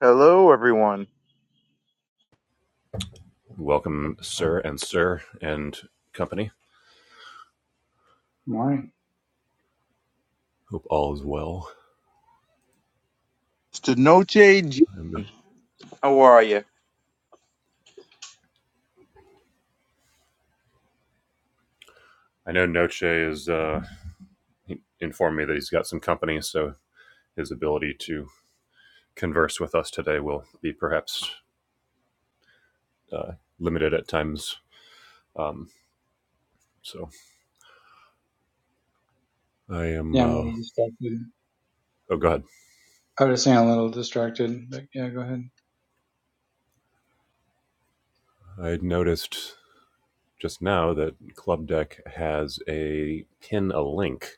Hello, everyone. Welcome, sir and sir and company. Morning. Hope all is well. Stenoche, G- i how are you? know Noche is uh, informed me that he's got some company, so his ability to converse with us today will be perhaps uh, limited at times. Um, so I am. Yeah, I'm a Uh, little distracted. oh God, I was just saying I'm a little distracted, but yeah, go ahead. I noticed just now that Club Deck has a pin a link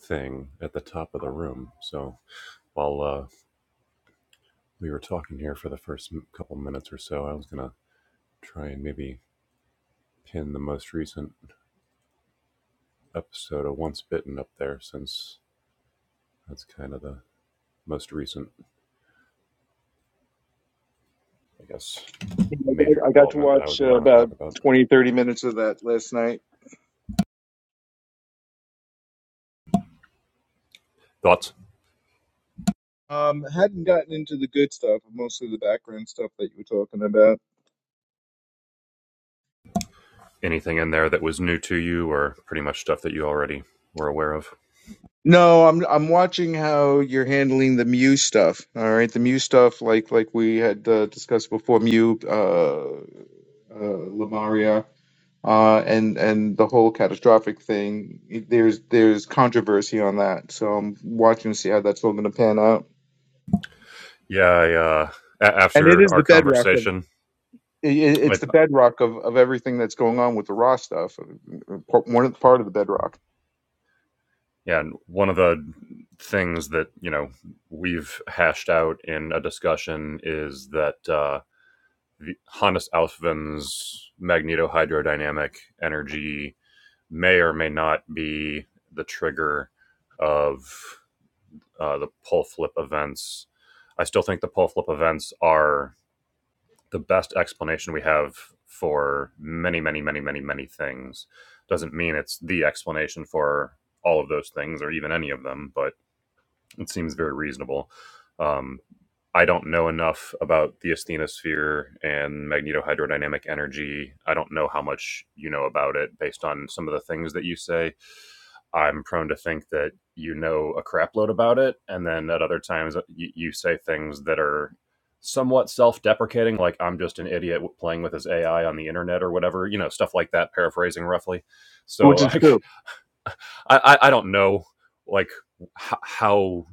thing at the top of the room. So while uh, we were talking here for the first couple minutes or so, I was gonna try and maybe pin the most recent episode of Once Bitten up there since that's kind of the most recent, I guess, I major got, I got to development that I was watch going uh, to want to about talk about. 20, 30 minutes of that last night. Thoughts? Um, hadn't gotten into the good stuff, mostly the background stuff that you were talking about. Anything in there that was new to you or pretty much stuff that you already were aware of? No, I'm I'm watching how you're handling the Mew stuff. All right, the Mew stuff, like like we had uh, discussed before, Mew, uh, uh, Lamaria, uh, and and the whole catastrophic thing. There's there's controversy on that, so I'm watching to see how that's all going to pan out. Yeah, I, uh, a- and it after is our the bedrock of conversation, it, it- it's I, the bedrock of, of everything that's going on with the raw stuff. uh, Part- One of- part of the bedrock, yeah, one of the things that, you know, we've hashed out in a discussion is that, uh, Hannes Alfven's magnetohydrodynamic energy may or may not be the trigger of uh, the pole flip events. I still think the pole flip events are the best explanation we have for many, many, many, many, many things. Doesn't mean it's the explanation for all of those things or even any of them, but it seems very reasonable. Um, I don't know enough about the asthenosphere and magnetohydrodynamic energy. I don't know how much you know about it based on some of the things that you say. I'm prone to think that you know a crapload about it, and then at other times you, you say things that are somewhat self-deprecating, like "I'm just an idiot playing with this AI on the internet" or whatever, you know, stuff like that, paraphrasing roughly. which So is I. true. I, I, don't know like h- how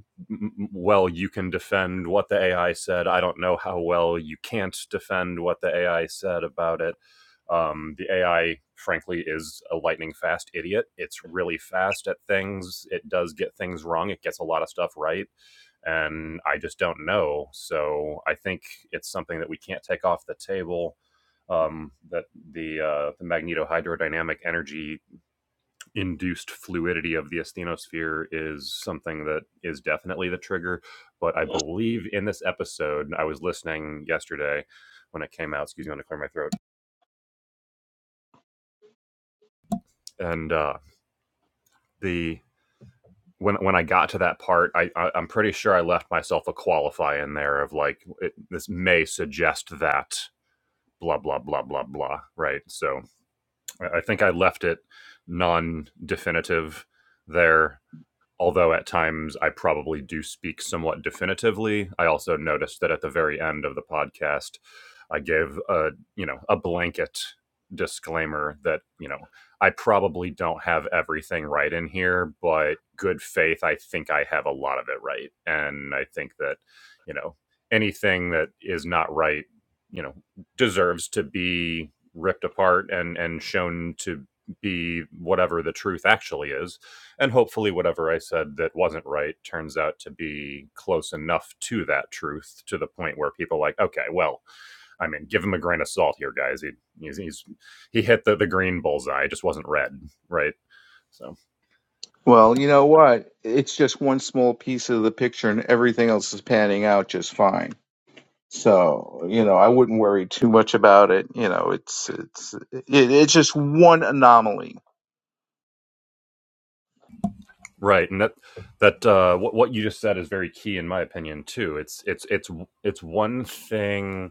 well you can defend what the AI said. I don't know how well you can't defend what the AI said about it. Um, the AI, frankly, is a lightning fast idiot. It's really fast at things. It does get things wrong. It gets a lot of stuff right. And I just don't know. So I think it's something that we can't take off the table. Um, that the uh, the magnetohydrodynamic energy induced fluidity of the asthenosphere is something that is definitely the trigger. But I believe in this episode, I was listening yesterday when it came out. Excuse me, I'm going to clear my throat. And uh, the when when I got to that part, I, I I'm pretty sure I left myself a qualify in there of like it, this may suggest that blah blah blah blah blah. Right. So I, I think I left it non definitive there although at times I probably do speak somewhat definitively, I also noticed that at the very end of the podcast, I gave a you know a blanket disclaimer that you know I probably don't have everything right in here, but good faith, I think I have a lot of it right, and I think that you know anything that is not right, you know, deserves to be ripped apart and and shown to be whatever the truth actually is and hopefully whatever i said that wasn't right turns out to be close enough to that truth to the point where people are like okay well i mean give him a grain of salt here guys he he's, he's he hit the, the green bullseye it just wasn't red right so Well, you know what? It's just one small piece of the picture, and everything else is panning out just fine. So, you know, I wouldn't worry too much about it. You know, it's it's it, it's just one anomaly. right and that that uh what, what you just said is very key in my opinion too it's it's it's it's one thing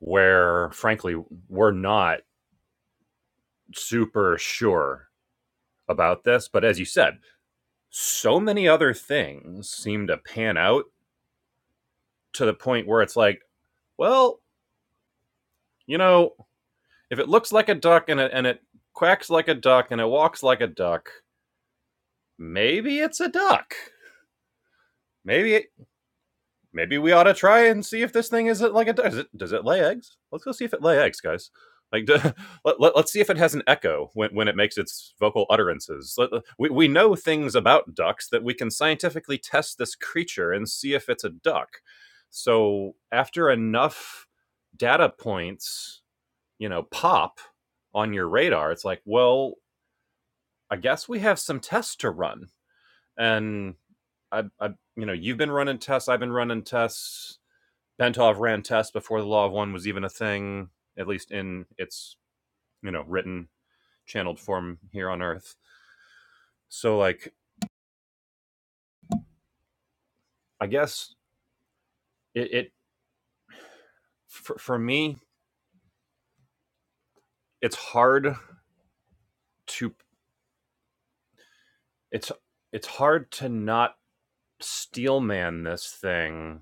where frankly we're not super sure about this but as you said so many other things seem to pan out to the point where it's like, well, you know, if it looks like a duck and it, and it quacks like a duck and it walks like a duck, maybe it's a duck. Maybe it, maybe we ought to try and see if this thing isn't like a duck. Does it, does it lay eggs? Let's go see if it lay eggs, guys. Like, d- let, let, us see if it has an echo when, when it makes its vocal utterances. let- we, we know things about ducks that we can scientifically test this creature and see if it's a duck. So, after enough data points, you know, pop on your radar, it's like, well, I guess we have some tests to run. And I, I you know, you've been running tests, I've been running tests. Bentov ran tests before the Law of One was even a thing, at least in its, you know, written, channeled form here on Earth. So, like, I guess it, it for, for me, it's hard to, it's, it's hard to not steel man this thing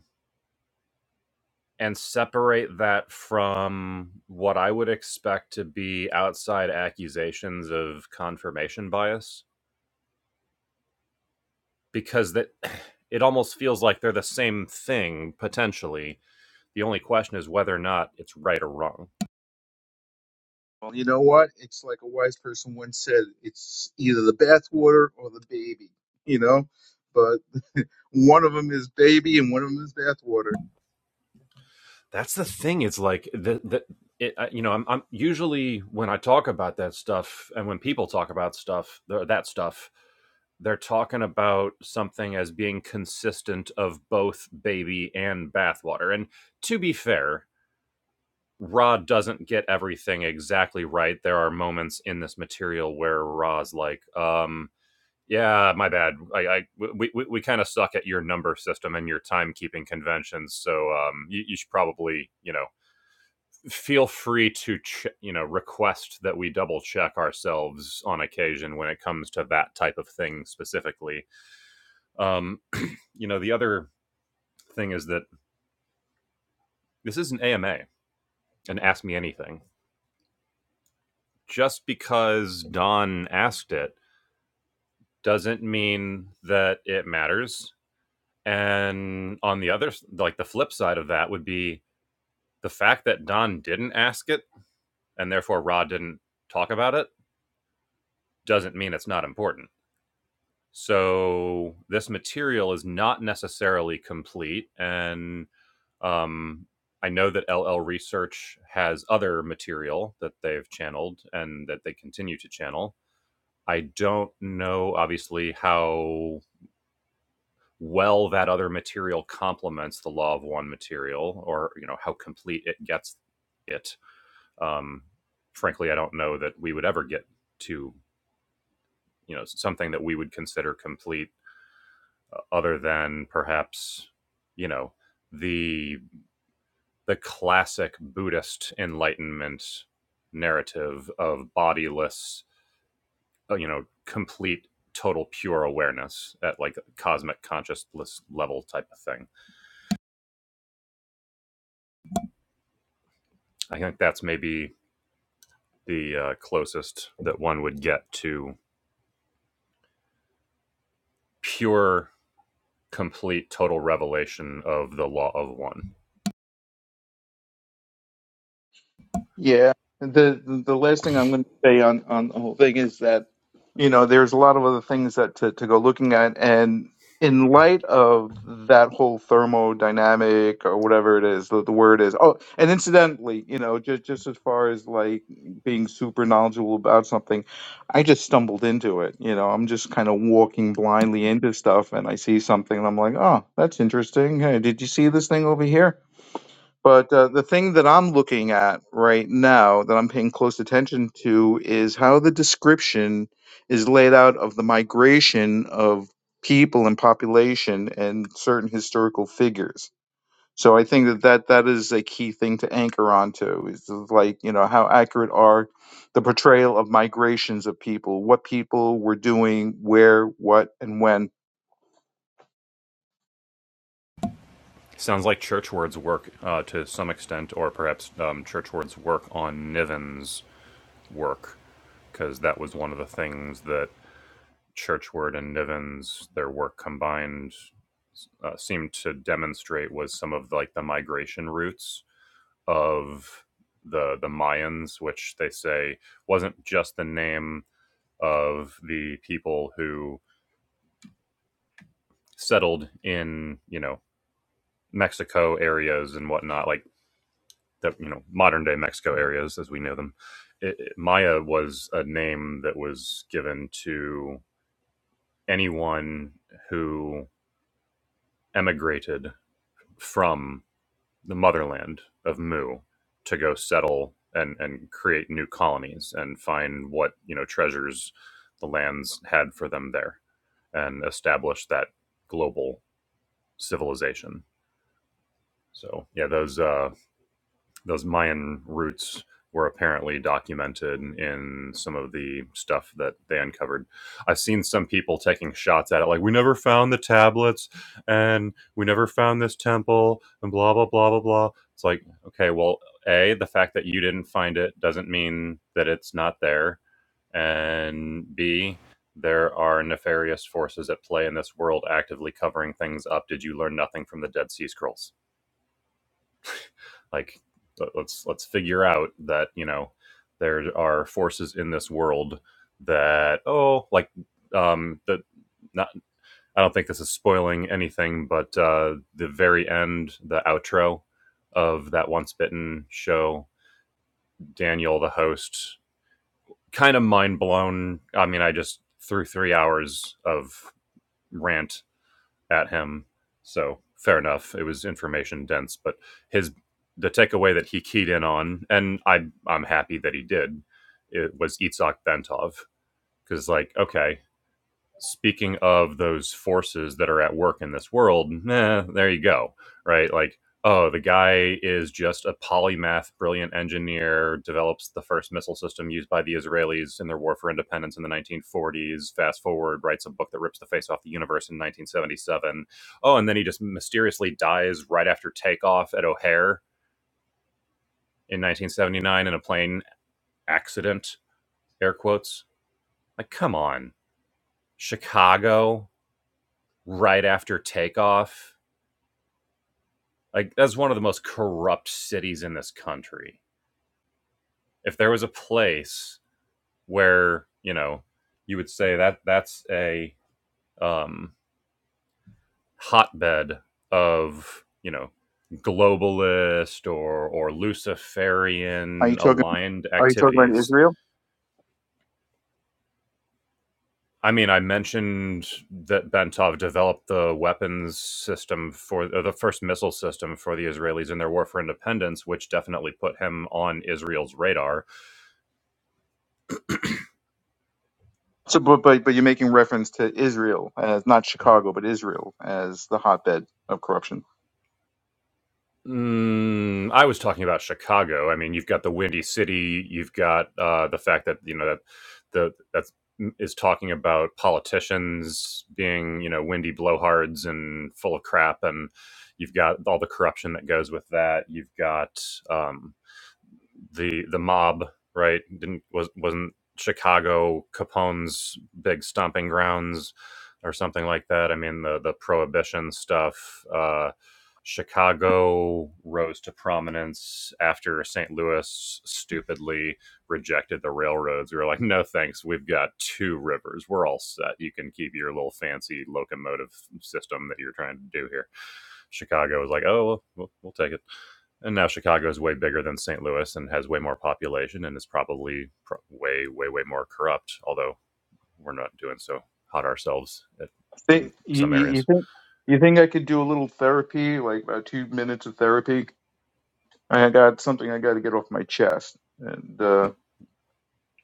and separate that from what I would expect to be outside accusations of confirmation bias because that it almost feels like they're the same thing potentially. The only question is whether or not it's right or wrong. Well, you know what? It's like a wise person once said, it's either the bathwater or the baby, you know? But one of them is baby and one of them is bathwater. that's the thing it's like the, the it, you know I'm, I'm usually when i talk about that stuff and when people talk about stuff that stuff they're talking about something as being consistent of both baby and bathwater and to be fair rod doesn't get everything exactly right there are moments in this material where rod's like um yeah my bad i, I we, we, we kind of suck at your number system and your timekeeping conventions so um you, you should probably you know feel free to ch- you know request that we double check ourselves on occasion when it comes to that type of thing specifically um you know the other thing is that this is an ama and ask me anything just because don asked it doesn't mean that it matters and on the other like the flip side of that would be the fact that don didn't ask it and therefore rod didn't talk about it doesn't mean it's not important So this material is not necessarily complete, and um, I know that LL Research has other material that they've channeled and that they continue to channel. I don't know, obviously, how well that other material complements the Law of One material, or you know how complete it gets it. Um, frankly, I don't know that we would ever get to you know something that we would consider complete uh, other than perhaps you know the the classic Buddhist enlightenment narrative of bodiless, uh, you know, complete total pure awareness at like a cosmic consciousness level type of thing. I think that's maybe the uh, closest that one would get to pure, complete, total revelation of the law of one. Yeah, the the the last thing I'm going to say on on the whole thing is that you know there's a lot of other things that to to go looking at, and in light of that whole thermodynamic or whatever it is the, the word is. Oh, and incidentally, you know, just just as far as like being super knowledgeable about something, I just stumbled into it. You know, I'm just kind of walking blindly into stuff, and I see something, and I'm like, oh, that's interesting. Hey, did you see this thing over here? But uh, the thing that I'm looking at right now that I'm paying close attention to is how the description is laid out of the migration of people and population and certain historical figures. So I think that that, that is a key thing to anchor onto is like, you know, how accurate are the portrayal of migrations of people, what people were doing, where, what, and when. Sounds like Churchward's work uh, to some extent, or perhaps um, Churchward's work on Niven's work because that was one of the things that Churchward and Niven's their work combined uh, seemed to demonstrate was some of the, like the migration routes of the the Mayans, which they say wasn't just the name of the people who settled in you know Mexico areas and whatnot, like the you know modern day Mexico areas as we know them. It, it- Maya was a name that was given to anyone who emigrated from the motherland of Mu to go settle and, and create new colonies and find what, you know, treasures the lands had for them there and establish that global civilization. So yeah, those uh, those Mayan roots were apparently documented in some of the stuff that they uncovered. I've seen some people taking shots at it, like we never found the tablets and we never found this temple and blah blah blah blah blah. It's like, okay, well, a the fact that you didn't find it doesn't mean that it's not there, and b there are nefarious forces at play in this world actively covering things up. Did you learn nothing from the Dead Sea Scrolls? like let- us let's figure out that you know there are forces in this world that oh like um that not i don't think this is spoiling anything but uh the very end the outro of that once bitten show daniel the host kind of mind blown i mean i just threw three hours of rant at him. So fair enough. It was information dense, but his the takeaway that he keyed in on, and I I'm happy that he did, it was Itzhak Bentov because like okay, speaking of those forces that are at work in this world, nah, there you go, right? Like, oh, the guy is just a polymath, brilliant engineer, develops the first missile system used by the Israelis in their war for independence in the 1940s. Fast forward, writes a book that rips the face off the universe in 1977. Oh, and then he just mysteriously dies right after takeoff at O'Hare in 1979 in a plane accident, air quotes. Like, come on. Chicago, right after takeoff Like that's one of the most corrupt cities in this country. If there was a place where you know you would say that that's a um, hotbed of you know globalist or or Are you Luciferian talking? aligned Are you talking about activities. Israel? I mean, I mentioned that Bentov developed the weapons system for or the first missile system for the Israelis in their war for independence, which definitely put him on Israel's radar So, but, but but you're making reference to Israel as not Chicago, but Israel as the hotbed of corruption. Mm, I was talking about Chicago. I mean, you've got the Windy City. You've got uh, the fact that you know that the that's mm, is talking about politicians being you know windy blowhards and full of crap, and you've got all the corruption that goes with that. You've got um, the the mob, right? Didn't was wasn't Chicago Capone's big stomping grounds or something like that. I mean the the prohibition stuff. Uh, Chicago rose to prominence after St. Louis stupidly rejected the railroads. We were like, no thanks, we've got two rivers. We're all set. You can keep your little fancy locomotive system that you're trying to do here. Chicago was like, oh, well, we'll, we'll take it and now Chicago is way bigger than St. Louis and has way more population and is probably pro- way, way, way more corrupt. Although we're not doing so hot ourselves at, in Think- You, some you, you areas. think you think I could do a little therapy, like about two minutes of therapy? I got something I got to get off my chest, and uh, Nope.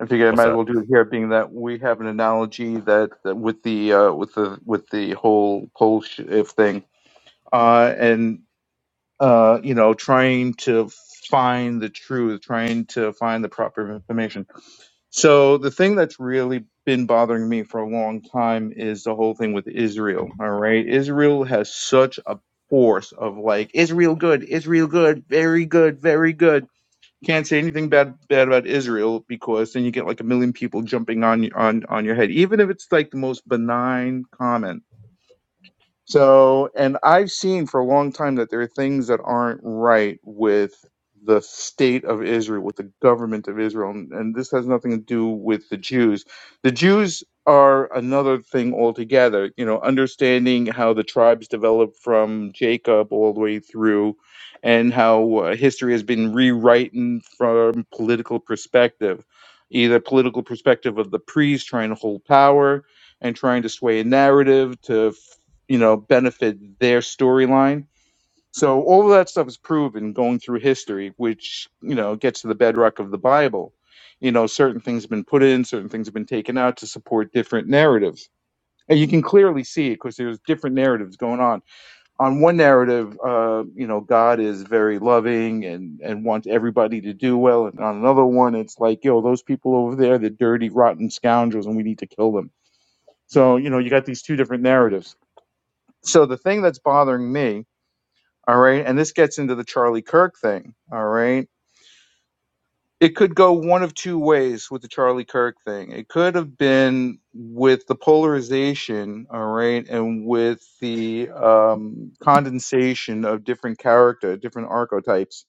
I think I What's might as that? well do it here, being that we have an analogy that, that with the uh, with the with the whole poll sh- if thing, uh, and uh, you know, trying to find the truth, trying to find the proper information So the thing that's really been bothering me for a long time is the whole thing with Israel. All right. Israel has such a force of like Israel good, Israel good, very good, very good. Can't say anything bad bad about Israel because then you get like a million people jumping on on on your head. Even if it's like the most benign comment so, and I've seen for a long time that there are things that aren't right with the state of Israel, with the government of Israel. And, and this has nothing to do with the Jews. The Jews are another thing altogether, you know, understanding how the tribes developed from Jacob all the way through and how uh, history has been rewritten from political perspective, either political perspective of the priests trying to hold power and trying to sway a narrative to you know, benefit their storyline. So all of that stuff is proven going through history, which, you know, gets to the bedrock of the Bible. You know, certain things have been put in, certain things have been taken out to support different narratives. And you can clearly see it because there's different narratives going on. On one narrative, uh, you know, God is very loving and, and wants everybody to do well. And on another one, it's like, yo, those people over there, they're dirty, rotten scoundrels and we need to kill them. So, you know, you got these two different narratives. So the thing that's bothering me all right. And this gets into the Charlie Kirk thing. All right. It could go one of two ways with the Charlie Kirk thing. It could have been with the polarization, all right, and with the um, condensation of different character, different archetypes,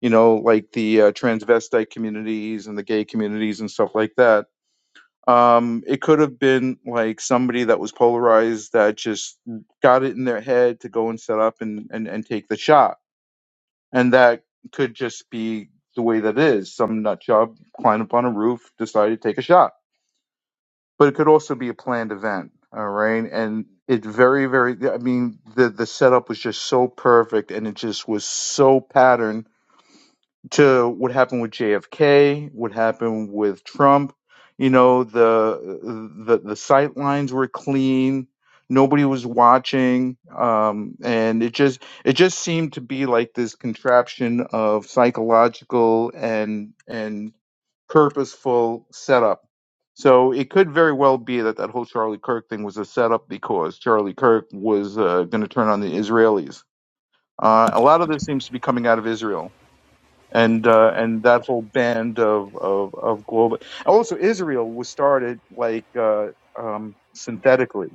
you know, like the uh, transvestite communities and the gay communities and stuff like that. Um, it could have been like somebody that was polarized that just got it in their head to go and set up and, and, and take the shot and that could just be the way that it is. Some nut job climbed up on a roof, decided to take a shot. But it could also be a planned event. All right. And it very, very, I mean, the, the setup was just so perfect and it just was so patterned to what happened with JFK, what happened with Trump. You know, the the the sight lines were clean. Nobody was watching, um, and it just it just seemed to be like this contraption of psychological and and purposeful setup. So it could very well be that that whole Charlie Kirk thing was a setup because Charlie Kirk was uh, going to turn on the Israelis. Uh, a lot of this seems to be coming out of Israel and uh, and that whole band of of, of global. Also, Israel was started like uh, um, synthetically.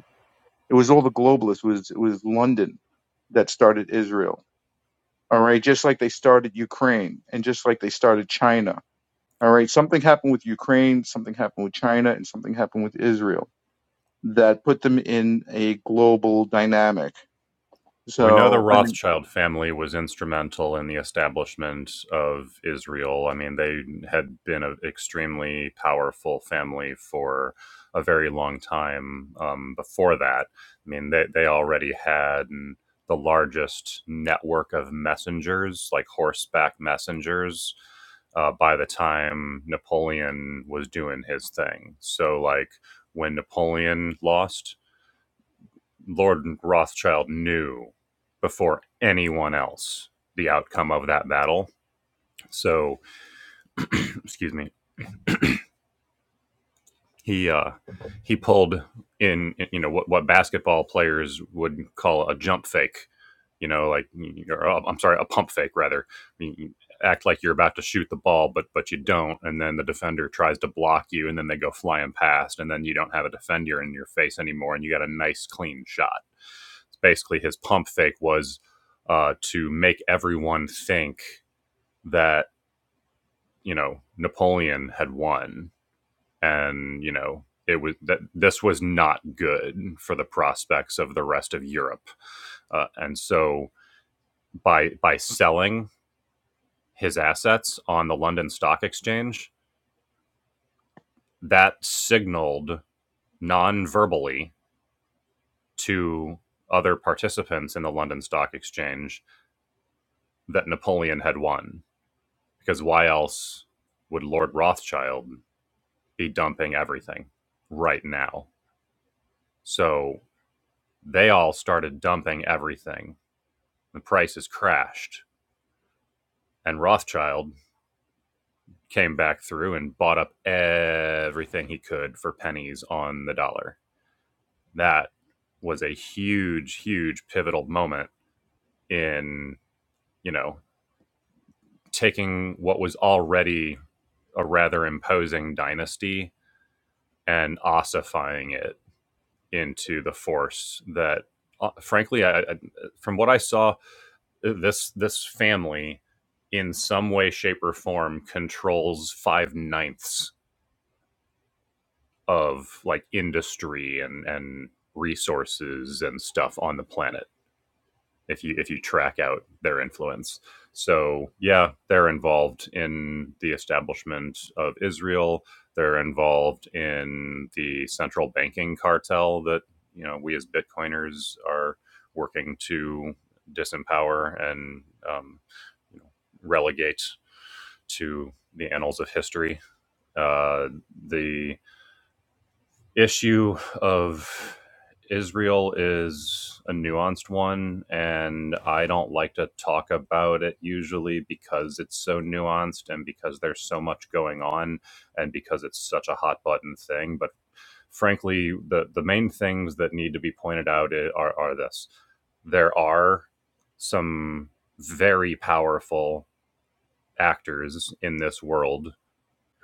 It was all the globalists. It was it was London that started Israel. All right, just like they started Ukraine, and just like they started China. All right, something happened with Ukraine, something happened with China, and something happened with Israel that put them in a global dynamic. We know the So I mean, Rothschild family was instrumental in the establishment of Israel. I mean, they had been an extremely powerful family for a very long time um, before that. I mean, they, they already had the largest network of messengers, like horseback messengers, uh, by the time Napoleon was doing his thing. So, like, when Napoleon lost, Lord Rothschild knew before anyone else the outcome of that battle. So, excuse me, he uh, he pulled in you know what what basketball players would call a jump fake, you know, like or, uh, I'm sorry, a pump fake rather. You- you act like you're about to shoot the ball, but but you don't, and then the defender tries to block you, and then they go flying past, and then you don't have a defender in your face anymore, and you got a nice clean shot. It's Basically, his pump fake was uh, to make everyone think that you know Napoleon had won and you know it was that this was not good for the prospects of the rest of Europe, uh, and so by by selling his assets on the London Stock Exchange, that signaled non-verbally to other participants in the London Stock Exchange that Napoleon had won, because why else would Lord Rothschild be dumping everything right now? So they all started dumping everything The prices crashed, and Rothschild came back through and bought up everything he could for pennies on the dollar. That was a huge, huge pivotal moment in, you know, taking what was already a rather imposing dynasty and ossifying it into the force that uh, frankly I, I from what i saw this this family in some way shape or form controls five ninths of like industry and and resources and stuff on the planet if you if you track out their influence. So yeah, they're involved in the establishment of Israel. They're involved in the central banking cartel that you know we as Bitcoiners are working to disempower and um, you know, relegate to the annals of history. Uh, the issue of Israel is a nuanced one, and I don't like to talk about it usually because it's so nuanced and because there's so much going on and because it's such a hot button thing. But frankly, the, the main things that need to be pointed out i- are, are this there are some very powerful actors in this world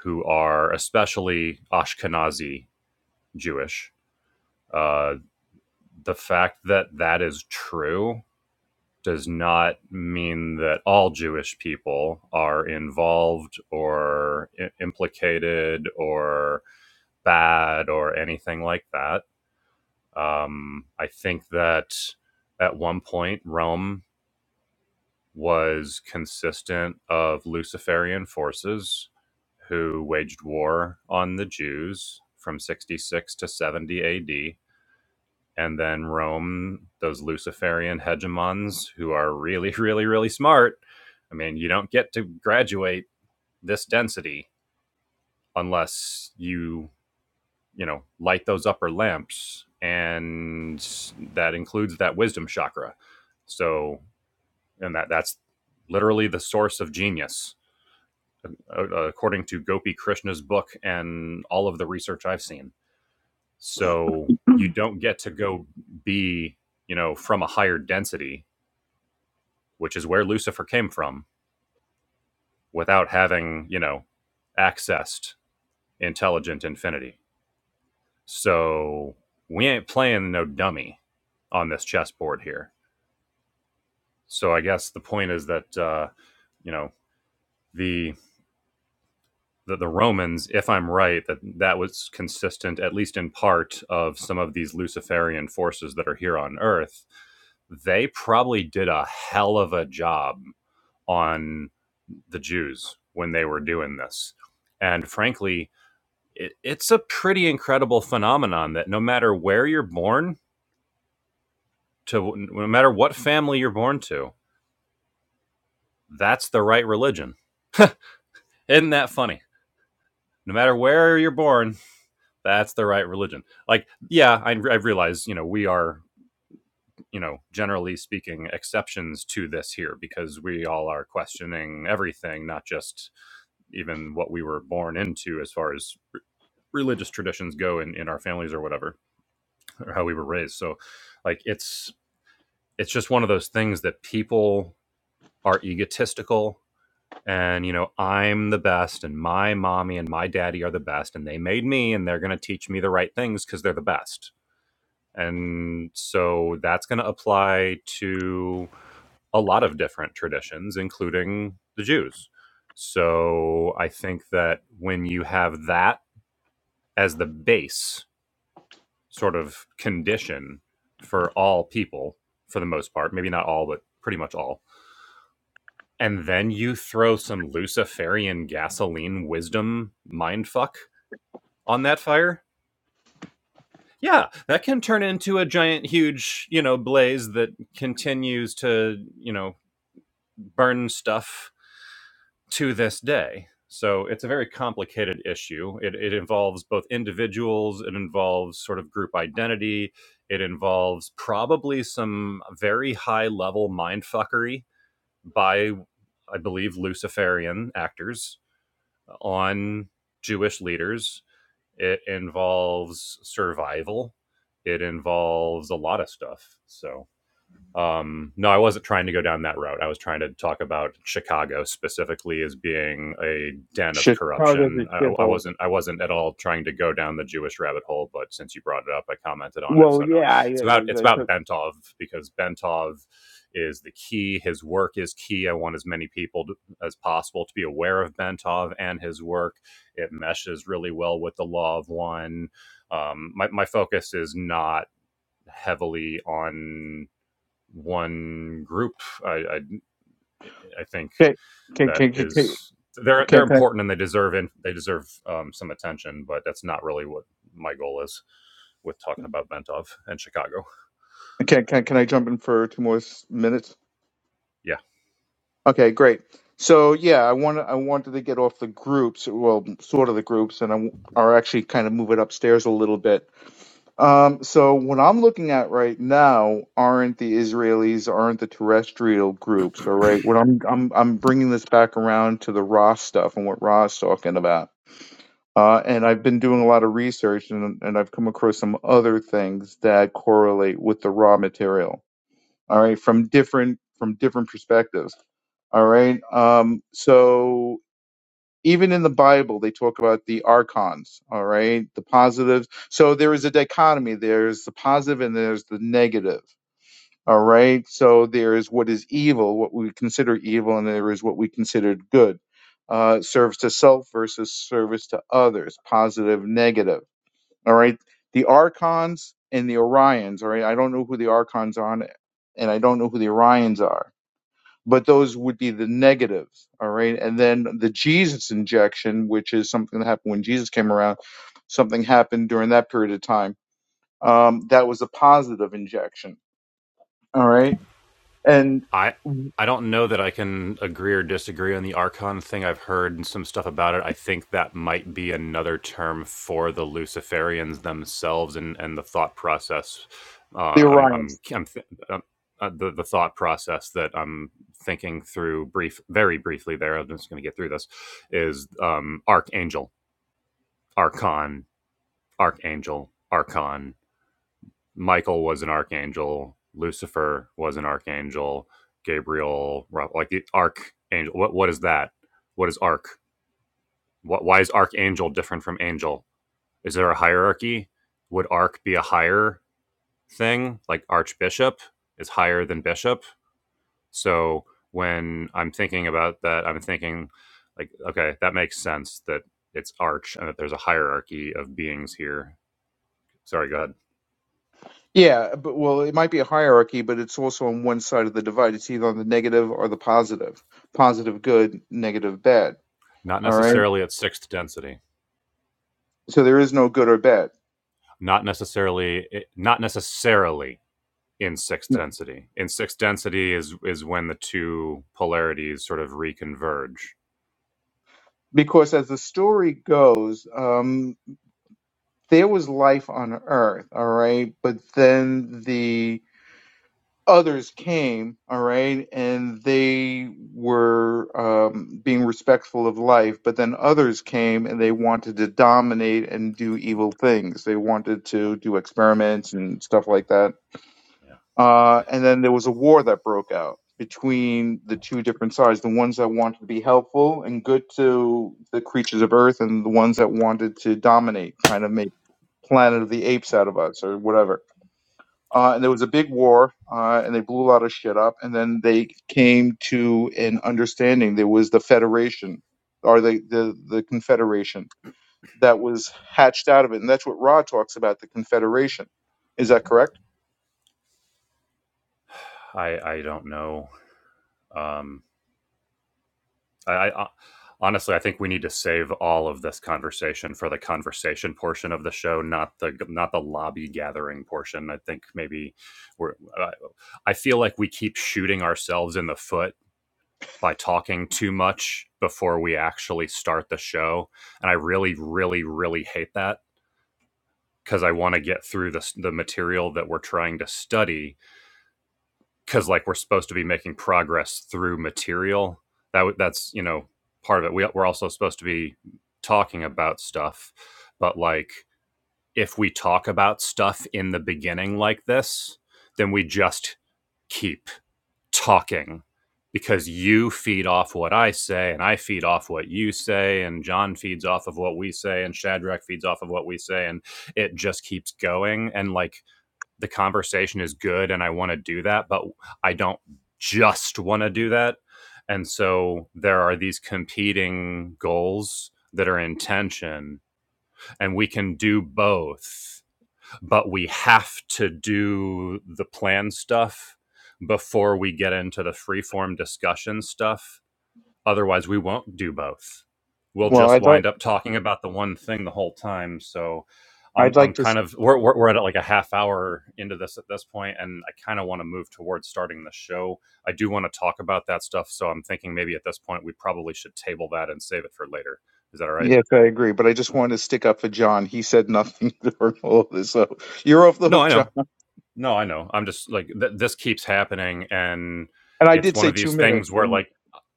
who are especially Ashkenazi Jewish. uh, the fact that that is true does not mean that all Jewish people are involved or I- implicated or bad or anything like that. Um, I think that at one point Rome was consistent of Luciferian forces who waged war on the Jews from 66 to 70 AD and then Rome, those Luciferian hegemons who are really, really, really smart. I mean, you don't get to graduate this density unless you, you know, light those upper lamps, and that includes that wisdom chakra. So, and that that's literally the source of genius, according to Gopi Krishna's book and all of the research I've seen. So you don't get to go be, you know, from a higher density which is where Lucifer came from, without having, you know, accessed intelligent infinity. So we ain't playing no dummy on this chessboard here. So I guess the point is that uh, you know the, the the Romans, if I'm right, that that was consistent at least in part of some of these Luciferian forces that are here on Earth. They probably did a hell of a job on the Jews when they were doing this, and frankly, it, it's a pretty incredible phenomenon that no matter where you're born to no matter what family you're born to that's the right religion isn't that funny no matter where you're born that's the right religion like yeah I, I realize you know we are you know generally speaking exceptions to this here because we all are questioning everything not just even what we were born into as far as religious traditions go in, in our families or whatever or how we were raised so like it's it's just one of those things that people are egotistical and you know i'm the best and my mommy and my daddy are the best and they made me and they're going to teach me the right things because they're the best and so that's going to apply to a lot of different traditions including the jews so i think that when you have that as the base sort of condition for all people for the most part maybe not all but pretty much all and then you throw some Luciferian gasoline wisdom mindfuck on that fire, yeah, that can turn into a giant, huge, you know, blaze that continues to, you know, burn stuff to this day. So it's a very complicated issue. It, it involves both individuals, it involves sort of group identity, it involves probably some very high level mindfuckery by, I believe, Luciferian actors on Jewish leaders. It involves survival. It involves a lot of stuff. So um, no, I wasn't trying to go down that route. I was trying to talk about Chicago specifically as being a den of Chicago's corruption. a I, I shithole. wasn't. I wasn't at all trying to go down the Jewish rabbit hole. But since you brought it up, I commented on it. Well, So no, yeah, I, it's about I, it's I about took. Bentov because Bentov is the key. His work is key. I want as many people to, as possible to be aware of Bentov and his work. It meshes really well with the Law of One. Um, my my focus is not heavily on one group. I, I, I think Okay, that okay, okay, is okay. they're they're Can can important and they deserve in, they deserve um, some attention, but that's not really what my goal is with talking about Ventov and Chicago. I can can can I jump in for two more s- minutes? Yeah. Okay, great. So yeah, I want I wanted to get off the groups, well, sort of the groups, and I w- are actually kind of move it upstairs a little bit. Um, so what I'm looking at right now aren't the Israelis, aren't the terrestrial groups, all right? What I'm I'm I'm bringing this back around to the Ra stuff and what Ra's talking about. Uh, and I've been doing a lot of research, and and I've come across some other things that correlate with the raw material. all right from different from different perspectives all right um so even in the bible they talk about the archons all right the positives so there is a dichotomy there's the positive and there's the negative all right so there is what is evil what we consider evil and there is what we considered good uh, service to self versus service to others positive negative all right. The Archons and the Orions. All right. I don't know who the Archons are, and I don't know who the Orions are, but those would be the negatives. All right. And then the Jesus injection, which is something that happened when Jesus came around, something happened during that period of time. Um, that was a positive injection. All right. And I the I don't know that I can agree or disagree on the Archon thing. I've heard some stuff about it. I think that might be another term for the Luciferians themselves and, and the thought process. Uh, I'm, Orions. I'm, I'm th- uh, uh, the, the thought process that I'm thinking through brief, very briefly there. I'm just going to get through this is um, Archangel, Archon, Archangel, Archon, Michael was an archangel, Lucifer was an archangel, Gabriel, well, like the archangel. What what is that? What is arch? What why is archangel different from angel? Is there a hierarchy? Would arch be a higher thing? Like archbishop is higher than bishop. So when I'm thinking about that, I'm thinking like, okay, that makes sense that it's arch and that there's a hierarchy of beings here. Sorry, go ahead. Yeah, but well, it might be a hierarchy, but it's also on one side of the divide. It's either on the negative or the positive. Positive good, negative bad. Not All right necessarily at sixth density. So there is no good or bad. not necessarily eh, not necessarily in sixth No. density. In sixth density is is when the two polarities sort of reconverge. Because as the story goes, um, there was life on Earth, all right? But then the others came, all right? And they were um, being respectful of life. But then others came and they wanted to dominate and do evil things. They wanted to do experiments and stuff like that. Uh, and then there was a war that broke out between the two different sides the ones that wanted to be helpful and good to the creatures of Earth, and the ones that wanted to dominate, kind of make Planet of the Apes out of us or whatever. Uh, and there was a big war, uh, and they blew a lot of shit up, and then they came to an understanding. There was the Federation, or the, the, the Confederation, that was hatched out of it. And that's what Ra talks about the Confederation. Is that correct? I I don't know. Um, I, I uh, honestly I think we need to save all of this conversation for the conversation portion of the show, not the not the lobby gathering portion. I think maybe we're. I feel like we keep shooting ourselves in the foot by talking too much before we actually start the show. And I really, really, really hate that because I want to get through the the material that we're trying to study because like we're supposed to be making progress through material that w- that's, you know, part of it. We, we're also supposed to be talking about stuff, but like if we talk about stuff in the beginning like this, then we just keep. talking because you feed off what I say and I feed off what you say and John feeds off of what we say and Shadrach feeds off of what we say and it just keeps going and like the conversation is good and I want to do that but I don't just want to do that and so there are these competing goals that are in tension and we can do both but we have to do the plan stuff before we get into the freeform discussion stuff. Otherwise, we won't do both. We'll Well, just I'd like. wind up talking about the one thing the whole time. So I'm, I'd like I'm to kind of, we're, we're, we're at like a half hour into this at this point, and I kind of want to move towards starting the show. I do want to talk about that stuff. So I'm thinking maybe at this point, we probably should table that and save it for later. Is that all right? Yes, I agree, but I just wanted to stick up for John. He said nothing during all of this, so you're off the No, hook, I John. know. No, I know. I'm just like th- this keeps happening, and And I it's did one say of two these things minutes, where and like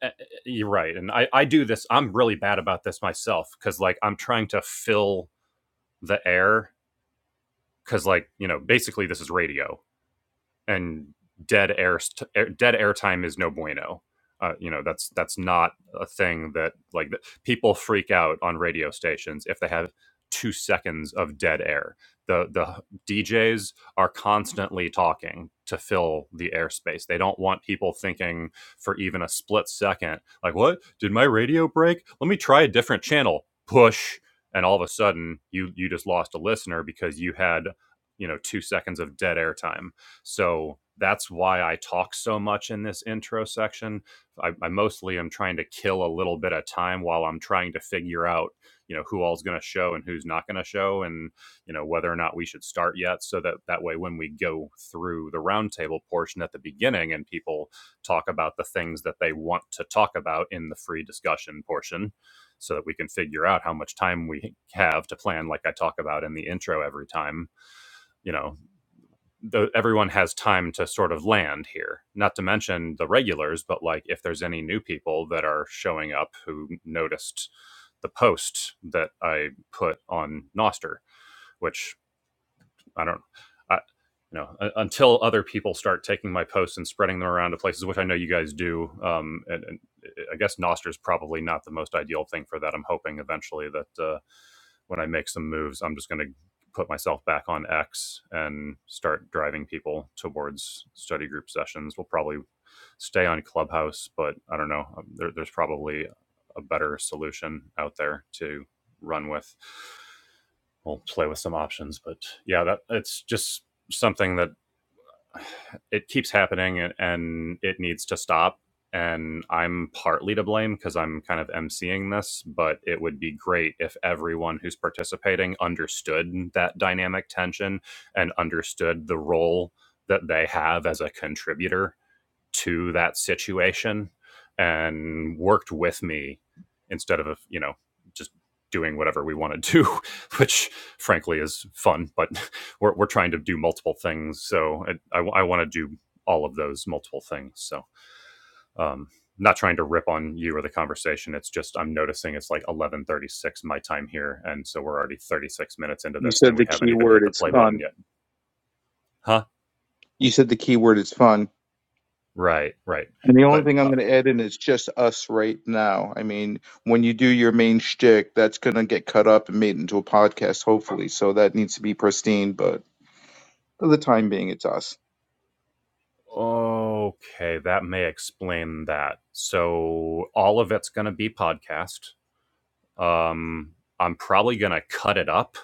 uh, you're right, and I I do this. I'm really bad about this myself because like I'm trying to fill the air because like you know basically this is radio and dead air, st- air dead airtime is no bueno. Uh, you know that's that's not a thing that like that people freak out on radio stations if they have two seconds of dead air. The the DJs are constantly talking to fill the airspace. They don't want people thinking for even a split second, like what did my radio break? Let me try a different channel. Push, and all of a sudden you you just lost a listener because you had you know two seconds of dead air time so that's why I talk so much in this intro section. I, I mostly am trying to kill a little bit of time while I'm trying to figure out, you know, who all's going to show and who's not going to show, and you know whether or not we should start yet. So that that way, when we go through the roundtable portion at the beginning and people talk about the things that they want to talk about in the free discussion portion, so that we can figure out how much time we have to plan, like I talk about in the intro every time you know the, everyone has time to sort of land here. Not to mention the regulars, but like if there's any new people that are showing up who noticed the post that I put on Noster, which I don't, I, you know, until other people start taking my posts and spreading them around to places, which I know you guys do. Um, and, and I guess Noster is probably not the most ideal thing for that. I'm hoping eventually that uh, when I make some moves, I'm just going to put myself back on X and start driving people towards study group sessions. We'll probably stay on Clubhouse, but I don't know. um, There, there's probably a better solution out there to run with we'll play with some options. But yeah, that it's just something that it keeps happening and, and it needs to stop. And I'm partly to blame because I'm kind of emceeing this, but it would be great if everyone who's participating understood that dynamic tension and understood the role that they have as a contributor to that situation and worked with me instead of you know just doing whatever we want to do which frankly is fun but we're, we're trying to do multiple things so i, I, I want to do all of those multiple things so um not trying to rip on you or the conversation it's just i'm noticing it's like 11.36 my time here and so we're already 36 minutes into you this and said we the haven't key even word. hit the It's play button fun. yet huh You said the key word is fun. right right And the only but thing uh, I'm going to add in is just us right now. I mean, when you do your main shtick, that's going to get cut up and made into a podcast, hopefully. So that needs to be pristine, but for the time being, it's us. Okay, that may explain that. So all of it's going to be podcast. Um, I'm probably going to cut it up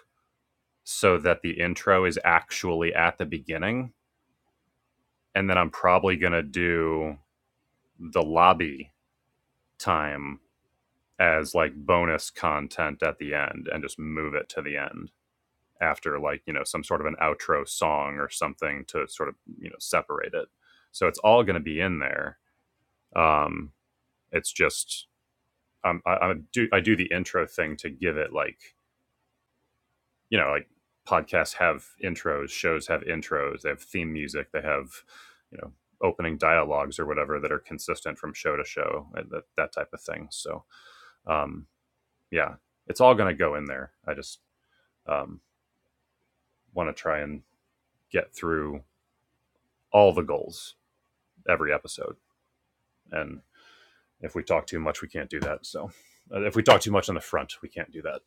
so that the intro is actually at the beginning, and then I'm probably going to do the lobby time as like bonus content at the end, and just move it to the end after like you know some sort of an outro song or something to sort of you know separate it. So it's all going to be in there. Um, it's just um, I, I do I do the intro thing to give it like you know like podcasts have intros, shows have intros, they have theme music, they have you know opening dialogues or whatever that are consistent from show to show, uh, that that type of thing. So um, yeah, it's all going to go in there. I just um, want to try and get through all the goals every episode, and if we talk too much, we can't do that. So uh, if we talk too much on the front, we can't do that.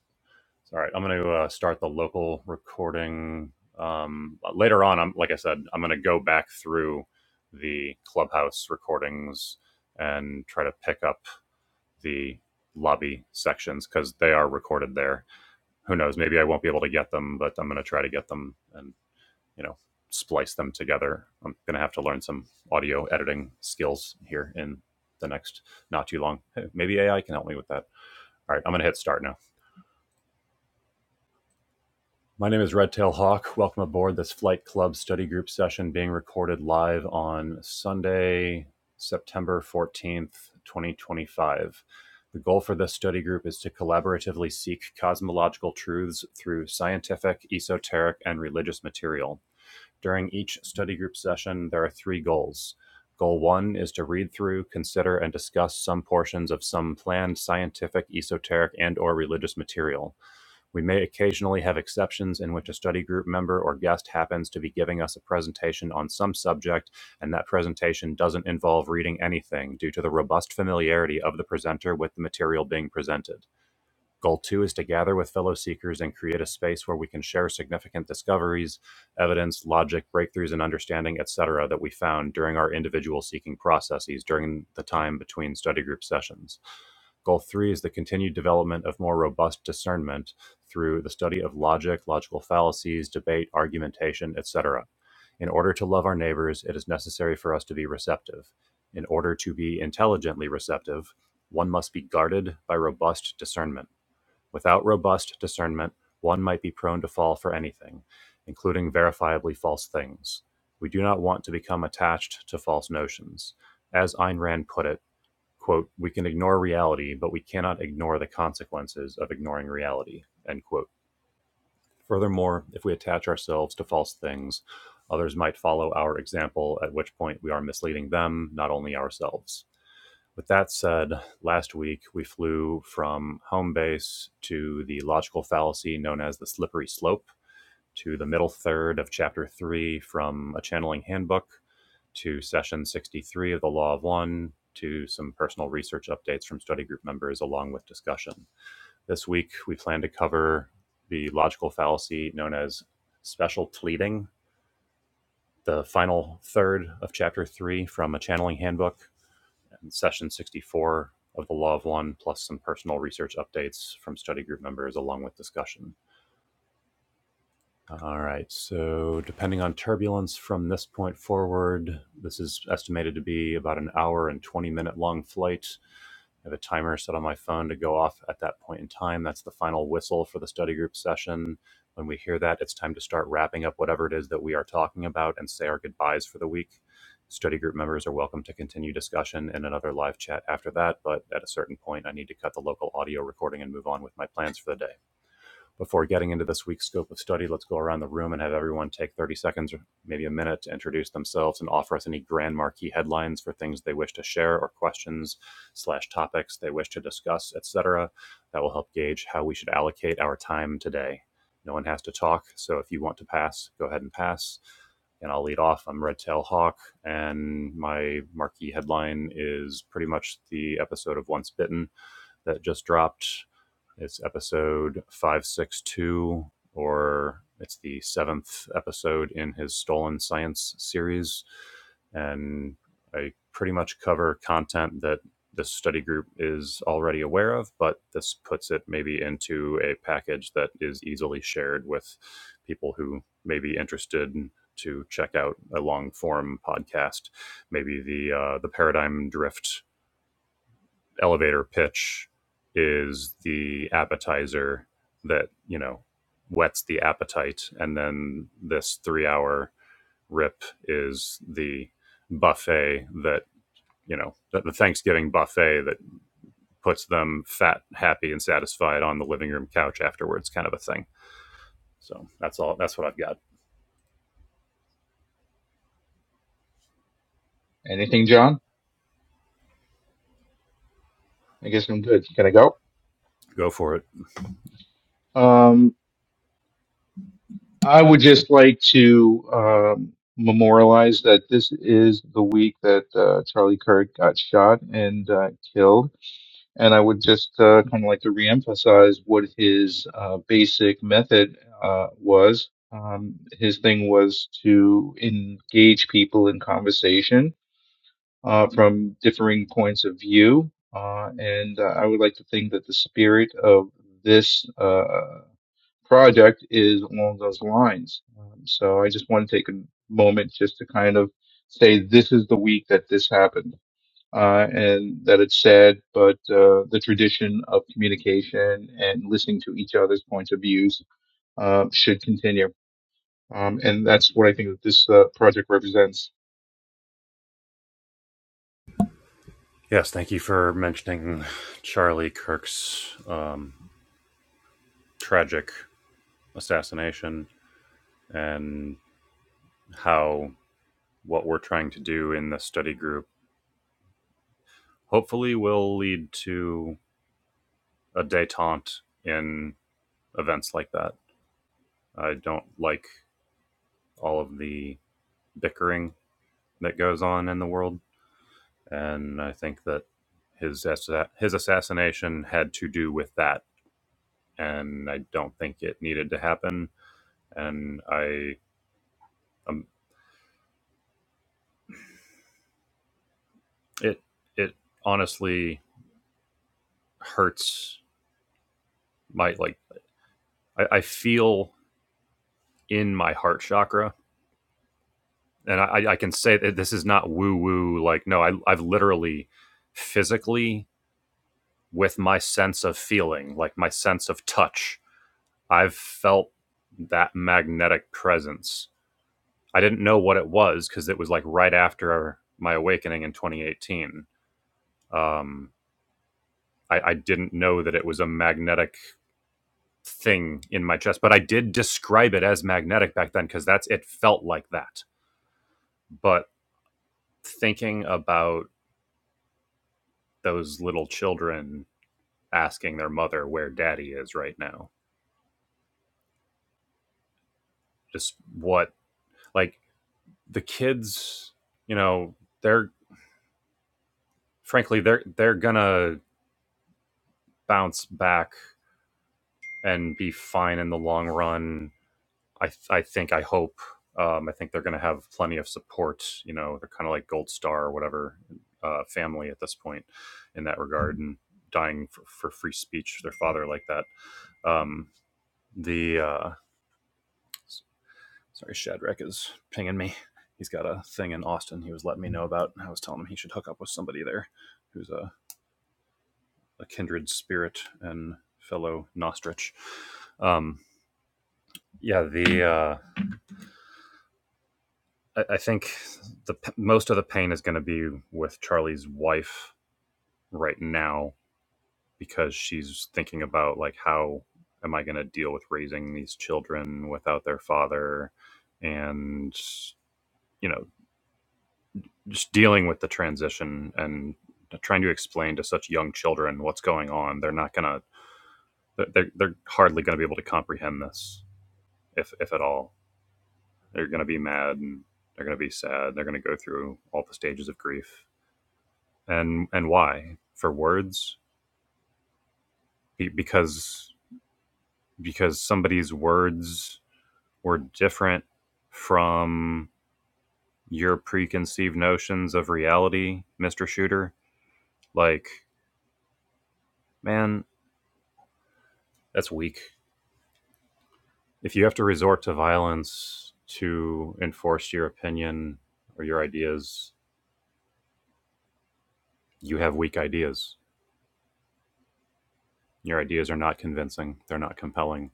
So, all right, I'm going to uh, start the local recording. Um, later on, I'm like I said, I'm going to go back through the clubhouse recordings and try to pick up the lobby sections because they are recorded there. Who knows? Maybe I won't be able to get them, but I'm going to try to get them and you know splice them together. I'm going to have to learn some audio editing skills here in the next not too long. Maybe AI can help me with that. All right, I'm going to hit start now. My name is Redtail Hawk. Welcome aboard this Flight Club study group session being recorded live on Sunday, September 14th, 2025. The goal for this study group is to collaboratively seek cosmological truths through scientific, esoteric, and religious material. During each study group session, there are three goals. Goal one is to read through, consider, and discuss some portions of some planned scientific, esoteric, and/or religious material. We may occasionally have exceptions in which a study group member or guest happens to be giving us a presentation on some subject, and that presentation doesn't involve reading anything due to the robust familiarity of the presenter with the material being presented. Goal two is to gather with fellow seekers and create a space where we can share significant discoveries, evidence, logic, breakthroughs, and understanding, etc., that we found during our individual seeking processes during the time between study group sessions. Goal three is the continued development of more robust discernment through the study of logic, logical fallacies, debate, argumentation, etc. In order to love our neighbors, it is necessary for us to be receptive. In order to be intelligently receptive, one must be guarded by robust discernment. Without robust discernment, one might be prone to fall for anything, including verifiably false things. We do not want to become attached to false notions. As Ayn Rand put it, quote, we can ignore reality, but we cannot ignore the consequences of ignoring reality, end quote. Furthermore, if we attach ourselves to false things, others might follow our example, at which point we are misleading them, not only ourselves. With that said, last week we flew from home base to the logical fallacy known as the slippery slope, to the middle third of chapter three from a channeling handbook, to session 63 of the Law of One, to some personal research updates from study group members, along with discussion. This week we plan to cover the logical fallacy known as special pleading, the final third of chapter three from a channeling handbook, in session 64 of the Law of One, plus some personal research updates from study group members along with discussion. All right, so depending on turbulence from this point forward, this is estimated to be about an hour and 20 minute long flight. I have a timer set on my phone to go off at that point in time. That's the final whistle for the study group session. When we hear that, it's time to start wrapping up whatever it is that we are talking about and say our goodbyes for the week. Study group members are welcome to continue discussion in another live chat after that, but at a certain point, I need to cut the local audio recording and move on with my plans for the day before getting into this week's scope of study, let's go around the room and have everyone take 30 seconds or maybe a minute to introduce themselves and offer us any grand marquee headlines for things they wish to share or questions slash topics they wish to discuss, etc. That will help gauge how we should allocate our time today. No one has to talk, so if you want to pass, go ahead and pass. And I'll lead off. I'm Red Tail Hawk, and my marquee headline is pretty much the episode of Once Bitten that just dropped. It's episode 562, or it's the seventh episode in his Stolen Science series. And I pretty much cover content that this study group is already aware of, but this puts it maybe into a package that is easily shared with people who may be interested to check out a long form podcast. Maybe the uh, the paradigm drift elevator pitch is the appetizer that you know whets the appetite and then this three hour rip is the buffet that you know that the thanksgiving buffet that puts them fat happy and satisfied on the living room couch afterwards kind of a thing so that's all that's what i've got Anything, John? I guess I'm good. Can I go? go for it Um, I would just like to um, memorialize that this is the week that uh, Charlie Kirk got shot and uh, killed. And I would just uh, kind of like to reemphasize what his uh, basic method uh, was. Um, his thing was to engage people in conversation uh, from differing points of view. Uh, and uh, I would like to think that the spirit of this. uh, project is along those lines. Um, so I just want to take a moment just to kind of say this is the week that this happened. Uh, and that it's sad, but uh, the tradition of communication and listening to each other's points of views uh, should continue. Um, and that's what I think that this uh, project represents. yes thank you for mentioning charlie kirk's um, tragic assassination and how what we're trying to do in the study group hopefully will lead to a detente in events like that. I don't like all of the bickering that goes on in the world, and I think that his assa- his assassination had to do with that, and I don't think it needed to happen. And I um, it it honestly hurts my like I, I feel in my heart chakra and I, I can say that this is not woo woo. Like, no, I, I've literally physically, with my sense of feeling, like my sense of touch, I've felt that magnetic presence. I didn't know what it was because it was like right after my awakening in 2018. Um, I, I didn't know that it was a magnetic thing in my chest, but I did describe it as magnetic back then because that's it felt like that. But thinking about those little children asking their mother where daddy is right now. Just what like the kids, you know, they're frankly they're they're gonna bounce back and be fine in the long run. I th- I think I hope. Um, I think they're gonna have plenty of support. You know, they're kind of like Gold Star or whatever uh, family at this point in that regard and dying for, for free speech. Their father like that. Um, the uh, Sorry, Shadrach is pinging me. He's got a thing in Austin he was letting me know about. I was telling him he should hook up with somebody there who's a, a kindred spirit and fellow Nostrich. Um, yeah, the uh, I, I think the most of the pain is going to be with Charlie's wife right now because she's thinking about like how am I going to deal with raising these children without their father, and you know just dealing with the transition and trying to explain to such young children what's going on they're not gonna they're, they're hardly gonna be able to comprehend this if, if at all they're gonna be mad and they're gonna be sad they're gonna go through all the stages of grief and and why for words because because somebody's words were different from your preconceived notions of reality mr shooter like man that's weak if you have to resort to violence to enforce your opinion or your ideas, you have weak ideas. Your ideas are not convincing. They're not compelling.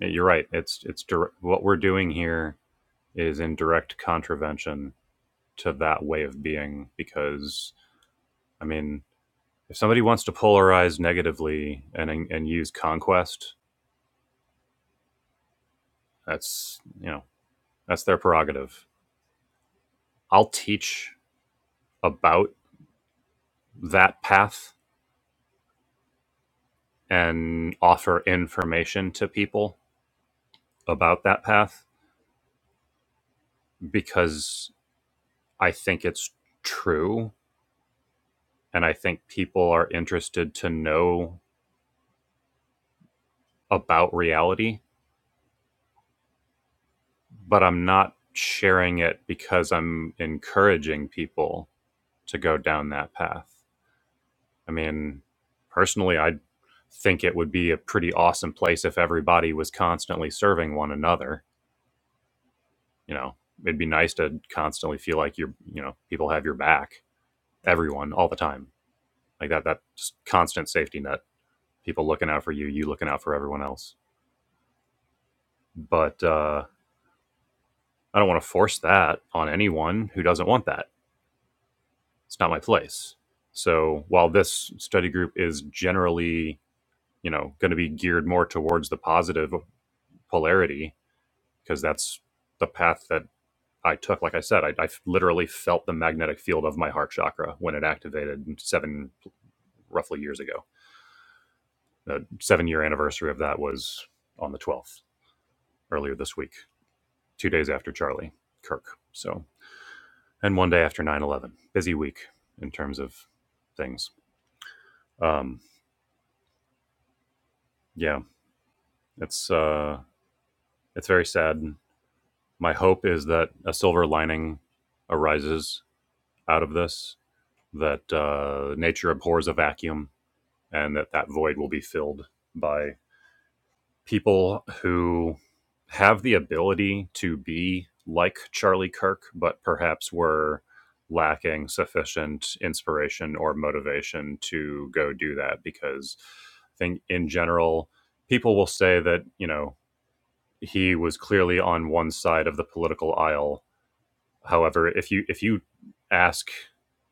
Yeah, You're right. It's it's dir- what we're doing here is in direct contravention to that way of being because I mean, if somebody wants to polarize negatively and and use conquest, that's, you know, that's their prerogative. I'll teach about that path and offer information to people about that path because I think it's true. And I think people are interested to know about reality, but I'm not sharing it because I'm encouraging people to go down that path. I mean, personally, I think it would be a pretty awesome place if everybody was constantly serving one another. You know, it'd be nice to constantly feel like you're, you know, people have your back everyone all the time. Like that that just constant safety net. People looking out for you, you looking out for everyone else. But uh, I don't want to force that on anyone who doesn't want that. It's not my place. So while this study group is generally, you know, going to be geared more towards the positive polarity because that's the path that I took. Like I said, I, I literally felt the magnetic field of my heart chakra when it activated seven roughly years ago. The seven year anniversary of that was on the 12th earlier this week, two days after Charlie Kirk. So, and one day after 9 11, Busy week in terms of things. Um, yeah, it's, uh, it's very sad. My hope is that a silver lining arises out of this, that uh, nature abhors a vacuum, and that that void will be filled by people who have the ability to be like Charlie Kirk, but perhaps were lacking sufficient inspiration or motivation to go do that because I think in general, people will say that, you know, he was clearly on one side of the political aisle. However, if you if you ask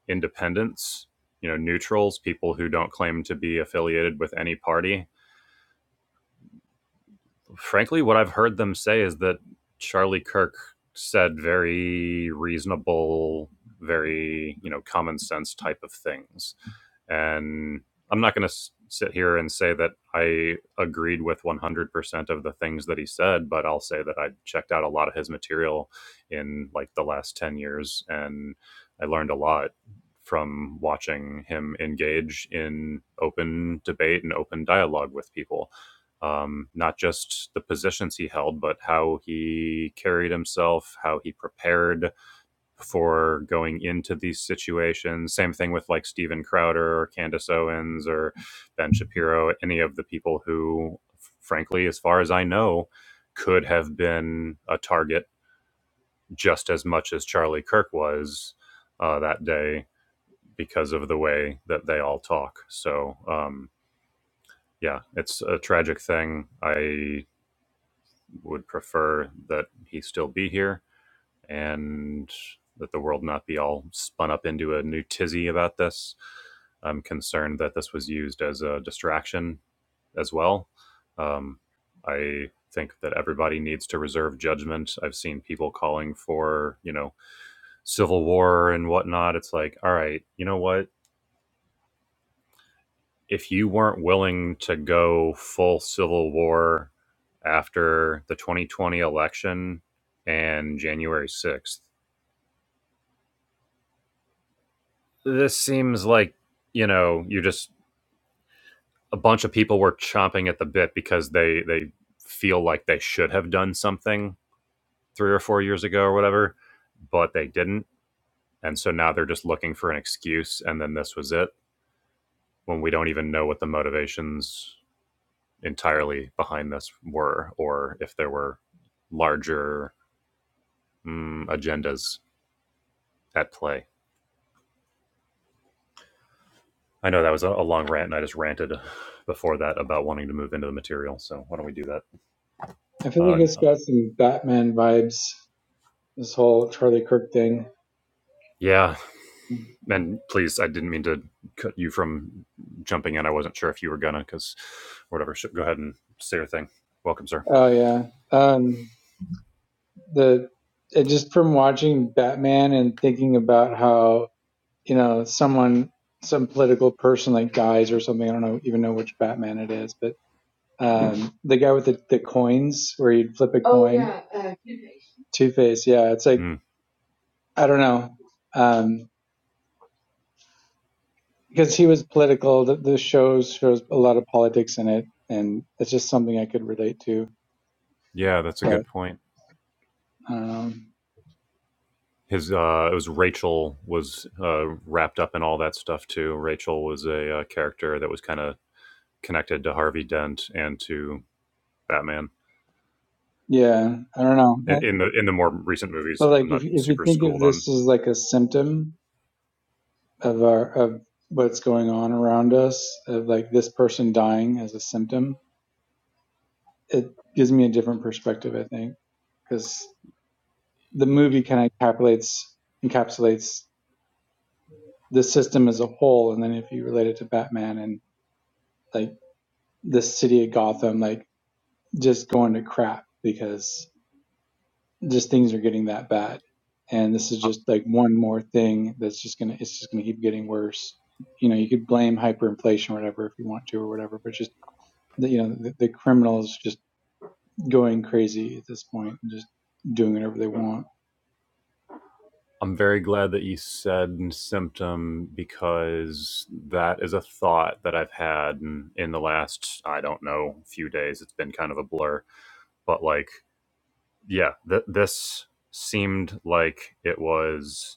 independents, you know, neutrals, people who don't claim to be affiliated with any party, frankly, what I've heard them say is that Charlie Kirk said very reasonable, very you know common sense type of things, and I'm not going to sit here and say that I agreed with 100% of the things that he said, but I'll say that I checked out a lot of his material in like the last 10 years, and I learned a lot from watching him engage in open debate and open dialogue with people um, not just the positions he held, but how he carried himself, how he prepared for going into these situations. Same thing with like Steven Crowder or Candace Owens or Ben Shapiro, any of the people who, frankly, as far as I know, could have been a target just as much as Charlie Kirk was uh, that day because of the way that they all talk. So, um, yeah, it's a tragic thing. I would prefer that he still be here and that the world not be all spun up into a new tizzy about this. I'm concerned that this was used as a distraction as well. Um, I think that everybody needs to reserve judgment. I've seen people calling for, you know, civil war and whatnot. It's like, all right, you know what? if you weren't willing to go full civil war after the 2020 election and January 6th, this seems like, you know, you just a bunch of people were chomping at the bit because they they feel like they should have done something 3 or 4 years ago or whatever, but they didn't. And so now they're just looking for an excuse and then this was it when we don't even know what the motivations entirely behind this were, or if there were larger mm, agendas at play. I know that was a, long rant, and I just ranted before that about wanting to move into the material. So why don't we do that? I feel Uh, like it's got some Batman vibes, this whole Charlie Kirk thing. yeah, and please, I didn't mean to cut you from jumping in. I wasn't sure if you were gonna, because whatever. So Go ahead and say your thing. Welcome, sir. Oh yeah. Um the it just from watching Batman and thinking about how, you know, someone some political person like dies or something. I don't know even know which Batman it is, but um the guy with the, the coins where you'd flip a coin. Two Face, yeah. It's like Mm, I don't know. Um. because he was political. The, the shows shows a lot of politics in it, and it's just something I could relate to. yeah, that's a But good point. um, his uh it was rachel was uh wrapped up in all that stuff too rachel was a uh, character that was kind of connected to harvey dent and to batman yeah, I don't know. in, Well, in the in the more recent movies But like, i'm if not if you super think of schooled on this as like a symptom of our of what's going on around us, of like this person dying as a symptom, it gives me a different perspective. I think because the movie kind of encapsulates encapsulates the system as a whole, and then if you relate it to Batman and like the city of Gotham, like just going to crap because just things are getting that bad. And this is I- just like one more thing that's just gonna it's just gonna keep getting worse. You know, you could blame hyperinflation or whatever if you want to or whatever, but just the, you know the, the criminals just going crazy at this point and just doing whatever they want. i'm very glad that you said symptom because that is a thought that i've had in, in the last i don't know few days it's been kind of a blur but like yeah th- this seemed like it was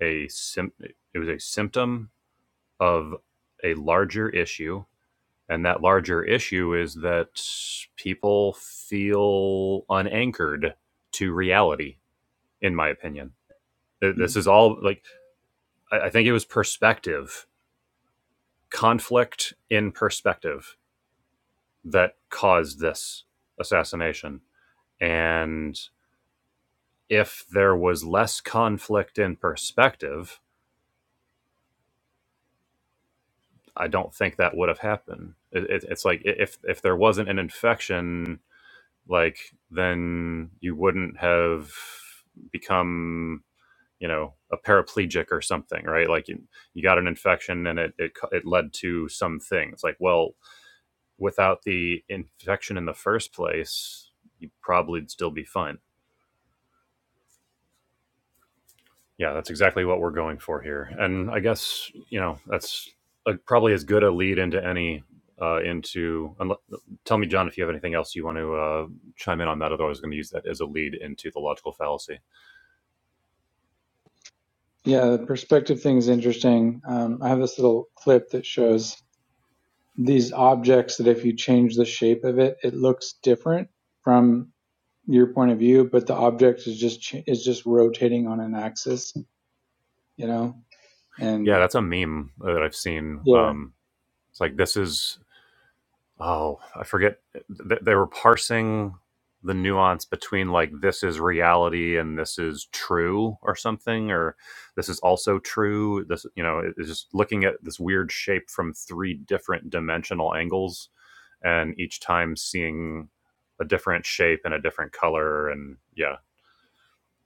a sim, it was a symptom of a larger issue and that larger issue is that people feel unanchored to reality in my opinion Yeah, this is all like I think it was perspective conflict in perspective that caused this assassination and if there was less conflict in perspective I don't think that would have happened. It, it, it's like if if there wasn't an infection, like then you wouldn't have become you know a paraplegic or something, right? Like you you got an infection and it it, it led to some thing. It's like well, without the infection in the first place, you'd probably still be fine. Yeah, that's exactly what we're going for here. And I guess, you know, that's uh probably as good a lead into any uh, into. Unle- tell me, John, if you have anything else you want to uh, chime in on that. Otherwise, I was going to use that as a lead into the logical fallacy. Yeah, the perspective thing is interesting. Um, I have this little clip that shows these objects that if you change the shape of it, it looks different from. your point of view, but the object is just is just rotating on an axis, you know, Yeah, and that's a meme that I've seen. yeah, Um, it's like this is oh, I forget. Th- They were parsing the nuance between like this is reality and this is true or something, or this is also true. This, you know, it- it's just looking at this weird shape from three different dimensional angles, and each time seeing a different shape and a different color. And yeah,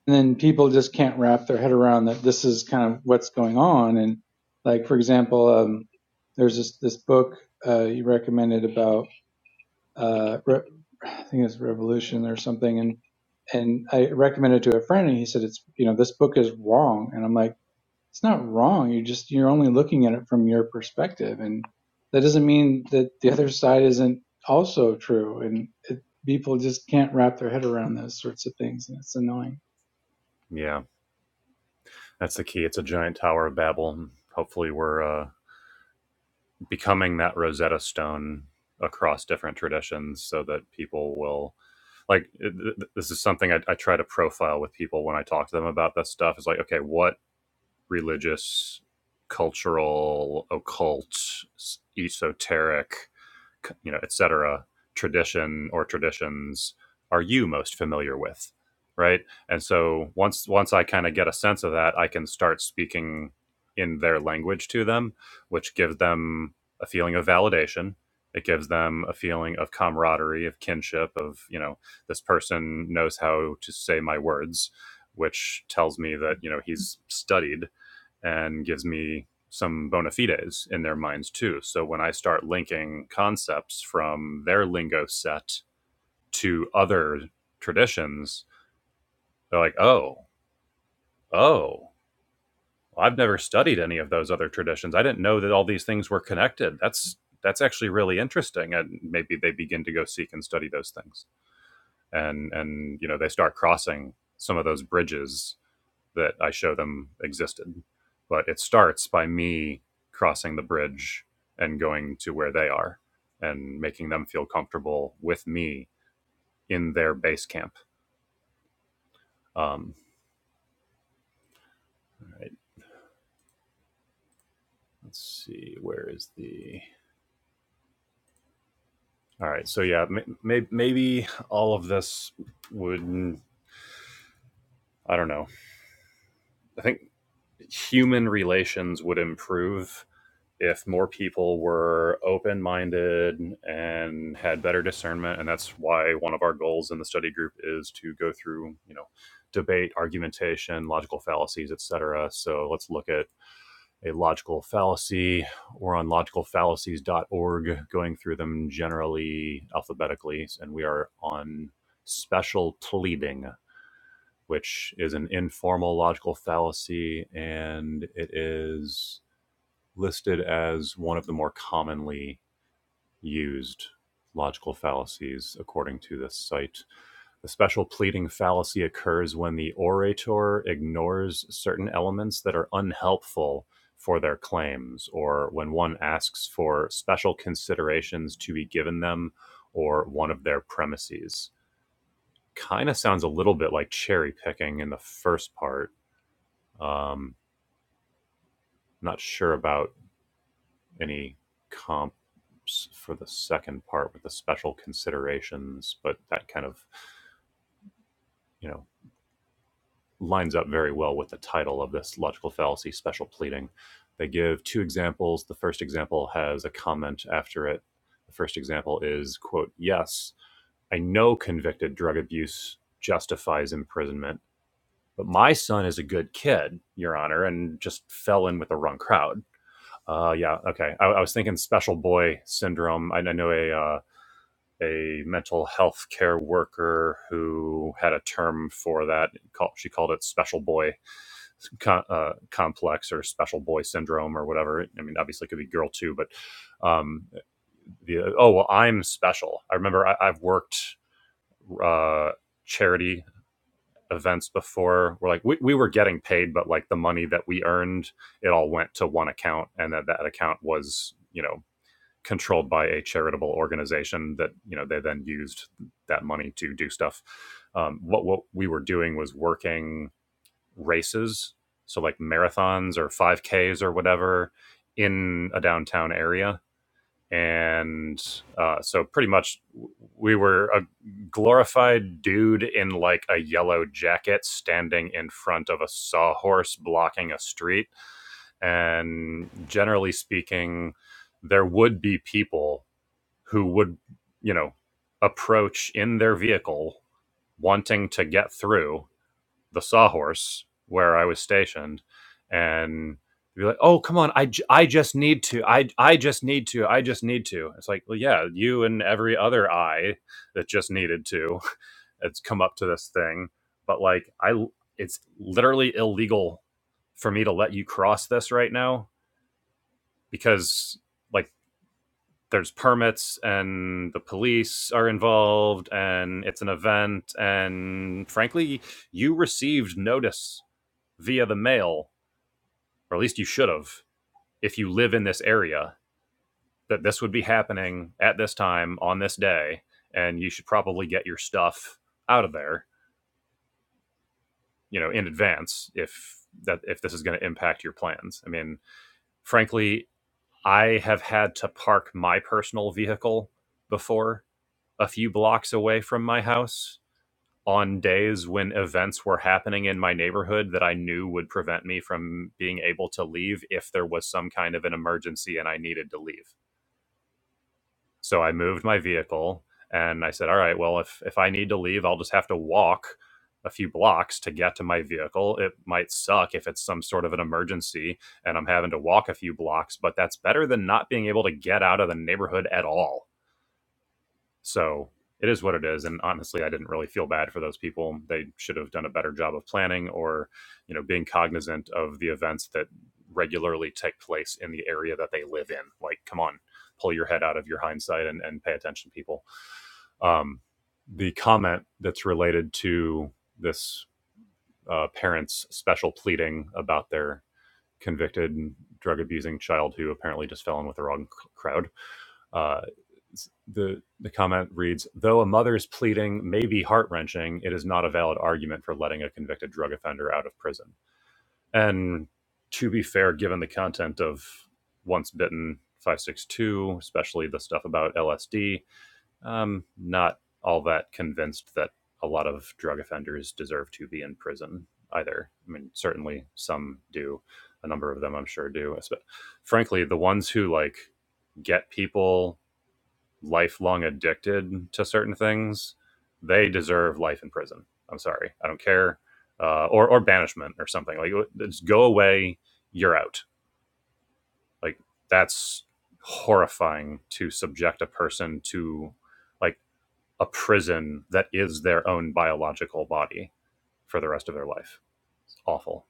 and then people just can't wrap their head around that this is kind of what's going on. And like for example, um, there's this this book uh, you recommended about uh, re- I think it's Revolution or something, and and I recommended it to a friend, and he said it's you know this book is wrong, and I'm like it's not wrong. You just you're only looking at it from your perspective, and that doesn't mean that the other side isn't also true. And it, people just can't wrap their head around those sorts of things, and it's annoying. yeah, that's the key. It's a giant tower of Babel. Hopefully, we're uh, becoming that Rosetta Stone across different traditions so that people will like th- th- this is something I, I try to profile with people when I talk to them about this stuff is like okay what religious cultural occult esoteric you know, et cetera, tradition or traditions are you most familiar with, right? And so once once I kind of get a sense of that, I can start speaking in their language to them, which gives them a feeling of validation. It gives them a feeling of camaraderie, of kinship, of you know, this person knows how to say my words, which tells me that you know he's studied and gives me some bona fides in their minds too. So when I start linking concepts from their lingo set to other traditions, they're like, oh, oh, I've never studied any of those other traditions. I didn't know that all these things were connected. That's that's actually really interesting. And maybe they begin to go seek and study those things. And and you know, they start crossing some of those bridges that I show them existed. But it starts by me crossing the bridge and going to where they are and making them feel comfortable with me in their base camp. Um, all right, let's see, where is the. All right, so yeah, may, maybe all of this would, I don't know. I think human relations would improve if more people were open minded and had better discernment and that's why one of our goals in the study group is to go through you know debate argumentation logical fallacies etc so let's look at a logical fallacy we're on logicalfallacies.org going through them generally alphabetically and we are on special pleading which is an informal logical fallacy and it is listed as one of the more commonly used logical fallacies, according to this site. The special pleading fallacy occurs when the orator ignores certain elements that are unhelpful for their claims, or when one asks for special considerations to be given them or one of their premises. Kind of sounds a little bit like cherry picking in the first part. Um, not sure about any comps for the second part with the special considerations, but that kind of, you know, lines up very well with the title of this logical fallacy special pleading. They give two examples. The first example has a comment after it. The first example is, quote, yes, I know convicted drug abuse justifies imprisonment, but my son is a good kid, Your Honor, and just fell in with the wrong crowd. Uh, yeah, okay. I, I was thinking special boy syndrome. I, I know a uh, a mental health care worker who had a term for that. Call- She called it special boy co- uh, complex or special boy syndrome or whatever. I mean, obviously it could be girl too, but um, the oh well, I'm special. I remember I, I've worked uh, charity events before We're like we, we were getting paid but like the money that we earned it all went to one account and that that account was you know controlled by a charitable organization that you know they then used that money to do stuff. Um, what what we were doing was working races, so like marathons or five Ks or whatever, in a downtown area, and uh, so pretty much we were a glorified dude in like a yellow jacket standing in front of a sawhorse blocking a street, and generally speaking, there would be people who would, you know, approach in their vehicle wanting to get through the sawhorse where I was stationed and be like, oh, come on, I, j- I just need to, I, I just need to, I just need to. It's like, well, yeah, you and every other I that just needed to it's come up to this thing. But like, I it's literally illegal for me to let you cross this right now because like there's permits and the police are involved and it's an event and frankly you received notice via the mail or at least you should have if you live in this area that this would be happening at this time on this day and you should probably get your stuff out of there you know in advance if that if this is going to impact your plans i mean frankly i have had to park my personal vehicle before a few blocks away from my house on days when events were happening in my neighborhood that I knew would prevent me from being able to leave if there was some kind of an emergency and I needed to leave. So I moved my vehicle and I said, "All right, well if if I need to leave, I'll just have to walk a few blocks to get to my vehicle. It might suck if it's some sort of an emergency and I'm having to walk a few blocks, but that's better than not being able to get out of the neighborhood at all." So it is what it is. And honestly, I didn't really feel bad for those people. They should have done a better job of planning or, you know, being cognizant of the events that regularly take place in the area that they live in. Like, come on, pull your head out of your hindsight and, and pay attention, people. Um, the comment that's related to this uh, parent's special pleading about their convicted drug abusing child who apparently just fell in with the wrong c- crowd uh, the the comment reads: Though a mother's pleading may be heart wrenching, it is not a valid argument for letting a convicted drug offender out of prison. And to be fair, given the content of Once Bitten, Five Six Two, especially the stuff about LSD, um, not all that convinced that a lot of drug offenders deserve to be in prison either. I mean, certainly some do. A number of them, I'm sure, do. But Frankly, the ones who like get people lifelong addicted to certain things, they deserve life in prison. I'm sorry, I don't care, uh, or or banishment or something. Like just go away, you're out. Like that's horrifying to subject a person to like a prison that is their own biological body for the rest of their life. It's awful.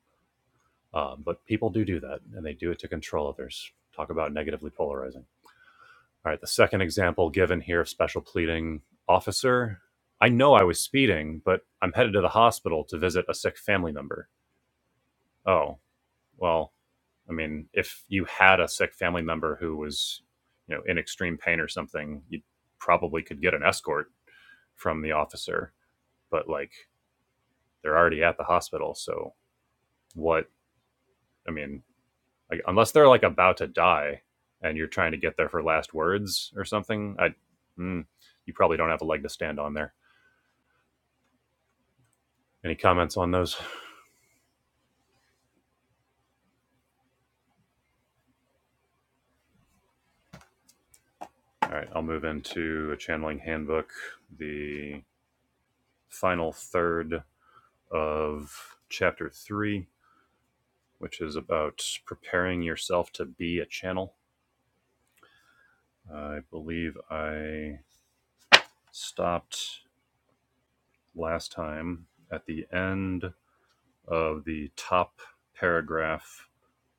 Um, but people do do that, and they do it to control others. Talk about negatively polarizing. All right, the second example given here of special pleading officer. I know I was speeding, but I'm headed to the hospital to visit a sick family member. Oh, well, I mean, if you had a sick family member who was, you know, in extreme pain or something, you probably could get an escort from the officer, but like they're already at the hospital, so what? I mean, like unless they're like about to die and you're trying to get there for last words or something, I mm, you probably don't have a leg to stand on there. Any comments on those? All right, I'll move into a channeling handbook, the final third of chapter three, which is about preparing yourself to be a channel. I believe I stopped last time at the end of the top paragraph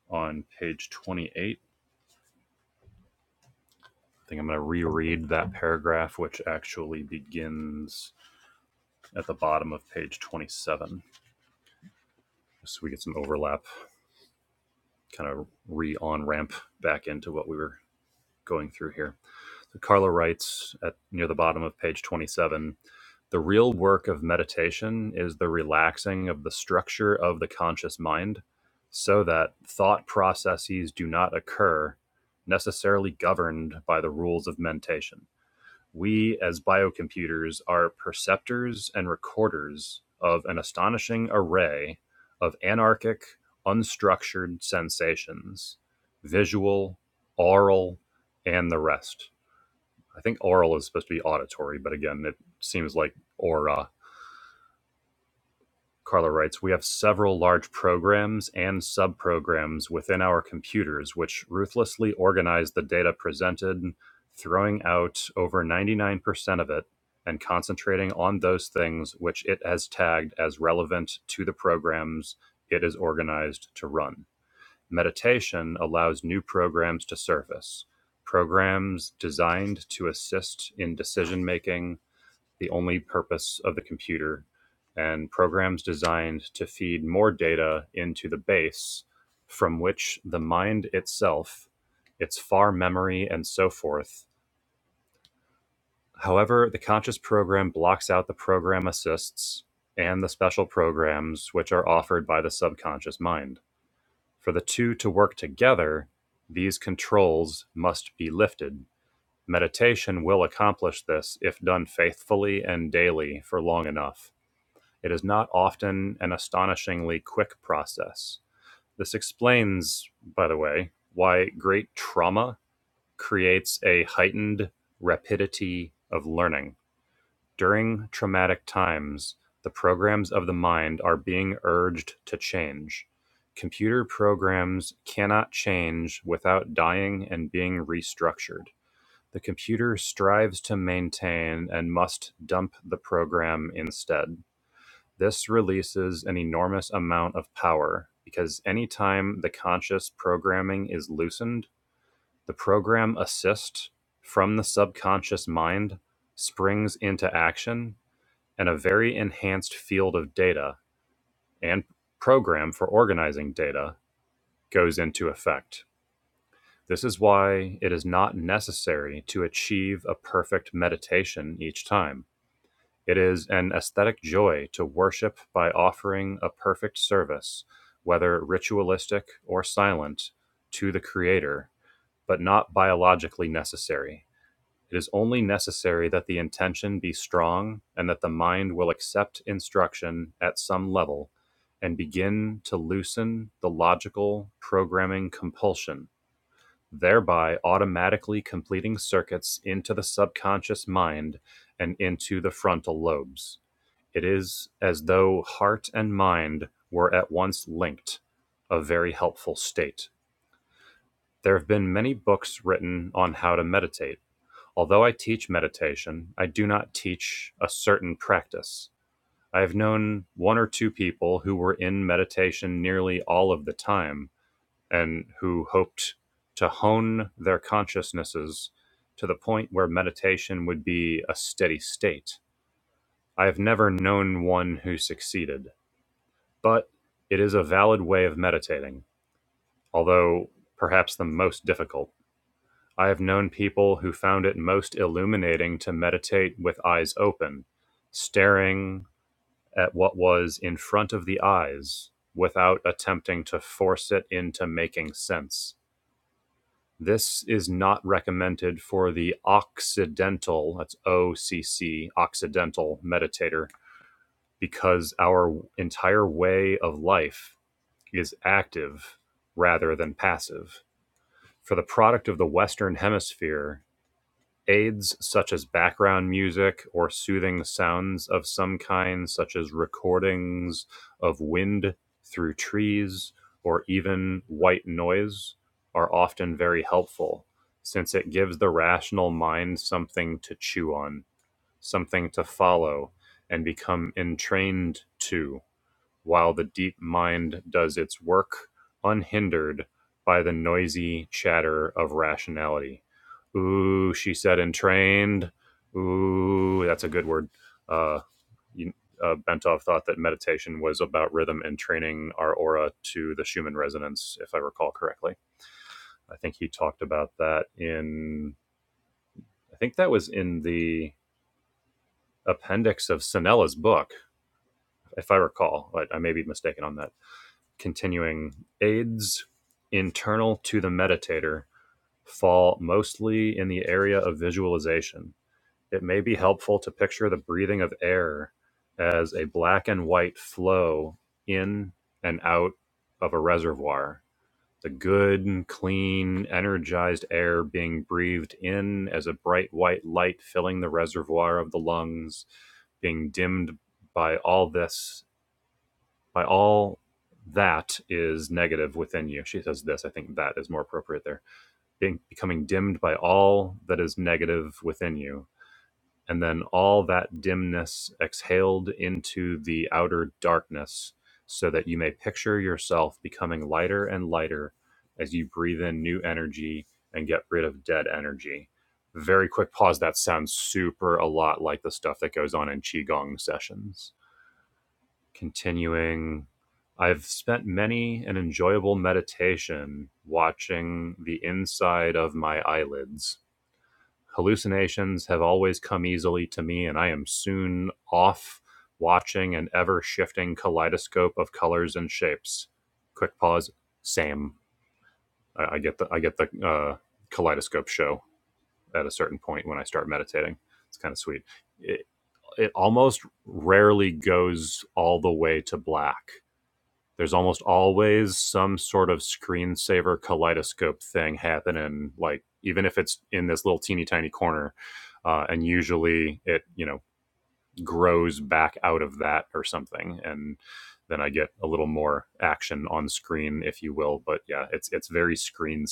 on page 28. I think I'm going to reread that paragraph, which actually begins at the bottom of page 27, so we get some overlap kind of re on ramp back into what we were going through here. So Carla writes at near the bottom of page 27 the real work of meditation is the relaxing of the structure of the conscious mind so that thought processes do not occur necessarily governed by the rules of mentation we, as biocomputers, are perceptors and recorders of an astonishing array of anarchic, unstructured sensations visual, oral, and the rest. I think oral is supposed to be auditory, but again, it seems like aura Carla writes, We have several large programs and subprograms within our computers which ruthlessly organize the data presented, throwing out over 99% of it and concentrating on those things which it has tagged as relevant to the programs it is organized to run. Meditation allows new programs to surface, programs designed to assist in decision making the only purpose of the computer, and programs designed to feed more data into the base from which the mind itself, its far memory, and so forth. However, the conscious program blocks out the program assists and the special programs which are offered by the subconscious mind. For the two to work together, these controls must be lifted. Meditation will accomplish this if done faithfully and daily for long enough. It is not often an astonishingly quick process. This explains, by the way, why great trauma creates a heightened rapidity of learning. During traumatic times, the programs of the mind are being urged to change. Computer programs cannot change without dying and being restructured. The computer strives to maintain and must dump the program instead. This releases an enormous amount of power, because anytime the conscious programming is loosened, the program assist from the subconscious mind springs into action, and a very enhanced field of data and program for organizing data goes into effect. This is why it is not necessary to achieve a perfect meditation each time It is an aesthetic joy to worship by offering a perfect service, whether ritualistic or silent, to the Creator, but not biologically necessary. It is only necessary that the intention be strong and that the mind will accept instruction at some level and begin to loosen the logical programming compulsion, thereby automatically completing circuits into the subconscious mind and into the frontal lobes. It is as though heart and mind were at once linked, a very helpful state. There have been many books written on how to meditate. Although I teach meditation, I do not teach a certain practice. I have known one or two people who were in meditation nearly all of the time and who hoped to hone their consciousnesses to the point where meditation would be a steady state. I have never known one who succeeded. But it is a valid way of meditating, although perhaps the most difficult. I have known people who found it most illuminating to meditate with eyes open, staring at what was in front of the eyes without attempting to force it into making sense. This is not recommended for the Occidental, that's O C C, Occidental meditator, because our entire way of life is active rather than passive. For the product of the Western Hemisphere, aids such as background music or soothing sounds of some kind, such as recordings of wind through trees or even white noise, are often very helpful since it gives the rational mind something to chew on, something to follow, and become entrained to while the deep mind does its work unhindered by the noisy chatter of rationality. Ooh, she said, entrained. Ooh, that's a good word. Uh, you, uh, Bentov thought that meditation was about rhythm and training our aura to the Schumann resonance, if I recall correctly. I think he talked about that in, I think that was in the appendix of Sinella's book, if I recall. But I may be mistaken on that. Continuing, aids internal to the meditator fall mostly in the area of visualization. It may be helpful to picture the breathing of air as a black and white flow in and out of a reservoir. The good, clean, energized air being breathed in as a bright white light filling the reservoir of the lungs, being dimmed by all this by all that is negative within you. She says this. I think that is more appropriate there. Being, becoming dimmed by all that is negative within you. And then all that dimness exhaled into the outer darkness so that you may picture yourself becoming lighter and lighter as you breathe in new energy and get rid of dead energy. Very quick pause. That sounds super a lot like the stuff that goes on in Qigong sessions continuing I've spent many an enjoyable meditation watching the inside of my eyelids. Hallucinations have always come easily to me, and I am soon off watching an ever shifting kaleidoscope of colors and shapes. Quick pause. Same. I, I get the I get the uh, kaleidoscope show at a certain point when I start meditating. It's kind of sweet. It, it almost rarely goes all the way to black there's almost always some sort of screensaver kaleidoscope thing happening like even if it's in this little teeny tiny corner uh, and usually it you know grows back out of that or something and then i get a little more action on screen if you will but yeah it's it's very screensavery.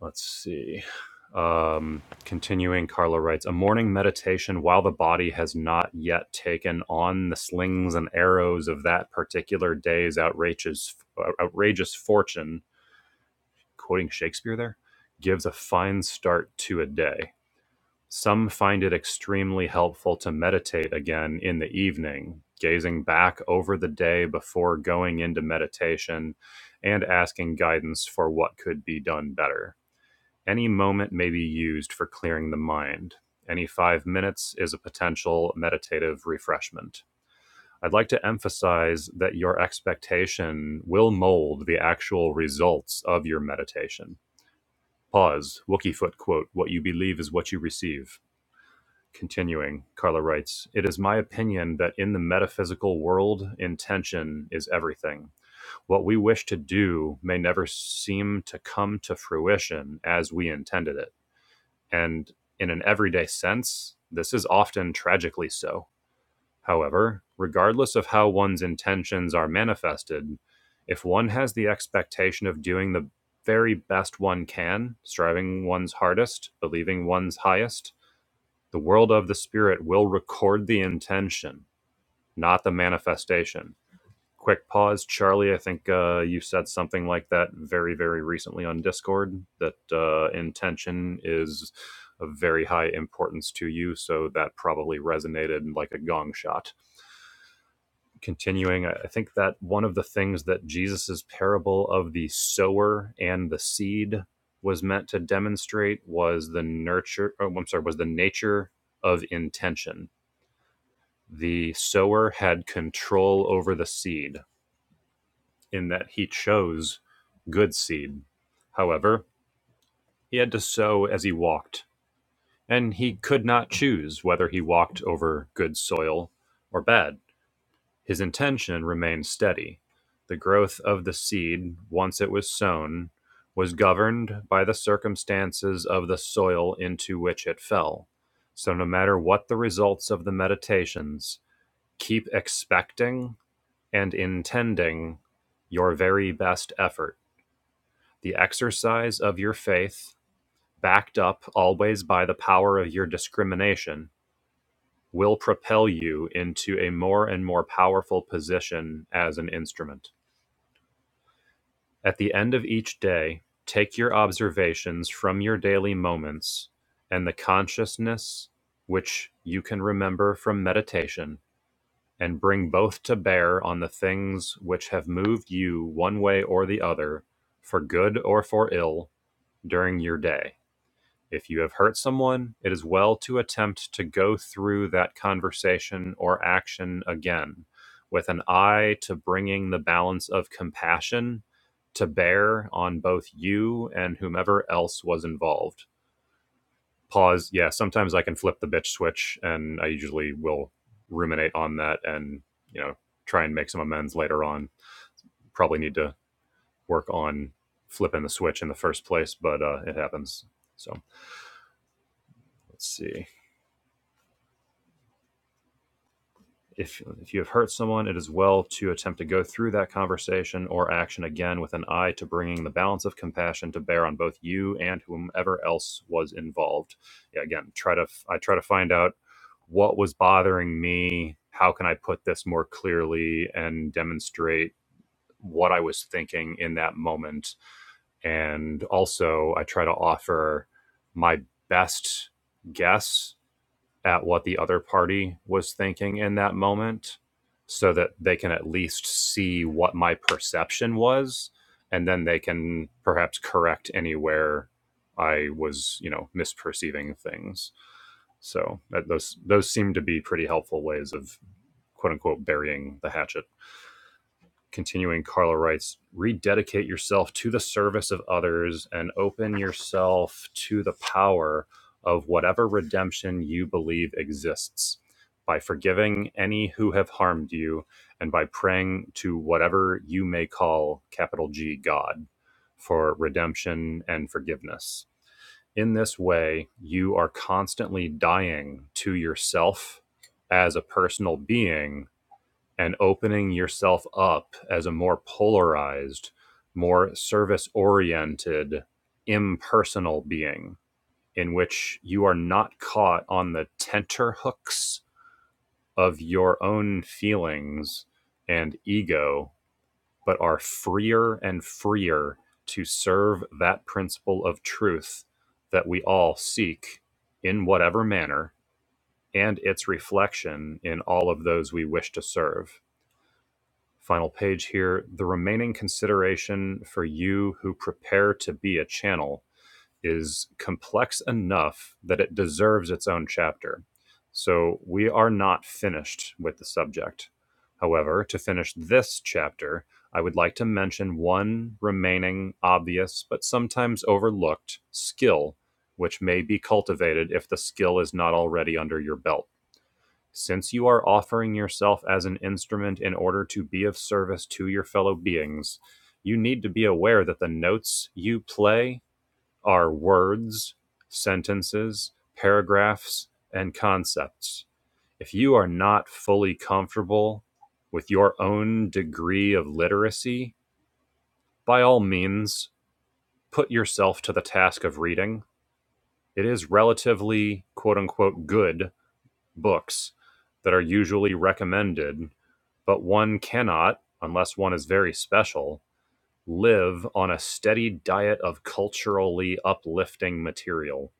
Let's see. Um, continuing, Carla writes A morning meditation while the body has not yet taken on the slings and arrows of that particular day's outrageous, uh, outrageous fortune, quoting Shakespeare there, gives a fine start to a day. Some find it extremely helpful to meditate again in the evening, gazing back over the day before going into meditation and asking guidance for what could be done better any moment may be used for clearing the mind. Any five minutes is a potential meditative refreshment. I'd like to emphasize that your expectation will mold the actual results of your meditation. Pause. Wookiefoot quote, What you believe is what you receive. Continuing, Carla writes, It is my opinion that in the metaphysical world, intention is everything. What we wish to do may never seem to come to fruition as we intended it and in an everyday sense, this is often tragically so. However, regardless of how one's intentions are manifested, if one has the expectation of doing the very best one can, striving one's hardest, believing one's highest, the world of the spirit will record the intention, not the manifestation quick pause, Charlie. I think uh, you said something like that very, very recently on Discord that uh, intention is of very high importance to you. So that probably resonated like a gong shot. Continuing, I think that one of the things that Jesus's parable of the sower and the seed was meant to demonstrate was the nurture, oh, I'm sorry, was the nature of intention. The sower had control over the seed in that he chose good seed. However, he had to sow as he walked, and he could not choose whether he walked over good soil or bad. His intention remained steady. The growth of the seed, once it was sown, was governed by the circumstances of the soil into which it fell. So, no matter what the results of the meditations, keep expecting and intending your very best effort the exercise of your faith, backed up always by the power of your discrimination, will propel you into a more and more powerful position as an instrument. At the end of each day, take your observations from your daily moments and the consciousness which you can remember from meditation and bring both to bear on the things which have moved you one way or the other, for good or for ill, during your day If you have hurt someone, it is well to attempt to go through that conversation or action again with an eye to bringing the balance of compassion to bear on both you and whomever else was involved. Pause. Yeah, sometimes I can flip the bitch switch and I usually will ruminate on that and, you know, try and make some amends later on. Probably need to work on flipping the switch in the first place, but uh, it happens. So let's see. If, if you have hurt someone, it is well to attempt to go through that conversation or action again with an eye to bringing the balance of compassion to bear on both you and whomever else was involved. Yeah, again, try to I try to find out what was bothering me. How can I put this more clearly and demonstrate what I was thinking in that moment? And also, I try to offer my best guess at what the other party was thinking in that moment so that they can at least see what my perception was and then they can perhaps correct anywhere I was, you know, misperceiving things. So that, those those seem to be pretty helpful ways of quote unquote burying the hatchet continuing, Carla writes, rededicate yourself to the service of others and open yourself to the power of whatever redemption you believe exists by forgiving any who have harmed you and by praying to whatever you may call capital G God for redemption and forgiveness. In this way, you are constantly dying to yourself as a personal being and opening yourself up as a more polarized, more service oriented, impersonal being in which you are not caught on the tenterhooks of your own feelings and ego, but are freer and freer to serve that principle of truth that we all seek in whatever manner and its reflection in all of those we wish to serve Final page here. The remaining consideration for you who prepare to be a channel is complex enough that it deserves its own chapter. So we are not finished with the subject. However, to finish this chapter, I would like to mention one remaining obvious but sometimes overlooked skill which may be cultivated if the skill is not already under your belt. Since you are offering yourself as an instrument in order to be of service to your fellow beings, you need to be aware that the notes you play are words, sentences, paragraphs, and concepts. If you are not fully comfortable with your own degree of literacy, by all means, put yourself to the task of reading. It is relatively, quote unquote, good books that are usually recommended but one cannot, unless one is very special, live on a steady diet of culturally uplifting material.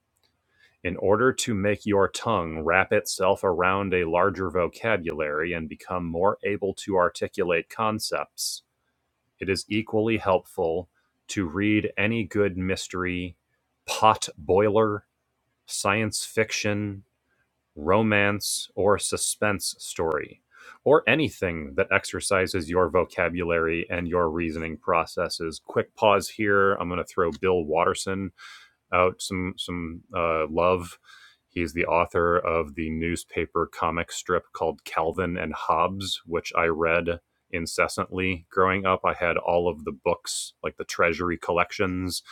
In order to make your tongue wrap itself around a larger vocabulary and become more able to articulate concepts, it is equally helpful to read any good mystery, pot boiler, science fiction, romance, or suspense story, or anything that exercises your vocabulary and your reasoning processes. Quick pause here. I'm going to throw Bill Watterson out some some uh, love. He's the author of the newspaper comic strip called Calvin and Hobbes, which I read incessantly growing up. I had all of the books, like the treasury collections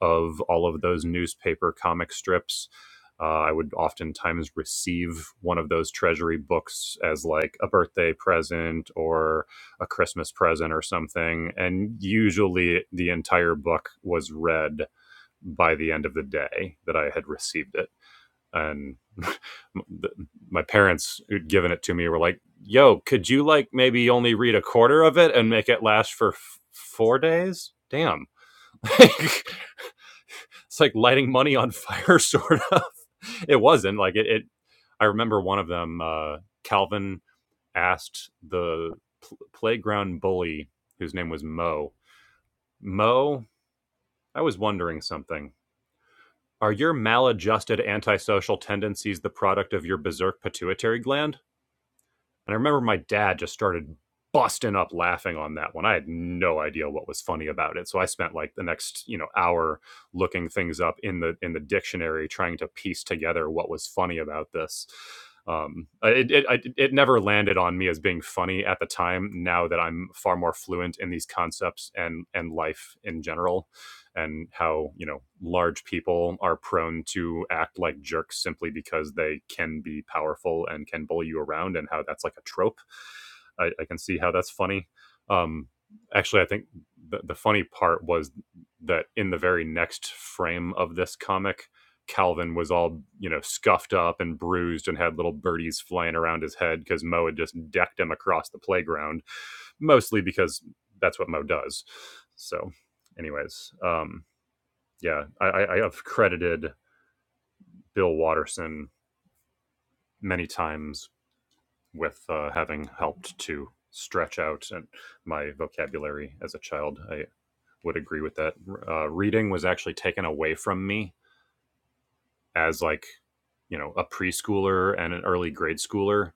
of all of those newspaper comic strips. Uh, I would oftentimes receive one of those treasury books as like a birthday present or a Christmas present or something. And usually the entire book was read by the end of the day that I had received it. And my parents who'd given it to me were like, yo, could you like maybe only read a quarter of it and make it last for f- four days? Damn. it's like lighting money on fire, sort of. It wasn't like it. it I remember one of them, uh, Calvin asked the pl- playground bully, whose name was Mo, Mo, I was wondering something Are your maladjusted antisocial tendencies the product of your berserk pituitary gland? And I remember my dad just started busting up laughing on that one. I had no idea what was funny about it. So I spent like the next, you know, hour looking things up in the in the dictionary trying to piece together what was funny about this. Um, it, it it it never landed on me as being funny at the time. Now that I'm far more fluent in these concepts and and life in general, and how you know large people are prone to act like jerks simply because they can be powerful and can bully you around and how that's like a trope i, I can see how that's funny um actually i think the, the funny part was that in the very next frame of this comic calvin was all you know scuffed up and bruised and had little birdies flying around his head because mo had just decked him across the playground mostly because that's what mo does so anyways um yeah, I, I have credited Bill Watterson many times with uh, having helped to stretch out and my vocabulary as a child. I would agree with that. Uh, reading was actually taken away from me as like you know a preschooler and an early grade schooler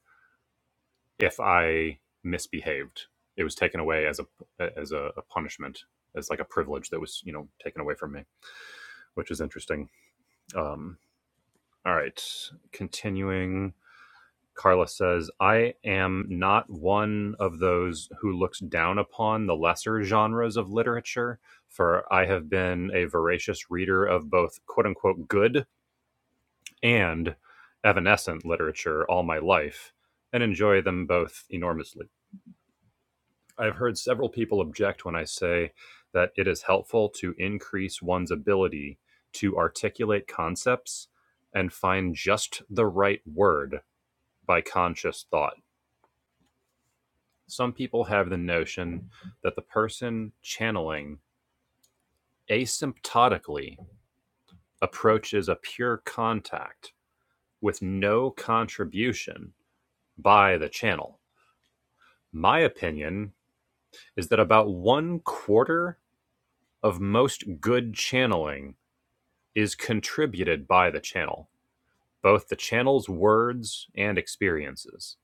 if I misbehaved. It was taken away as a as a, a punishment, as like a privilege that was you know taken away from me, which is interesting. Um, all right, continuing. Carla says, I am not one of those who looks down upon the lesser genres of literature, for I have been a voracious reader of both quote unquote good and evanescent literature all my life and enjoy them both enormously. I've heard several people object when I say that it is helpful to increase one's ability to articulate concepts and find just the right word by conscious thought some people have the notion that the person channeling asymptotically approaches a pure contact with no contribution by the channel. My opinion is that about one quarter of most good channeling is contributed by the channel, both the channel's words and experiences.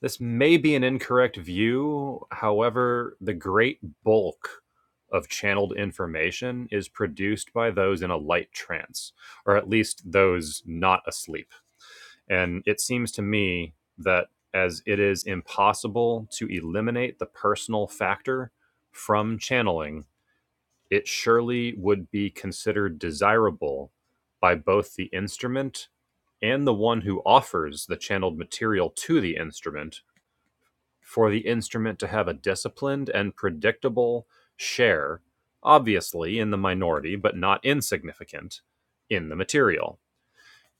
This may be an incorrect view. However, the great bulk of channeled information is produced by those in a light trance, or at least those not asleep. And it seems to me that as it is impossible to eliminate the personal factor from channeling, it surely would be considered desirable by both the instrument and the one who offers the channeled material to the instrument for the instrument to have a disciplined and predictable share, obviously in the minority, but not insignificant, in the material.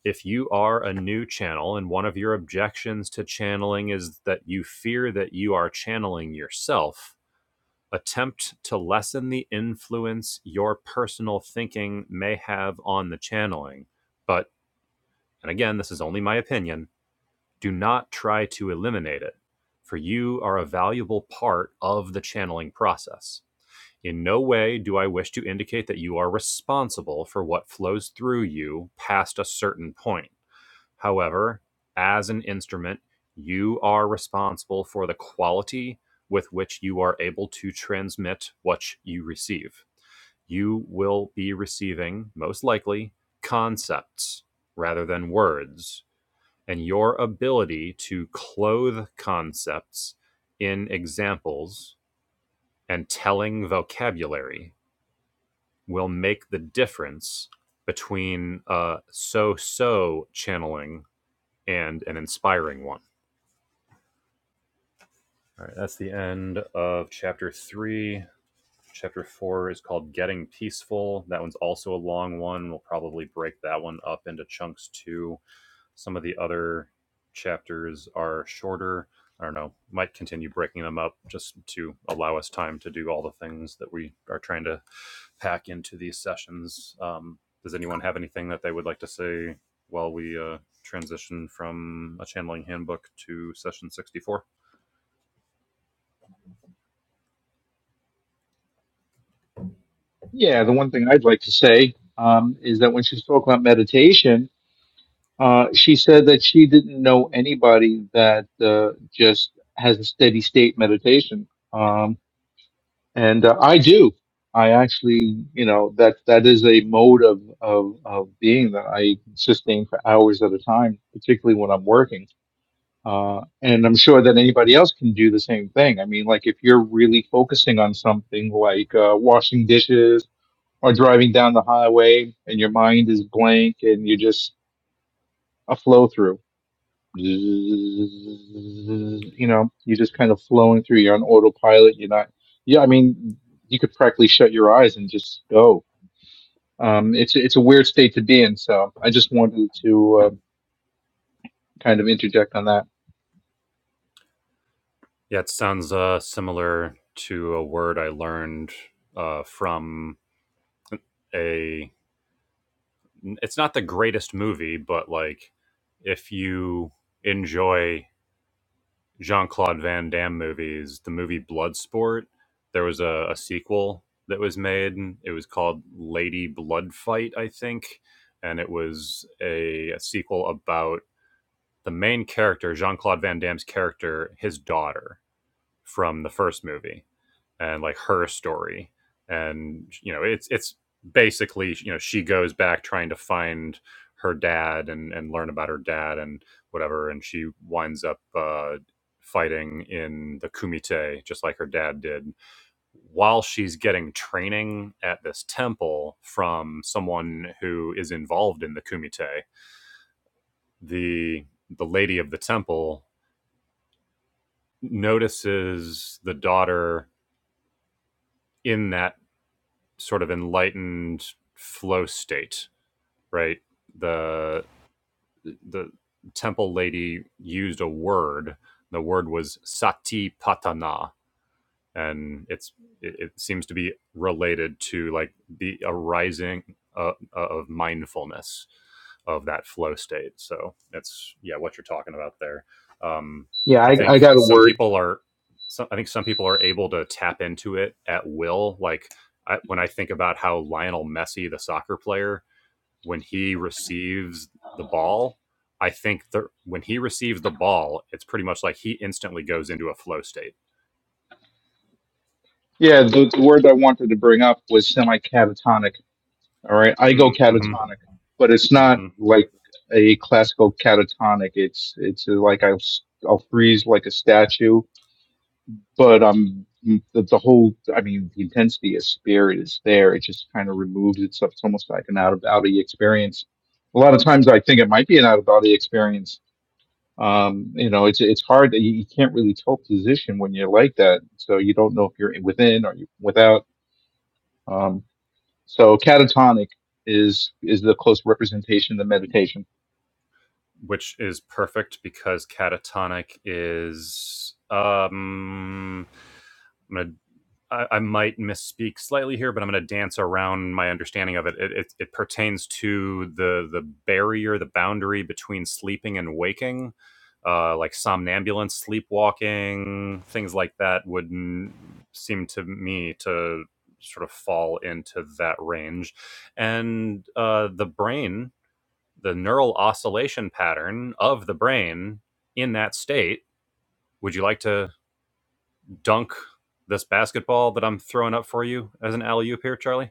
If you are a new channel and one of your objections to channeling is that you fear that you are channeling yourself, attempt to lessen the influence your personal thinking may have on the channeling. But, and again, this is only my opinion, do not try to eliminate it, for you are a valuable part of the channeling process. In no way do I wish to indicate that you are responsible for what flows through you past a certain point. However, as an instrument, you are responsible for the quality with which you are able to transmit what you receive. You will be receiving, most likely, concepts rather than words and your ability to clothe concepts in examples and telling vocabulary will make the difference between a so so channeling and an inspiring one. All right, that's the end of chapter three. Chapter four is called Getting Peaceful. That one's also a long one. We'll probably break that one up into chunks too Some of the other chapters are shorter. I don't know, might continue breaking them up just to allow us time to do all the things that we are trying to pack into these sessions. Um, does anyone have anything that they would like to say while we uh, transition from a channeling handbook to session 64? Yeah, the one thing I'd like to say um, is that when she spoke about meditation, Uh, she said that she didn't know anybody that uh, just has a steady state meditation. Um, and uh, I do. I actually, you know, that that is a mode of, of of being that I sustain for hours at a time, particularly when I'm working. Uh, and I'm sure that anybody else can do the same thing. I mean, like if you're really focusing on something like uh, washing dishes or driving down the highway, and your mind is blank and you are just a flow through you know, you're just kind of flowing through. You're on autopilot. You're not. Yeah, I mean, you could practically shut your eyes and just go. Um, it's it's a weird state to be in. So I just wanted to uh, kind of interject on that. Yeah, it sounds uh, similar to a word I learned uh, from a it's not the greatest movie, but like if you enjoy Jean Claude Van Damme movies, the movie Bloodsport, there was a, a sequel that was made. It was called Lady Blood Fight, I think, and it was a, a sequel about the main character, Jean Claude Van Damme's character, his daughter from the first movie and like her story and you know it's it's basically you know she goes back trying to find her dad and and learn about her dad and whatever and she winds up uh fighting in the kumite just like her dad did while she's getting training at this temple from someone who is involved in the kumite the the lady of the temple notices the daughter in that sort of enlightened flow state, right? The the temple lady used a word. The word was sati patana, and it's it, it seems to be related to like the arising uh, uh, of mindfulness of that flow state. So that's yeah, what you're talking about there. Um, Yeah, I I, think I got a some word. people are, some, I think some people are able to tap into it at will. Like I, when I think about how Lionel Messi, the soccer player, when he receives the ball, I think that when he receives the ball, it's pretty much like he instantly goes into a flow state. Yeah, the, the word I wanted to bring up was semi-catatonic. All right, I go Mm-hmm, catatonic, but it's Mm-hmm. not like a classical catatonic. It's it's uh, like I'll s- I'll freeze like a statue but um the, the whole i mean the intensity of spirit is there it just kind of removes itself it's almost like an out of body experience a lot of time it might be an out of body experience um you know it's it's hard that you, you can't really tell position when you're like that so you don't know if you're within or you without um so catatonic is is the close representation of the meditation which is perfect because catatonic is um I'm gonna I, I might misspeak slightly here, but I'm gonna dance around my understanding of it. It, it. it pertains to the the barrier, the boundary between sleeping and waking. Uh, like somnambulance, sleepwalking, things like that would n- seem to me to sort of fall into that range. And uh, the brain the neural oscillation pattern of the brain in that state. Would you like to dunk this basketball that I'm throwing up for you as an alley oop here, Charlie?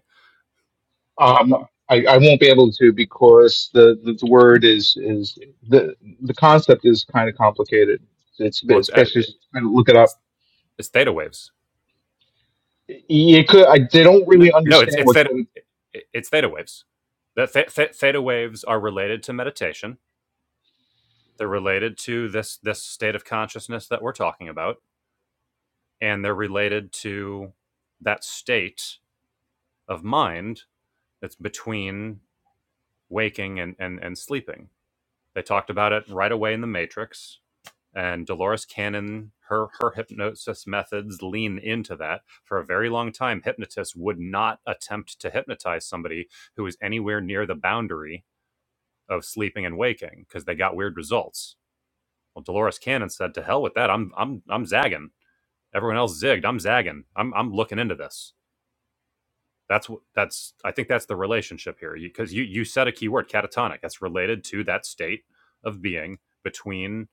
Um, I, I won't be able to because the, the, the word is is the the concept is kind of complicated. It's a bit- Well, it's uh, especially if you try to look it it's, up. it's theta waves. It could I, they don't really No, no, it's understand it's what theta kind of it's theta waves. That th- theta waves are related to meditation. They're related to this this state of consciousness that we're talking about. and they're related to that state of mind that's between waking and, and, and sleeping. They talked about it right away in The Matrix, and Dolores Cannon, her, her hypnosis methods lean into that. For a very long time, hypnotists would not attempt to hypnotize somebody who is anywhere near the boundary of sleeping and waking because they got weird results. Well, Dolores Cannon said, "To hell with that! I'm I'm I'm zagging. Everyone else zigged. I'm zagging. I'm I'm looking into this." That's that's I think that's the relationship here because you, you you said a key word catatonic. That's related to that state of being between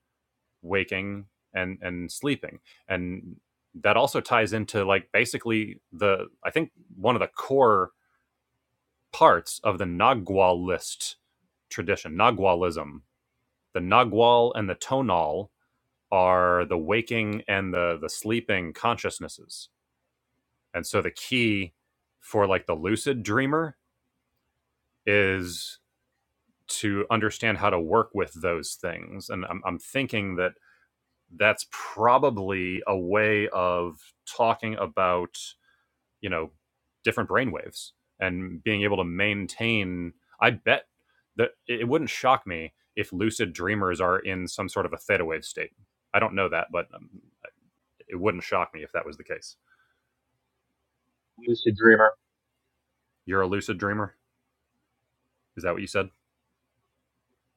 waking and and sleeping, and that also ties into like basically the I think one of the core parts of the Nagualist tradition, Nagualism. The Nagual and the Tonal are the waking and the the sleeping consciousnesses, and so the key for like the lucid dreamer is to understand how to work with those things. And I'm, I'm thinking that that's probably a way of talking about, you know, different brainwaves and being able to maintain. I bet that it wouldn't shock me if lucid dreamers are in some sort of a theta wave state. I don't know that, but um, it wouldn't shock me if that was the case. lucid dreamer. You're a lucid dreamer? Is that what you said?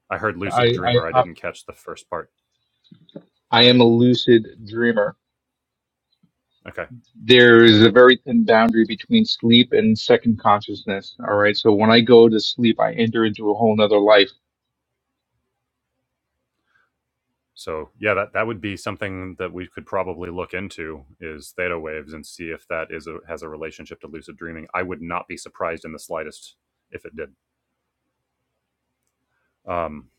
I heard lucid I I dreamer. I I didn't catch the first part. I am a lucid dreamer. Okay. There is a very thin boundary between sleep and second consciousness. All right, so when I go to sleep, I enter into a whole nother life. So yeah, that that would be something that we could probably look into is theta waves and see if that is a has a relationship to lucid dreaming. I would not be surprised in the slightest if it did. Um,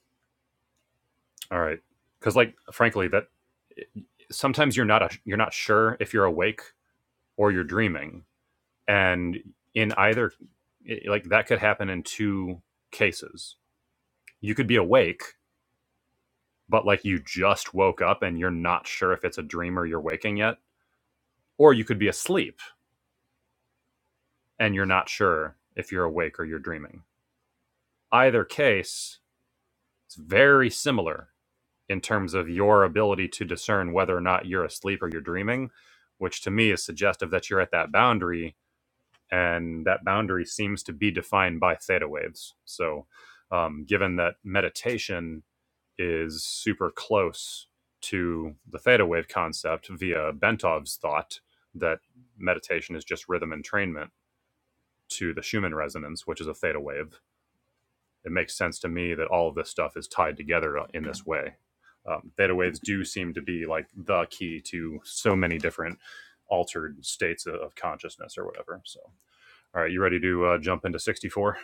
all right, because like frankly, that eh, sometimes you're not a, you're not sure if you're awake or you're dreaming, and in either it- like that could happen in two cases. You could be awake, but like you just woke up and you're not sure if it's a dream or you're waking yet, or you could be asleep and you're not sure if you're awake or you're dreaming. Either case, it's very similar in terms of your ability to discern whether or not you're asleep or you're dreaming, which to me is suggestive that you're at that boundary, and that boundary seems to be defined by theta waves. So, um, given that meditation is super close to the theta wave concept via Bentov's thought that meditation is just rhythm entrainment to the Schumann resonance, which is a theta wave it makes sense to me that all of this stuff is tied together in this way. Um, theta waves do seem to be like the key to so many different altered states of, consciousness or whatever. So, all right, you ready to uh, jump into 64?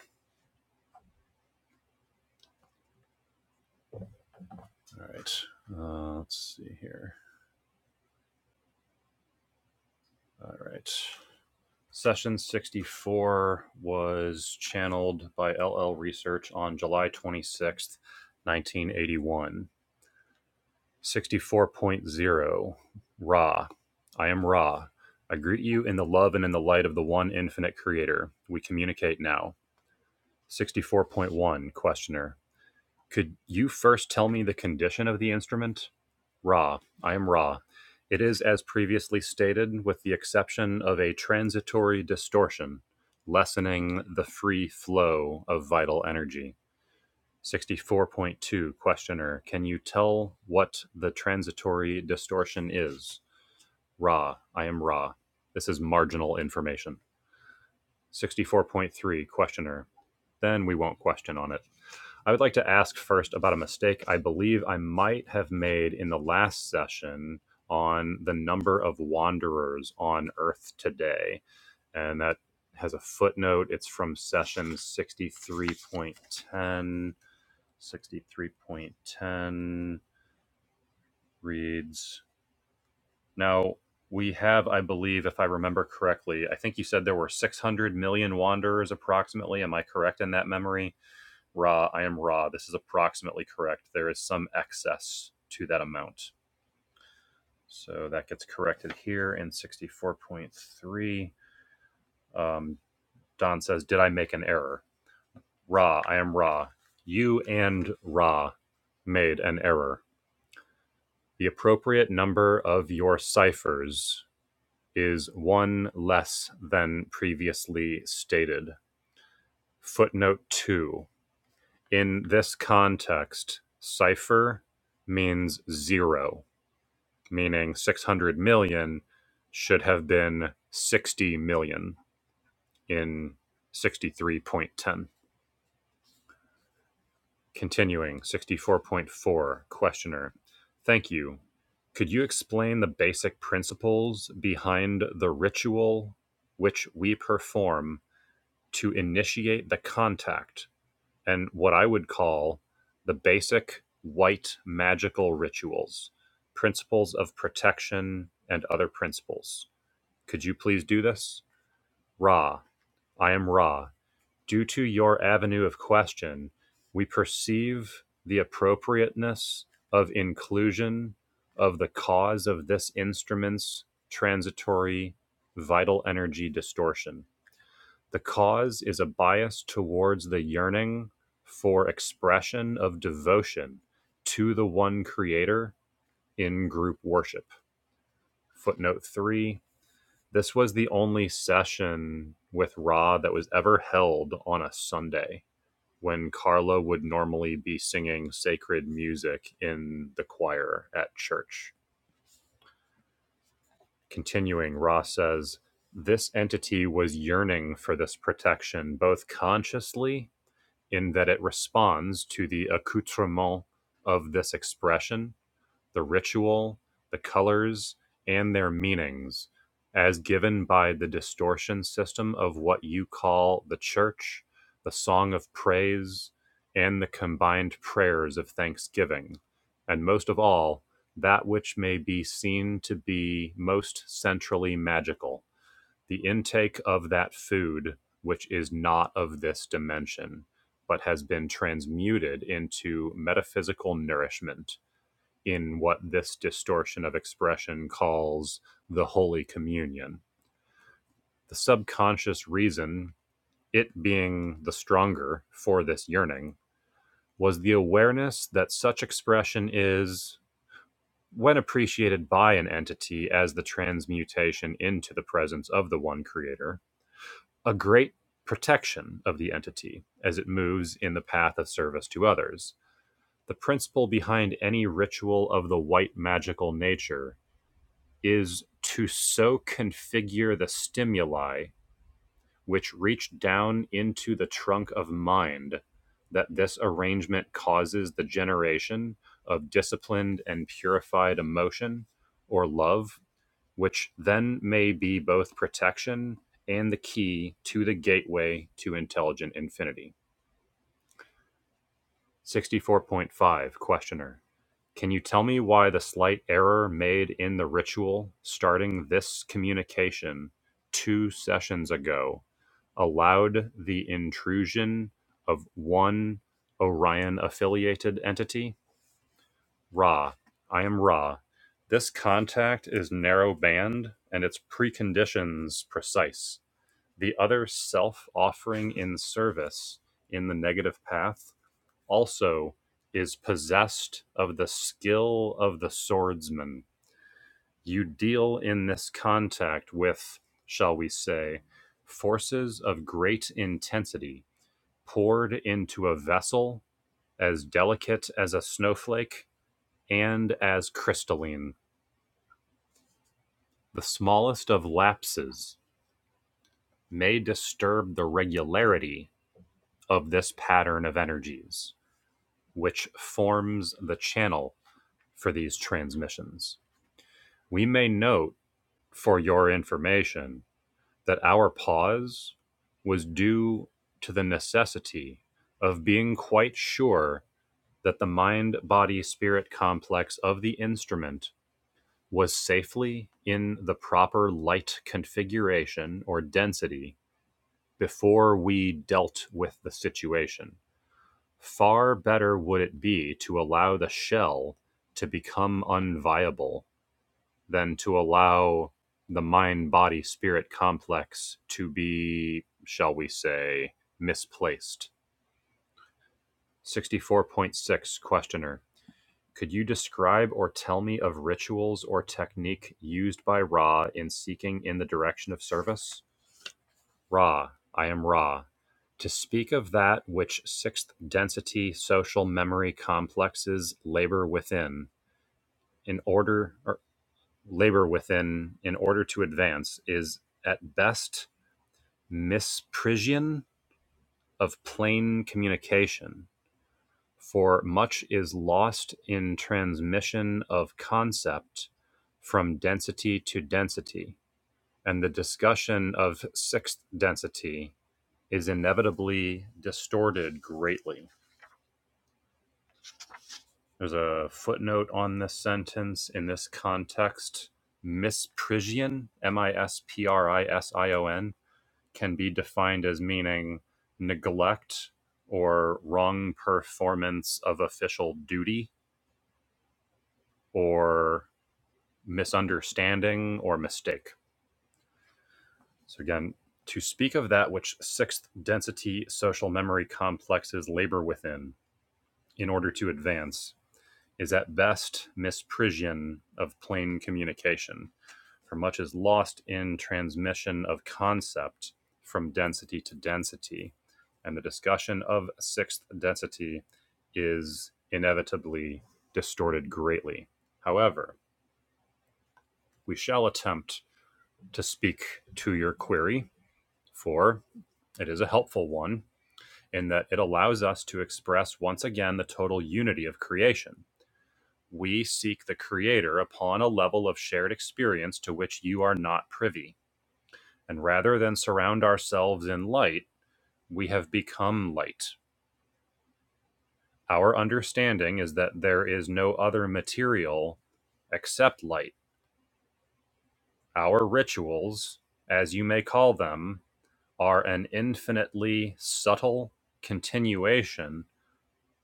All right, uh, let's see here. All right. Session 64 was channeled by LL Research on July 26th, 1981. Sixty-four point zero, Ra. I am Ra. I greet you in the love and in the light of the one infinite creator. We communicate now. 64.1 Questioner. Could you first tell me the condition of the instrument? Ra. I am Ra. It is as previously stated, with the exception of a transitory distortion, lessening the free flow of vital energy. 64.2 Questioner, can you tell what the transitory distortion is? Raw, I am raw. This is marginal information. 64.3 Questioner, then we won't question on it. I would like to ask first about a mistake I believe I might have made in the last session on the number of wanderers on Earth today. And that has a footnote. It's from session 63.10 63.10 reads Now we have, I believe, if I remember correctly, I think you said there were 600 million wanderers approximately. Am I correct in that memory? Ra, I am Ra. This is approximately correct. There is some excess to that amount. So that gets corrected here in 64.3. Um, Don says, Did I make an error? Ra, I am Ra. You and Ra made an error The appropriate number of your ciphers is one less than previously stated. Footnote 2. In this context, cipher means zero, meaning 600 million should have been 60 million in 63.10. Continuing, 64.4 Questioner. Thank you. Could you explain the basic principles behind the ritual which we perform to initiate the contact and what I would call the basic white magical rituals, principles of protection, and other principles? Could you please do this? Ra, I am Ra. Due to your avenue of question, we perceive the appropriateness of inclusion of the cause of this instrument's transitory vital energy distortion. The cause is a bias towards the yearning for expression of devotion to the one creator in group worship. Footnote 3 This was the only session with Ra that was ever held on a Sunday when Carla would normally be singing sacred music in the choir at church. Continuing, Ross says, This entity was yearning for this protection, both consciously, in that it responds to the accoutrement of this expression, the ritual, the colors, and their meanings as given by the distortion system of what you call the church, the song of praise, and the combined prayers of thanksgiving. And most of all, that which may be seen to be most centrally magical, the intake of that food which is not of this dimension, but has been transmuted into metaphysical nourishment in what this distortion of expression calls the Holy Communion. The subconscious reason, it being the stronger for this yearning, was the awareness that such expression is, when appreciated by an entity as the transmutation into the presence of the one creator, a great protection of the entity as it moves in the path of service to others. The principle behind any ritual of the white magical nature is to so configure the stimuli which reach down into the trunk of mind that this arrangement causes the generation of disciplined and purified emotion or love, which then may be both protection and the key to the gateway to intelligent infinity. 64.5 Questioner. Can you tell me why the slight error made in the ritual starting this communication two sessions ago allowed the intrusion of one Orion affiliated entity? Ra. I am Ra. This contact is narrow band and its preconditions precise. The other self offering in service in the negative path also is possessed of the skill of the swordsman. You deal in this contact with, shall we say, forces of great intensity poured into a vessel as delicate as a snowflake and as crystalline. The smallest of lapses may disturb the regularity of this pattern of energies, which forms the channel for these transmissions We may note, for your information, that our pause was due to the necessity of being quite sure that the mind body spirit complex of the instrument was safely in the proper light configuration or density before we dealt with the situation. Far better would it be to allow the shell to become unviable than to allow the mind body spirit complex to be, shall we say, misplaced. 64.6 Questioner Could you describe or tell me of rituals or technique used by Ra in seeking in the direction of service? Ra, I am Ra. To speak of that which sixth density social memory complexes labor within, in order. labor within in order to advance is at best misprision of plain communication for much is lost in transmission of concept from density to density and the discussion of sixth density is inevitably distorted greatly there's a footnote on this sentence in this context misprision m-i-s-p-r-i-s-i-o-n can be defined as meaning neglect or wrong performance of official duty or misunderstanding or mistake. So, again, to speak of that which sixth density social memory complexes labor within in order to advance is at best misprision of plain communication, for much is lost in transmission of concept from density to density, and the discussion of sixth density is inevitably distorted greatly. However, we shall attempt to speak to your query, for it is a helpful one in that it allows us to express once again the total unity of creation We seek the Creator upon a level of shared experience to which you are not privy. And rather than surround ourselves in light, we have become light. Our understanding is that there is no other material except light. Our rituals, as you may call them, are an infinitely subtle continuation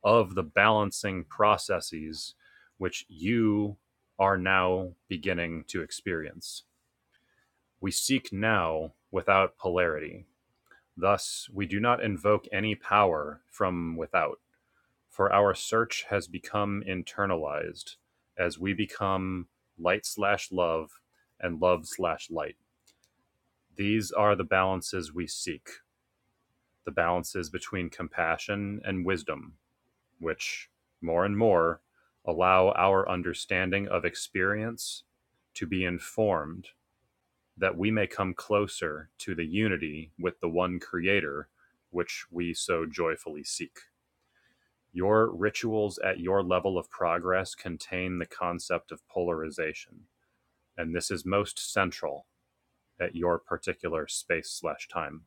of the balancing processes which you are now beginning to experience. We seek now without polarity. Thus, we do not invoke any power from without, for our search has become internalized as we become light slash love and love slash light. These are the balances we seek the balances between compassion and wisdom, which more and more allow our understanding of experience to be informed that we may come closer to the unity with the one Creator, which we so joyfully seek. Your rituals at your level of progress contain the concept of polarization, and this is most central at your particular space slash time.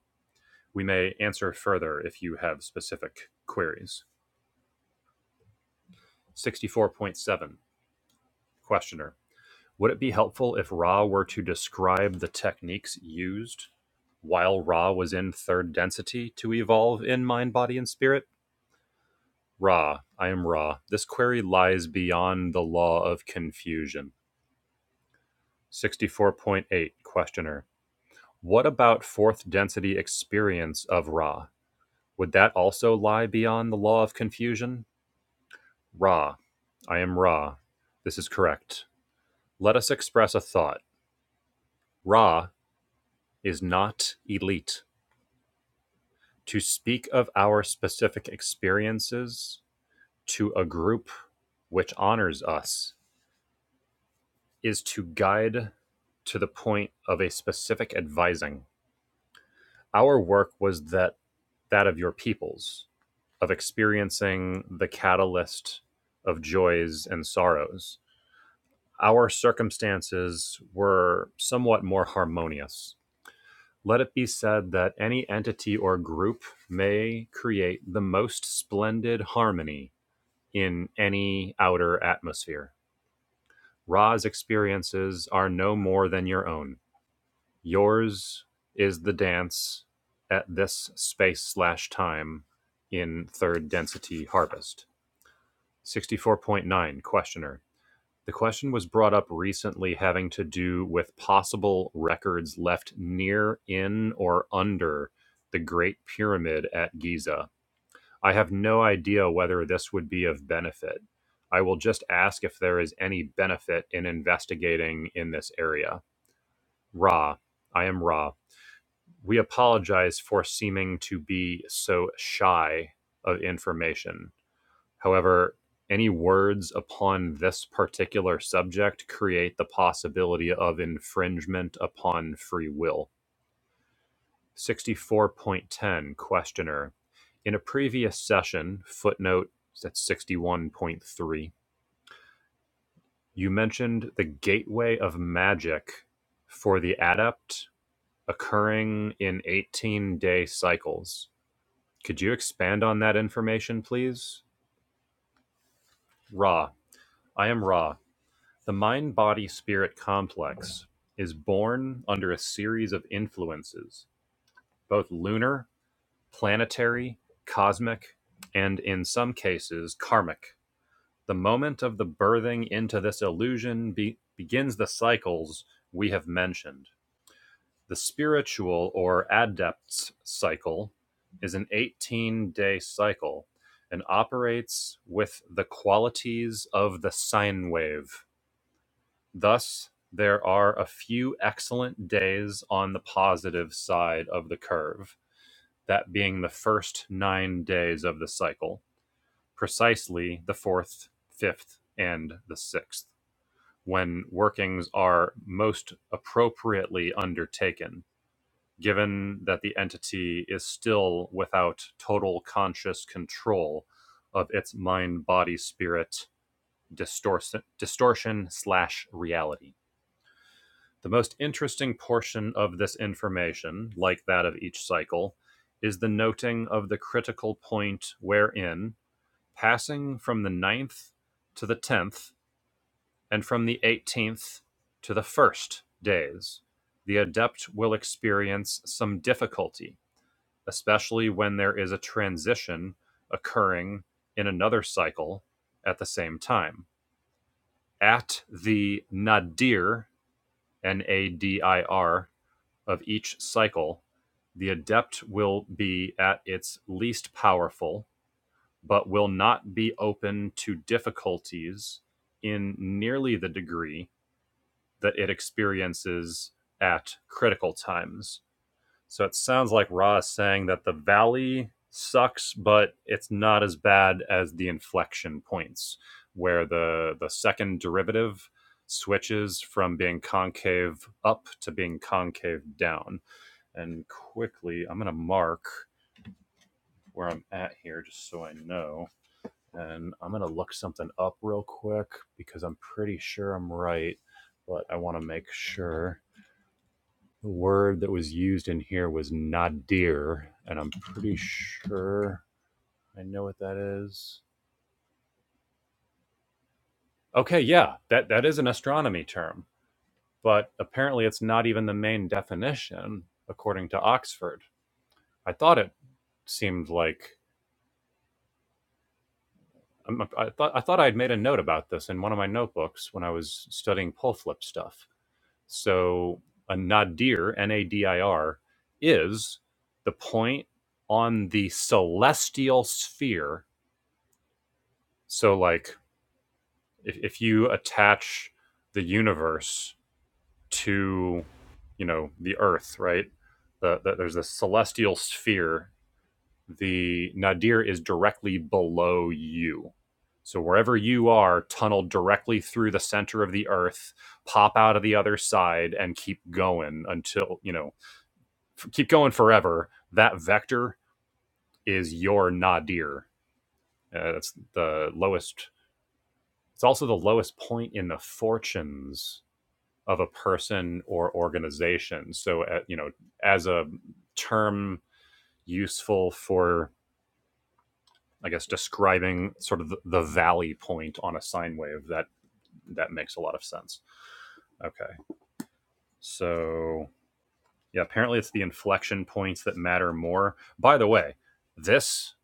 We may answer further if you have specific queries. 64.7 Questioner. Would it be helpful if Ra were to describe the techniques used while Ra was in third density to evolve in mind, body, and spirit? Ra, I am Ra. This query lies beyond the law of confusion. 64.8 Questioner. What about fourth density experience of Ra? Would that also lie beyond the law of confusion? Ra, I am Ra. This is correct. Let us express a thought. Ra is not elite. to speak of our specific experiences to a group which honors us is to guide to the point of a specific advising. Our work was that that of your peoples, of experiencing the catalyst of joys and sorrows. Our circumstances were somewhat more harmonious. Let it be said that any entity or group may create the most splendid harmony in any outer atmosphere. Ra's experiences are no more than your own. Yours is the dance at this space slash time in third density harvest. 64.9 Questioner. The question was brought up recently having to do with possible records left near, in, or under the Great Pyramid at Giza I have no idea whether this would be of benefit. I will just ask if there is any benefit in investigating in this area. Ra, I am Ra. We apologize for seeming to be so shy of information. However, any words upon this particular subject create the possibility of infringement upon free will. 64.10 Questioner. In a previous session, footnote that's 61.3, you mentioned the gateway of magic for the adept occurring in 18 day cycles. Could you expand on that information, please? Ra. I am Ra. The mind body spirit complex is born under a series of influences, both lunar planetary, cosmic, and in some cases, karmic. The moment of the birthing into this illusion be- begins the cycles we have mentioned. The spiritual or adept's cycle is an 18 day cycle and operates with the qualities of the sine wave. Thus, there are a few excellent days on the positive side of the curve that being the first nine days of the cycle, precisely the fourth, fifth, and the sixth, when workings are most appropriately undertaken, given that the entity is still without total conscious control of its mind body spirit distortion slash reality the most interesting portion of this information, like that of each cycle, is the noting of the critical point wherein, passing from the ninth to the tenth, and from the eighteenth to the first days, the adept will experience some difficulty, especially when there is a transition occurring in another cycle at the same time. At the nadir, N A D I R, of each cycle, the adept will be at its least powerful, but will not be open to difficulties in nearly the degree that it experiences at critical times. So it sounds like Ra is saying that the valley sucks, but it's not as bad as the inflection points, where the the second derivative switches from being concave up to being concave down and quickly, I'm going to mark where I'm at here just so I know. And I'm going to look something up real quick because I'm pretty sure I'm right, but I want to make sure. The word that was used in here was nadir, and I'm pretty sure I know what that is. Okay, yeah, that, that is an astronomy term, but apparently it's not even the main definition according to Oxford. I thought it seemed like I'm, I thought I thought I would made a note about this in one of my notebooks when I was studying pole flip stuff. So a nadir, N-A-D-I-R, is the point on the celestial sphere. So like if, if you attach the universe to you know the Earth, right? The, the, there's a celestial sphere the nadir is directly below you. So wherever you are, tunnel directly through the center of the earth, pop out of the other side, and keep going until you know, f- keep going forever. That vector is your nadir. Uh, that's the lowest. It's also the lowest point in the fortunes of a person or organization. So uh, you know, as a term useful for I guess describing sort of the, the valley point on a sine wave that that makes a lot of sense. Okay, so yeah, apparently it's the inflection points that matter more. By the way, this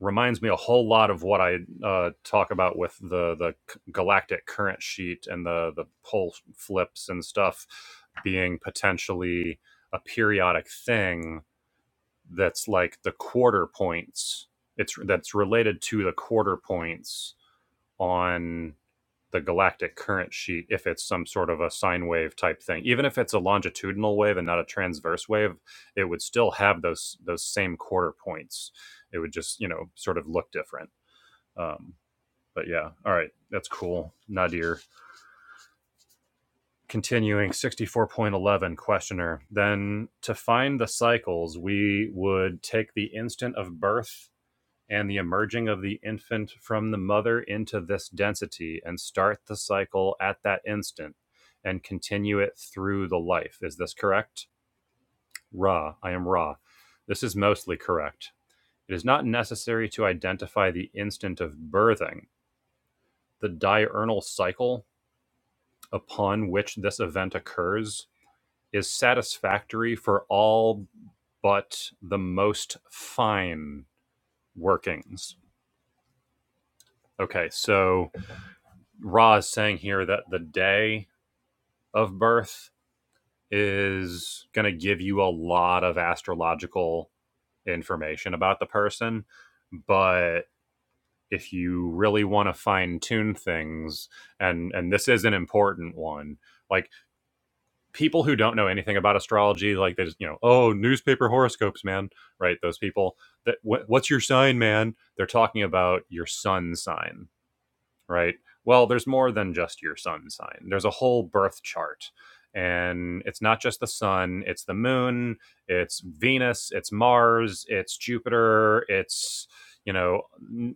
reminds me a whole lot of what I uh, talk about with the the galactic current sheet and the the pole flips and stuff being potentially a periodic thing that's like the quarter points. It's that's related to the quarter points on the galactic current sheet if it's some sort of a sine wave type thing. Even if it's a longitudinal wave and not a transverse wave, it would still have those those same quarter points. It would just you know sort of look different. Um, but yeah, all right, that's cool. Nadir. Continuing 64.11 questioner. Then to find the cycles, we would take the instant of birth and the emerging of the infant from the mother into this density and start the cycle at that instant and continue it through the life. Is this correct? Ra, I am Ra. This is mostly correct. It is not necessary to identify the instant of birthing. The diurnal cycle upon which this event occurs is satisfactory for all but the most fine workings. Okay, so Ra is saying here that the day of birth is going to give you a lot of astrological information about the person, but if you really want to fine tune things, and and this is an important one, like people who don't know anything about astrology, like they just you know, oh, newspaper horoscopes, man, right? Those people that wh- what's your sign, man? They're talking about your sun sign right? Well, there's more than just your sun sign. There's a whole birth chart. And it's not just the sun, it's the moon, it's Venus, it's Mars, it's Jupiter, it's, you know,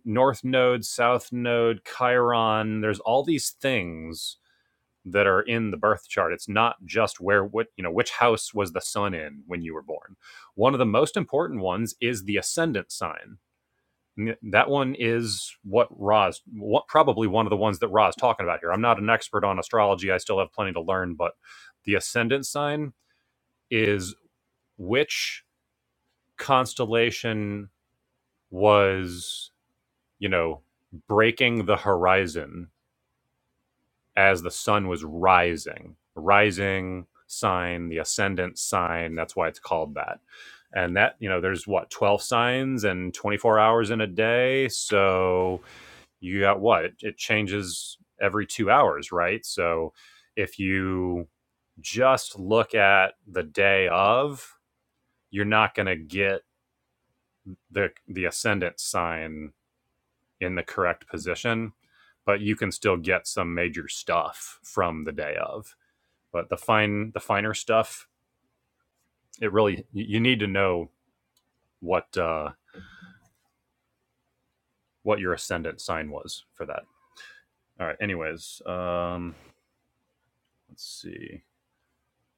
north node, south node, Chiron. There's all these things that are in the birth chart. It's not just where what, you know, which house was the sun in when you were born. One of the most important ones is the ascendant sign that one is what Ra's what, probably one of the ones that Ra's talking about here. I'm not an expert on astrology. I still have plenty to learn, but the ascendant sign is which constellation was, you know, breaking the horizon as the sun was rising. Rising sign, the ascendant sign, that's why it's called that. And that, you know, there's what, 12 signs and 24 hours in a day. So you got what? It, changes every two hours, right? So if you just look at the day of, you're not going to get the the ascendant sign in the correct position, but you can still get some major stuff from the day of. But the fine the finer stuff, it really you you need to know what uh, what your ascendant sign was for that. All right. Anyways, um, let's see.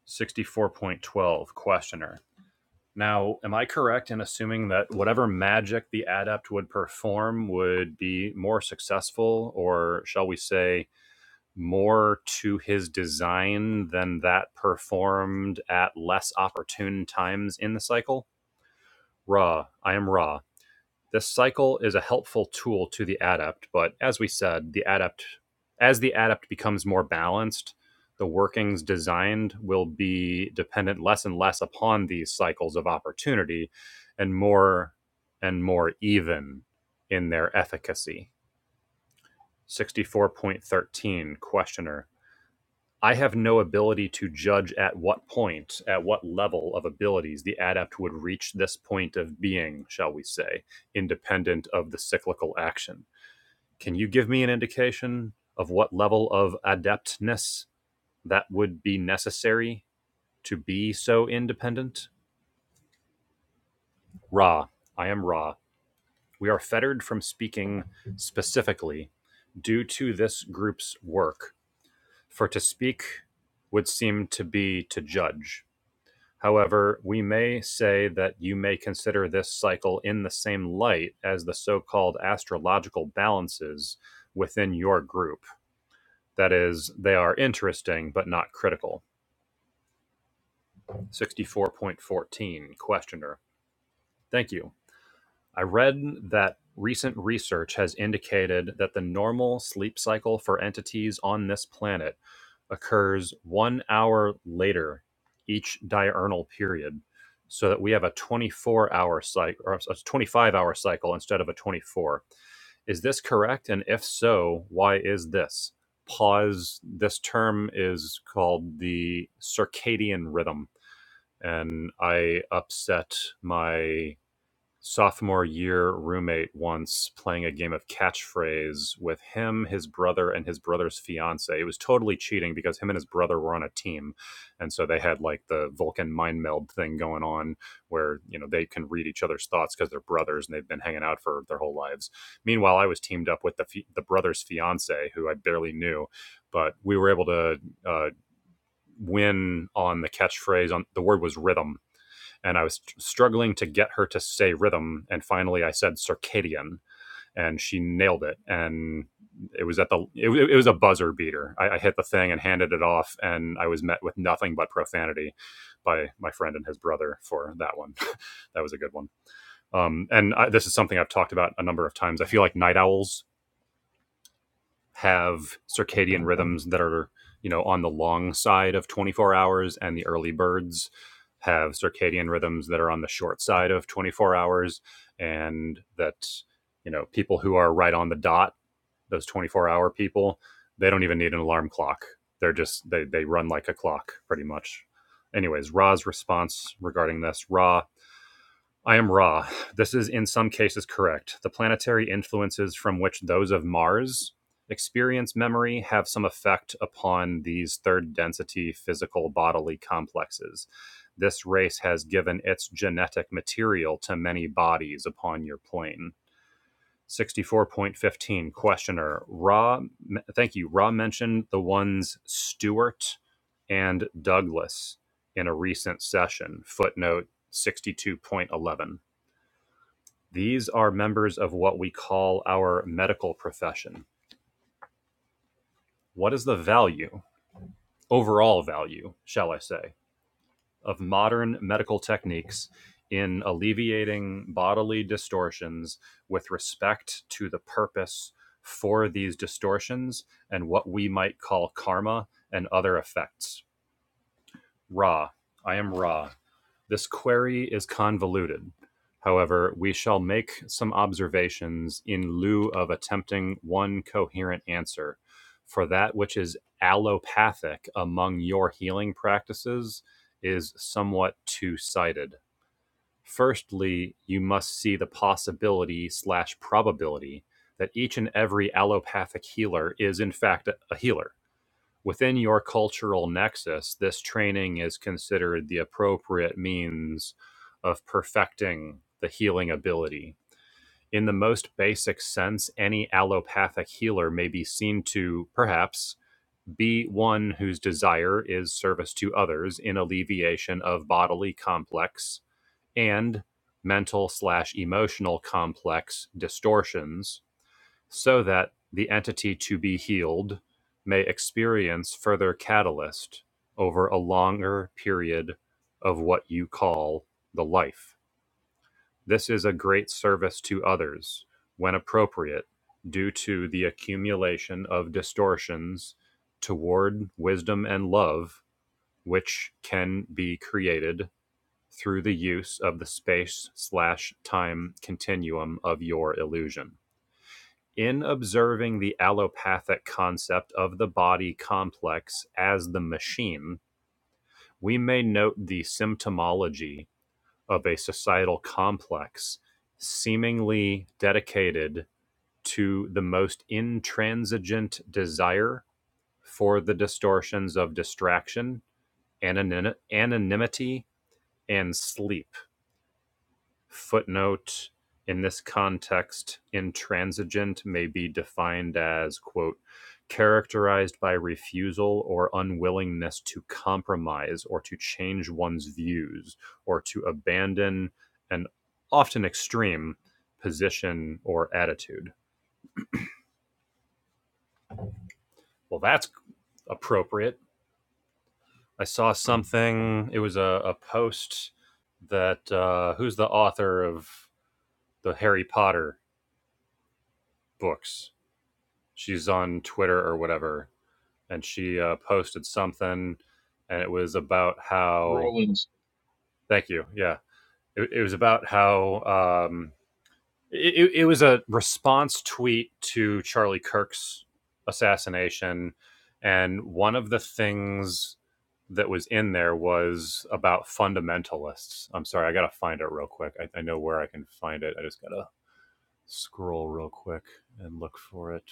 64.12 questioner Now, am I correct in assuming that whatever magic the adept would perform would be more successful, or shall we say, more to his design than that performed at less opportune times in the cycle? Ra, I am Ra. This cycle is a helpful tool to the adept, but as we said, the adept as the adept becomes more balanced, the workings designed will be dependent less and less upon these cycles of opportunity and more and more even in their efficacy. 64.13 questioner I have no ability to judge at what point, at what level of abilities the adept would reach this point of being, shall we say, independent of the cyclical action. Can you give me an indication of what level of adeptness that would be necessary to be so independent? Ra, I am Ra. We are fettered from speaking specifically due to this group's work, for to speak would seem to be to judge However, we may say that you may consider this cycle in the same light as the so called astrological balances within your group. That is, they are interesting but not critical. 64.14 Questioner. Thank you. I read that recent research has indicated that the normal sleep cycle for entities on this planet occurs one hour later each diurnal period, so that we have a 24 hour cycle or a 25 hour cycle instead of a 24. Is this correct? And if so, why is this? Pause. This term is called the circadian rhythm. And I upset my sophomore year roommate once playing a game of catchphrase with him, his brother, and his brother's fiance. It was totally cheating because him and his brother were on a team. And so they had like the Vulcan mind meld thing going on where, you know, they can read each other's thoughts because they're brothers and they've been hanging out for their whole lives. Meanwhile, I was teamed up with the, fi- the brother's fiance who I barely knew, but we were able to, uh, win on the catchphrase on the word was rhythm and I was struggling to get her to say rhythm. And finally, I said circadian, and she nailed it. And it was at the it, it was a buzzer beater. I, I hit the thing and handed it off, and I was met with nothing but profanity by my friend and his brother for that one. that was a good one. Um, and I, this is something I've talked about a number of times. I feel like night owls have circadian rhythms that are you know on the long side of 24 hours and the early birds have circadian rhythms that are on the short side of 24 hours and that you know people who are right on the dot those 24 hour people they don't even need an alarm clock they're just they, they run like a clock pretty much anyways ra's response regarding this ra I am Ra. This is in some cases correct. The planetary influences from which those of Mars experience memory have some effect upon these third density physical bodily complexes. This race has given its genetic material to many bodies upon your plane. 64.15 questioner Ra. thank you Ra mentioned the ones stewart and douglas in a recent session footnote 62.11 these are members of what we call our medical profession. What is the value, overall value, shall I say, of modern medical techniques in alleviating bodily distortions with respect to the purpose for these distortions and what we might call karma and other effects? Ra. I am Ra. This query is convoluted. However, we shall make some observations in lieu of attempting one coherent answer. For that which is allopathic among your healing practices is somewhat two sided. Firstly, you must see the possibility slash probability that each and every allopathic healer is in fact a healer within your cultural nexus, this training is considered the appropriate means of perfecting the healing ability. In the most basic sense, any allopathic healer may be seen to, perhaps, be one whose desire is service to others in alleviation of bodily complex and mental slash emotional complex distortions so that the entity to be healed may experience further catalyst over a longer period of what you call the life. This is a great service to others when appropriate due to the accumulation of distortions toward wisdom and love which can be created through the use of the space slash time continuum of your illusion in observing the allopathic concept of the body complex as the machine, we may note the symptomology of a societal complex seemingly dedicated to the most intransigent desire for the distortions of distraction, anonym- anonymity, and sleep. footnote in this context intransigent may be defined as quote characterized by refusal or unwillingness to compromise or to change one's views or to abandon an often extreme position or attitude well that's appropriate i saw something it was a, a post that uh, who's the author of the harry potter books she's on Twitter or whatever, and she uh, posted something, and it was about how. Rollins, Thank you. Yeah, it, it was about how um, it, it was a response tweet to Charlie Kirk's assassination, and one of the things that was in there was about fundamentalists. I'm sorry, I gotta find it real quick. I, I know where I can find it. I just gotta scroll real quick and look for it.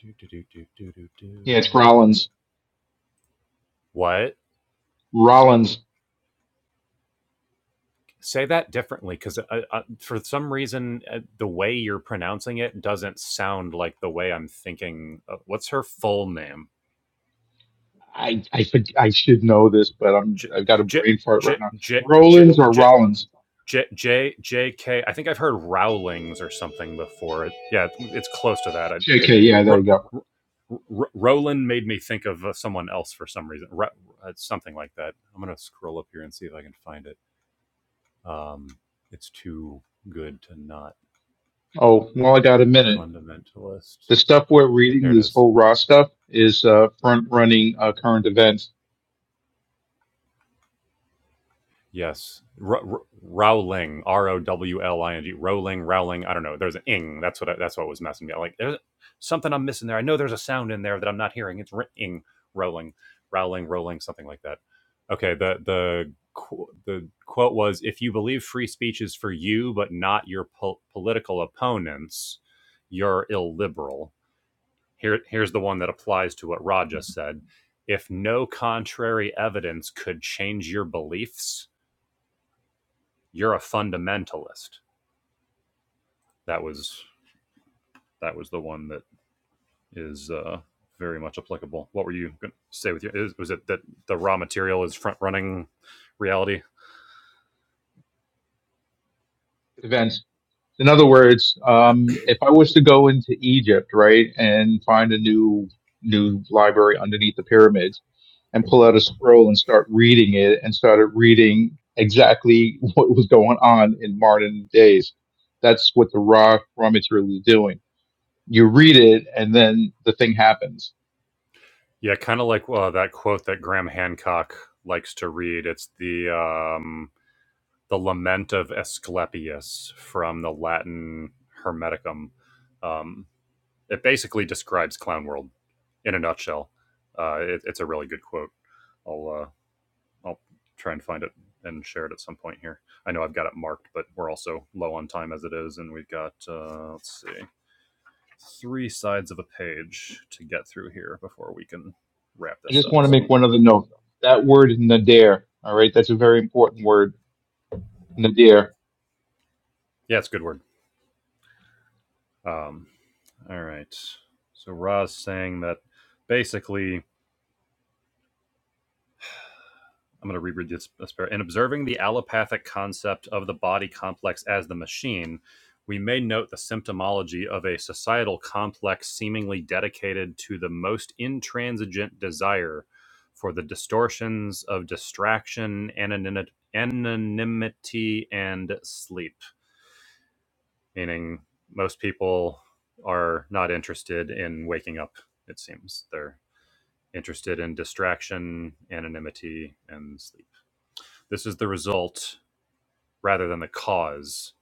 Do do do do do do yeah, it's do. Rollins. What? Rollins Say that differently, because uh, uh, for some reason, uh, the way you're pronouncing it doesn't sound like the way I'm thinking. Of, what's her full name? I I could I should know this, but I'm J I've got a J brain fart J right now. J J Rollins or J Rollins? J J J K. I think I've heard Rowlings or something before. It, yeah, it's close to that. I, JK, R- yeah, there R- you go. R- R- Roland made me think of uh, someone else for some reason. Ro- uh, something like that. I'm gonna scroll up here and see if I can find it. Um, it's too good to not. Oh, well, I got a minute. fundamentalist. The stuff we're reading, Here it this is. whole raw stuff, is uh, front running uh, current events. Yes, R- R- Rowling, R O W L I N G, Rowling, Rowling. I don't know. There's an ing. That's what I, that's what was messing me. up. Like there's something I'm missing there. I know there's a sound in there that I'm not hearing. It's r- ing, Rowling, Rowling, Rowling, something like that. Okay. The the qu- the quote was, "If you believe free speech is for you, but not your po- political opponents, you're illiberal." Here, here's the one that applies to what Rod just said. If no contrary evidence could change your beliefs, you're a fundamentalist. That was that was the one that is uh, very much applicable. What were you going to say with your? was it that the raw material is front running reality? Events. In other words, um, if I was to go into Egypt, right, and find a new new library underneath the pyramids, and pull out a scroll and start reading it, and started reading exactly what was going on in modern days, that's what the raw raw material is doing. You read it, and then the thing happens. Yeah, kind of like uh, that quote that Graham Hancock likes to read. It's the um, the Lament of Asclepius from the Latin Hermeticum. Um, it basically describes Clown World in a nutshell. Uh, it, it's a really good quote. I'll uh, I'll try and find it and share it at some point here. I know I've got it marked, but we're also low on time as it is, and we've got uh, let's see three sides of a page to get through here before we can wrap I this just up. want to make So one other note. That word nadir, all right, that's a very important word. Nadir. yeah, it's a good word. Um, all right. So Ra's saying that basically I'm going to reread this. this par- In observing the allopathic concept of the body complex as the machine, we may note the symptomology of a societal complex seemingly dedicated to the most intransigent desire for the distortions of distraction, anonymity, anonymity and sleep. Meaning, most people are not interested in waking up, it seems. They're interested in distraction, anonymity, and sleep. This is the result rather than the cause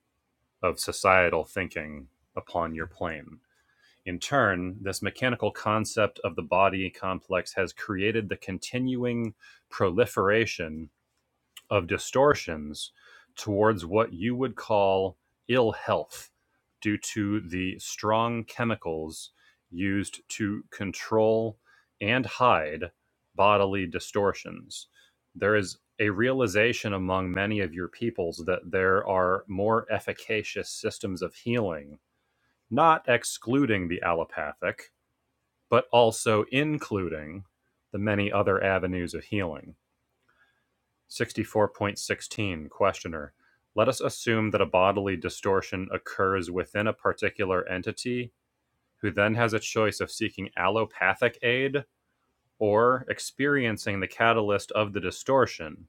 of societal thinking upon your plane. In turn, this mechanical concept of the body complex has created the continuing proliferation of distortions towards what you would call ill health due to the strong chemicals used to control and hide bodily distortions. There is a realization among many of your peoples that there are more efficacious systems of healing, not excluding the allopathic, but also including the many other avenues of healing 64.16 Questioner. Let us assume that a bodily distortion occurs within a particular entity who then has a choice of seeking allopathic aid or experiencing the catalyst of the distortion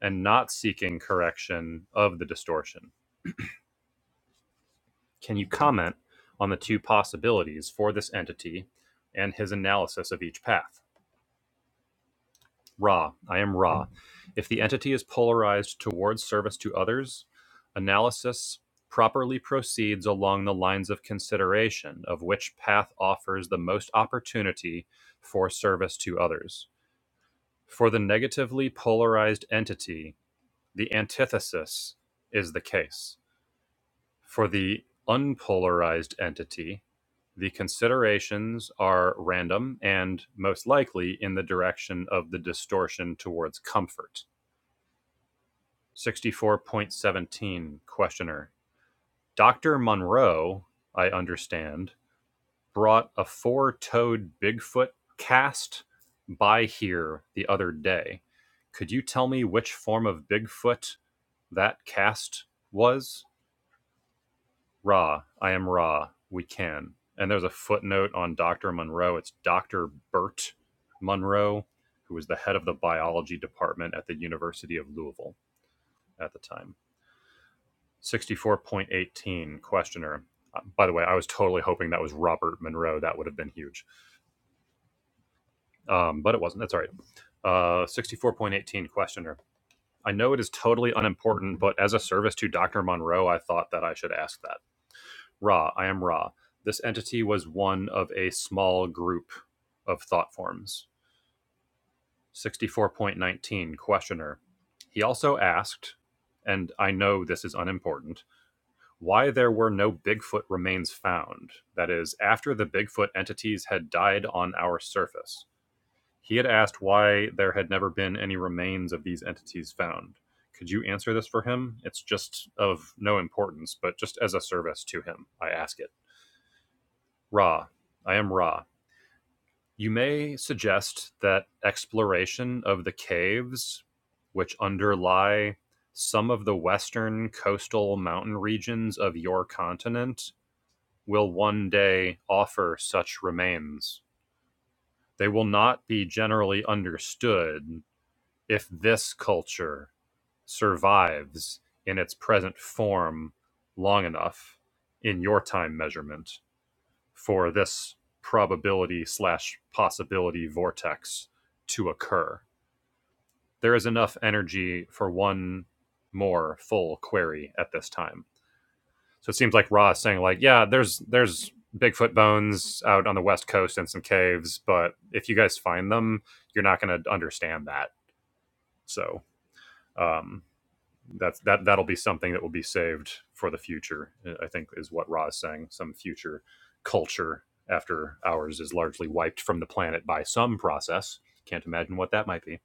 and not seeking correction of the distortion. Can you comment on the two possibilities for this entity and his analysis of each path? Ra, I am Ra. If the entity is polarized towards service to others, analysis properly proceeds along the lines of consideration of which path offers the most opportunity for service to others. For the negatively polarized entity, the antithesis is the case. For the unpolarized entity, the considerations are random and most likely in the direction of the distortion towards comfort. 64.17 Questioner. Dr. Monroe, I understand, brought a four toed Bigfoot cast by here the other day. Could you tell me which form of Bigfoot that cast was? Ra, I am Ra, we can. And there's a footnote on Dr. Monroe. It's Dr. Bert Monroe, who was the head of the biology department at the University of Louisville at the time. 64.18 questioner. Uh, By the way, I was totally hoping that was Robert Monroe. That would have been huge. Um, but it wasn't. That's all right. Uh, 64.18 questioner. I know it is totally unimportant, but as a service to Dr. Monroe, I thought that I should ask that. Ra, I am Ra. This entity was one of a small group of thought forms. 64.19 questioner. He also asked, and I know this is unimportant, why there were no Bigfoot remains found. That is, after the Bigfoot entities had died on our surface. He had asked why there had never been any remains of these entities found. Could you answer this for him? It's just of no importance, but just as a service to him, I ask it. Ra, I am Ra. You may suggest that exploration of the caves which underlie some of the western coastal mountain regions of your continent will one day offer such remains. They will not be generally understood if this culture survives in its present form long enough in your time measurement for this probability slash possibility vortex to occur. There is enough energy for one more full query at this time. So it seems like Raw is saying like, yeah, there's there's Bigfoot bones out on the west coast in some caves, but if you guys find them, you're not going to understand that. So um, that's that that'll be something that will be saved for the future. I think is what Ra is saying. Some future culture after ours is largely wiped from the planet by some process. Can't imagine what that might be.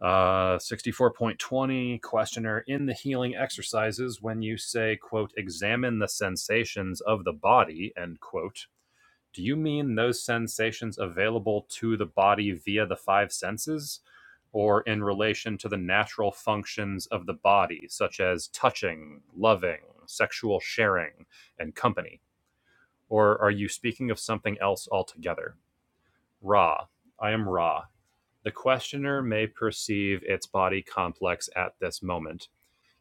Uh, 64.20 questioner in the healing exercises when you say quote examine the sensations of the body end quote do you mean those sensations available to the body via the five senses or in relation to the natural functions of the body such as touching loving sexual sharing and company or are you speaking of something else altogether ra i am ra the questioner may perceive its body complex at this moment.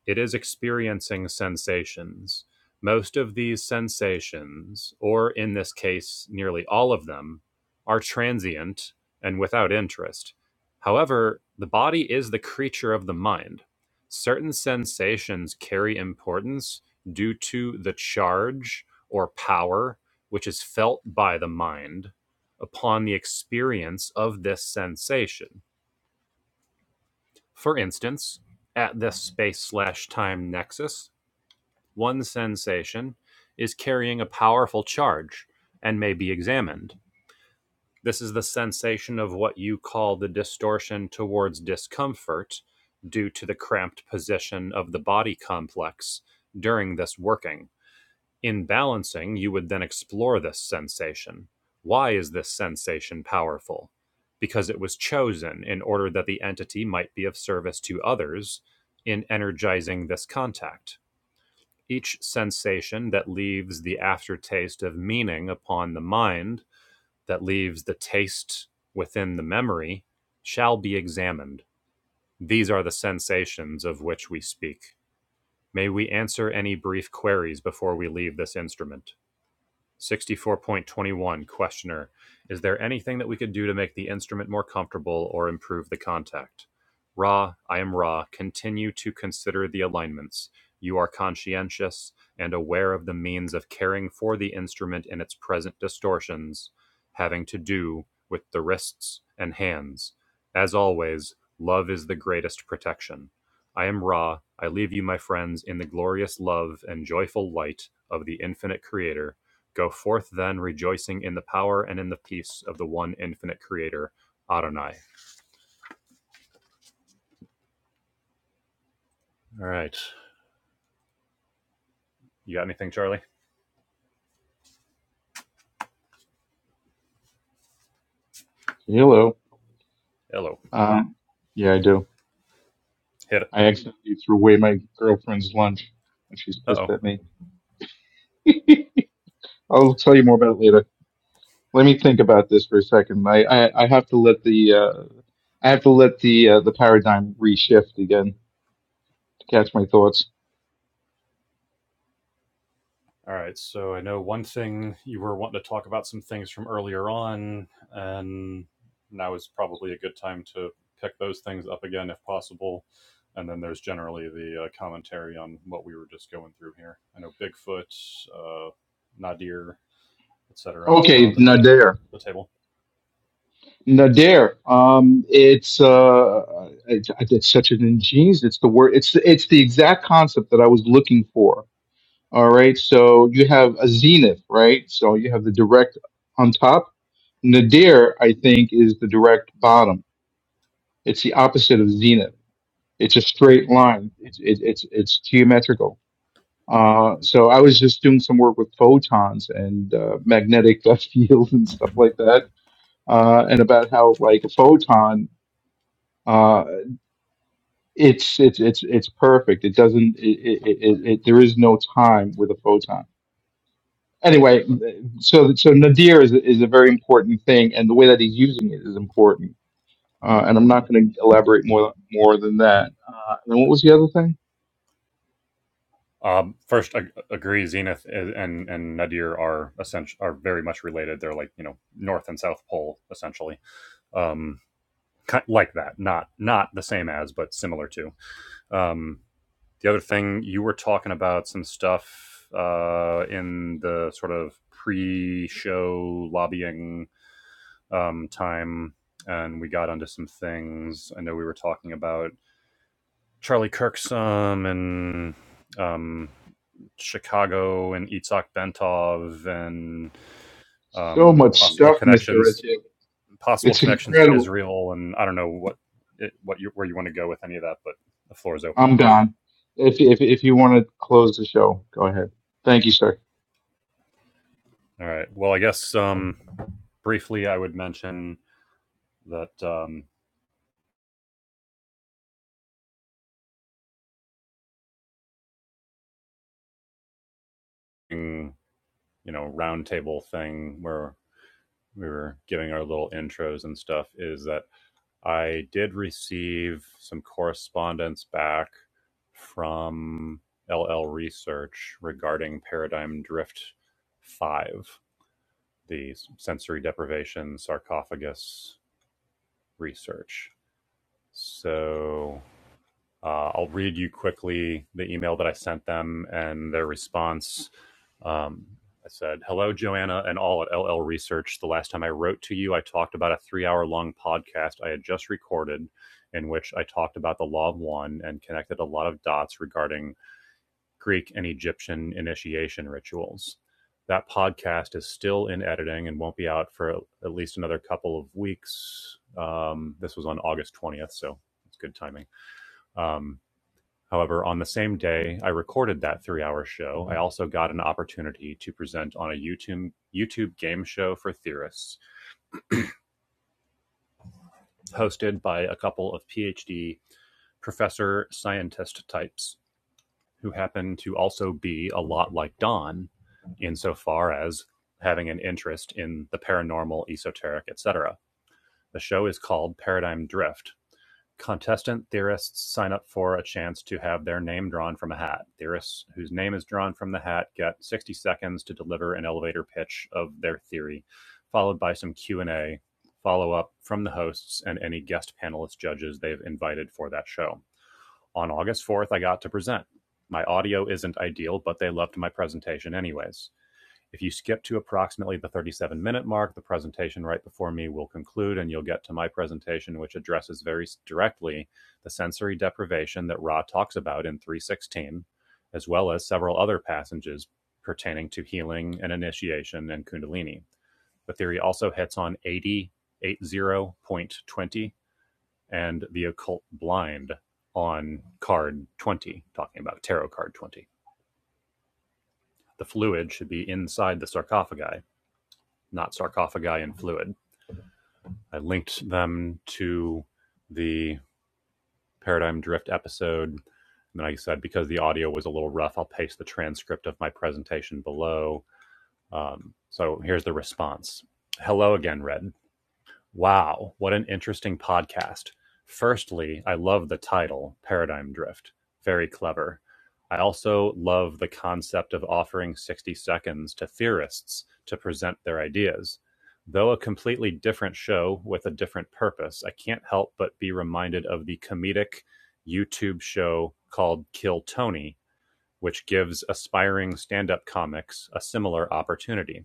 It is experiencing sensations. Most of these sensations, or in this case, nearly all of them, are transient and without interest. However, the body is the creature of the mind. Certain sensations carry importance due to the charge or power which is felt by the mind upon the experience of this sensation for instance, at this space/time nexus, one sensation is carrying a powerful charge and may be examined. This is the sensation of what you call the distortion towards discomfort due to the cramped position of the body complex during this working. In balancing, you would then explore this sensation. Why is this sensation powerful? Because it was chosen in order that the entity might be of service to others in energizing this contact. Each sensation that leaves the aftertaste of meaning upon the mind, that leaves the taste within the memory, shall be examined. These are the sensations of which we speak. May we answer any brief queries before we leave this instrument? 64.21 Questioner Is there anything that we could do to make the instrument more comfortable or improve the contact? Ra, I am Ra, continue to consider the alignments. You are conscientious and aware of the means of caring for the instrument in its present distortions, having to do with the wrists and hands. As always, love is the greatest protection. I am Ra. I leave you, my friends, in the glorious love and joyful light of the infinite Creator Go forth then, rejoicing in the power and in the peace of the one infinite creator, Adonai. All right. You got anything, Charlie? Hello. Hello. Uh, yeah, I do. Hit it. I accidentally threw away my girlfriend's lunch and she's Uh pissed oh. at me. I'll tell you more about it later. Let me think about this for a second. I, I, I have to let the uh, I have to let the uh, the paradigm reshift again to catch my thoughts. All right. So I know one thing you were wanting to talk about some things from earlier on, and now is probably a good time to pick those things up again if possible. And then there's generally the uh, commentary on what we were just going through here. I know Bigfoot, uh, Nadir, et cetera, were Okay, on the, Nadir. the table. Nadir. Um, it's uh, it's, it's such an ingenious. It's the word. It's it's the exact concept that I was looking for All right, so you have a zenith, right? So you have the direct on top. Nadir, I think, is the direct bottom. It's the opposite of zenith. It's a straight line. It's it, it's it's geometrical. Uh, so I was just doing some work with photons and uh, magnetic fields and stuff like that, uh, and about how like a photon, uh, it's it's it's it's perfect. It doesn't. It, it, it, it, it, there is no time with a photon anyway, so so nadir is is a very important thing, and the way that he's using it is important. Uh, and I'm not going to elaborate more more than that. Uh, and what was the other thing? Um, first, I agree. Zenith and and Nadir are essential are very much related. They're like you know North and South Pole essentially, um, like that. Not not the same as, but similar to. Um, the other thing you were talking about some stuff uh, in the sort of pre-show lobbying um, time, and we got onto some things. I know we were talking about Charlie Kirk some and. Um, Chicago and Itzhak Bentov and So um, much possible stuff, Mister connections, Richard. possible It's connections to incredible. Israel, and I don't know what it, what you, where you want to go with any of that, but the floor is open. I'm gone. If if if you want to close the show, go ahead. Thank you, sir. All right. Well, I guess um, briefly I would mention that um, you know roundtable thing where we were giving our little intros and stuff is that I did receive some correspondence back from LL Research regarding Paradigm Drift 5, the sensory deprivation sarcophagus research. So uh, I'll read you quickly the email that I sent them and their response. Um, I said, Hello, Joanna and all at LL Research. The last time I wrote to you, I talked about a three hour long podcast I had just recorded in which I talked about the Law of One and connected a lot of dots regarding Greek and Egyptian initiation rituals. That podcast is still in editing and won't be out for at least another couple of weeks. Um, this was on August 20th, so it's good timing. Um, However, on the same day I recorded that three-hour show, I also got an opportunity to present on a YouTube YouTube game show for theorists, hosted by a couple of PhD professor scientist types who happen to also be a lot like Don, insofar as having an interest in the paranormal, esoteric, etc. The show is called Paradigm Drift, Contestant theorists sign up for a chance to have their name drawn from a hat. Theorists whose name is drawn from the hat get 60 seconds to deliver an elevator pitch of their theory, followed by some Q&A, follow-up from the hosts and any guest panelist judges they've invited for that show. On August 4th, I got to present. My audio isn't ideal, but they loved my presentation anyways. If you skip to approximately the 37 minute mark, the presentation right before me will conclude and you'll get to my presentation, which addresses very directly the sensory deprivation that Ra talks about in 316, as well as several other passages pertaining to healing and initiation and Kundalini. The theory also hits on 80, 80.20 and the occult blind on card 20, talking about tarot card 20. The fluid should be inside the sarcophagi not sarcophagi in fluid. I linked them to the paradigm drift episode. And then like I said, because the audio was a little rough, I'll paste the transcript of my presentation below. Um, so here's the response. Hello again, Red. Wow, what an interesting podcast. Firstly, I love the title, Paradigm Drift. Very clever. I also love the concept of offering 60 seconds to theorists to present their ideas. Though a completely different show with a different purpose, I can't help but be reminded of the comedic YouTube show called Kill Tony, which gives aspiring stand up comics a similar opportunity.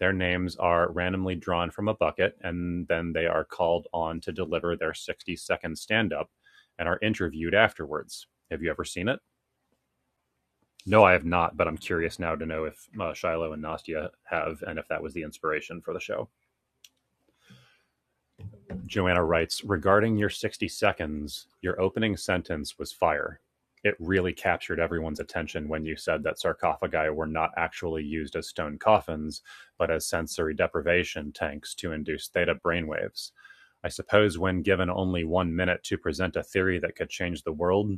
Their names are randomly drawn from a bucket, and then they are called on to deliver their 60 second stand up and are interviewed afterwards. Have you ever seen it? No, I have not, but I'm curious now to know if uh, Shiloh and Nastia have and if that was the inspiration for the show. Joanna writes regarding your 60 seconds, your opening sentence was fire. It really captured everyone's attention when you said that sarcophagi were not actually used as stone coffins, but as sensory deprivation tanks to induce theta brainwaves. I suppose when given only one minute to present a theory that could change the world,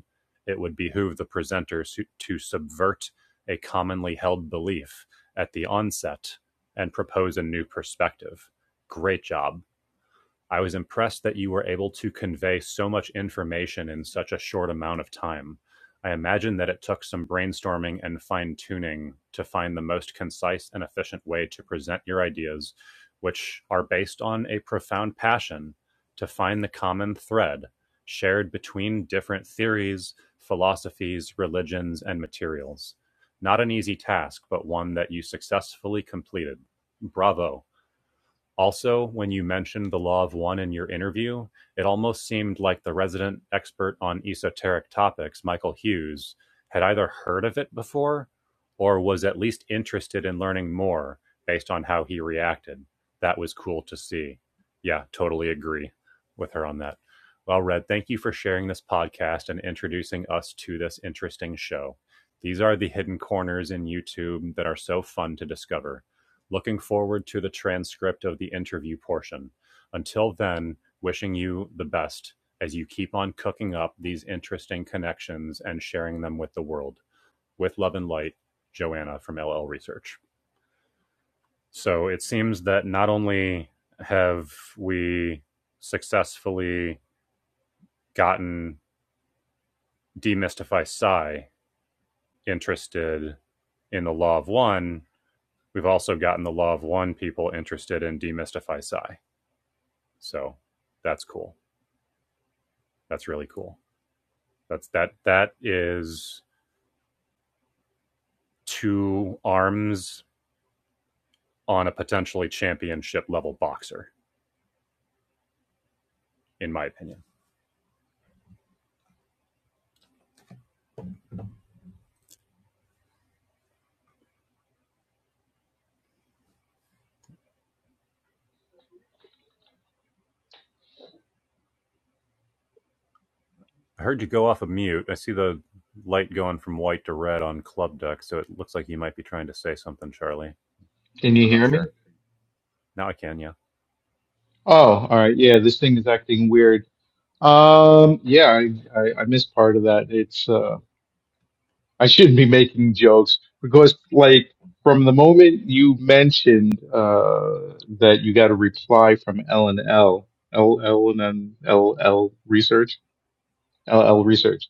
it would behoove the presenters to- subvert a commonly held belief at the onset and propose a new perspective. Great job. I was impressed that you were able to convey so much information in such a short amount of time. I imagine that it took some brainstorming and fine tuning to find the most concise and efficient way to present your ideas, which are based on a profound passion to find the common thread shared between different theories, philosophies, religions, and materials. Not an easy task, but one that you successfully completed. Bravo. Also, when you mentioned the law of one in your interview, it almost seemed like the resident expert on esoteric topics, Michael Hughes, had either heard of it before or was at least interested in learning more based on how he reacted. That was cool to see. Yeah, totally agree with her on that. Well, Red, thank you for sharing this podcast and introducing us to this interesting show. These are the hidden corners in YouTube that are so fun to discover. Looking forward to the transcript of the interview portion. Until then, wishing you the best as you keep on cooking up these interesting connections and sharing them with the world. With love and light, Joanna from LL Research. So it seems that not only have we successfully gotten Demystify Psi interested in the Law of One, we've also gotten the Law of One people interested in Demystify Psi. So that's cool. That's really cool. That's that that is two arms on a potentially championship level boxer, in my opinion. I heard you go off of mute. I see the light going from white to red on Club Duck, so it looks like you might be trying to say something, Charlie, but Can you I'm not hear me? sure. Now I can, yeah. Oh, all right. Yeah, this thing is acting weird. Um, yeah, I I, I missed part of that. It's uh. I shouldn't be making jokes because, like, from the moment you mentioned uh, that you got a reply from L and L, L L and N- L L Research, L L Research.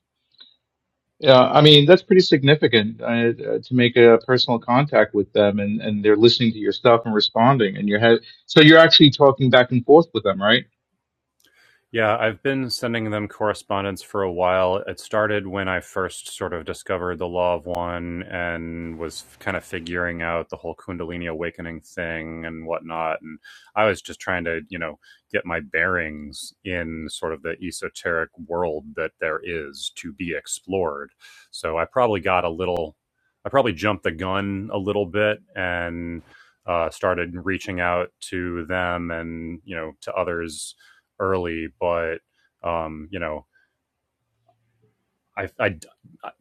Yeah, I mean that's pretty significant uh, uh, to make a personal contact with them, and, and they're listening to your stuff and responding, and you have so you're actually talking back and forth with them, right? Yeah, I've been sending them correspondence for a while. It started when I first sort of discovered the Law of One and was kind of figuring out the whole Kundalini awakening thing and whatnot. And I was just trying to, you know, get my bearings in sort of the esoteric world that there is to be explored. So I probably got a little, I probably jumped the gun a little bit and uh, started reaching out to them and, you know, to others early, but um, you know, I, I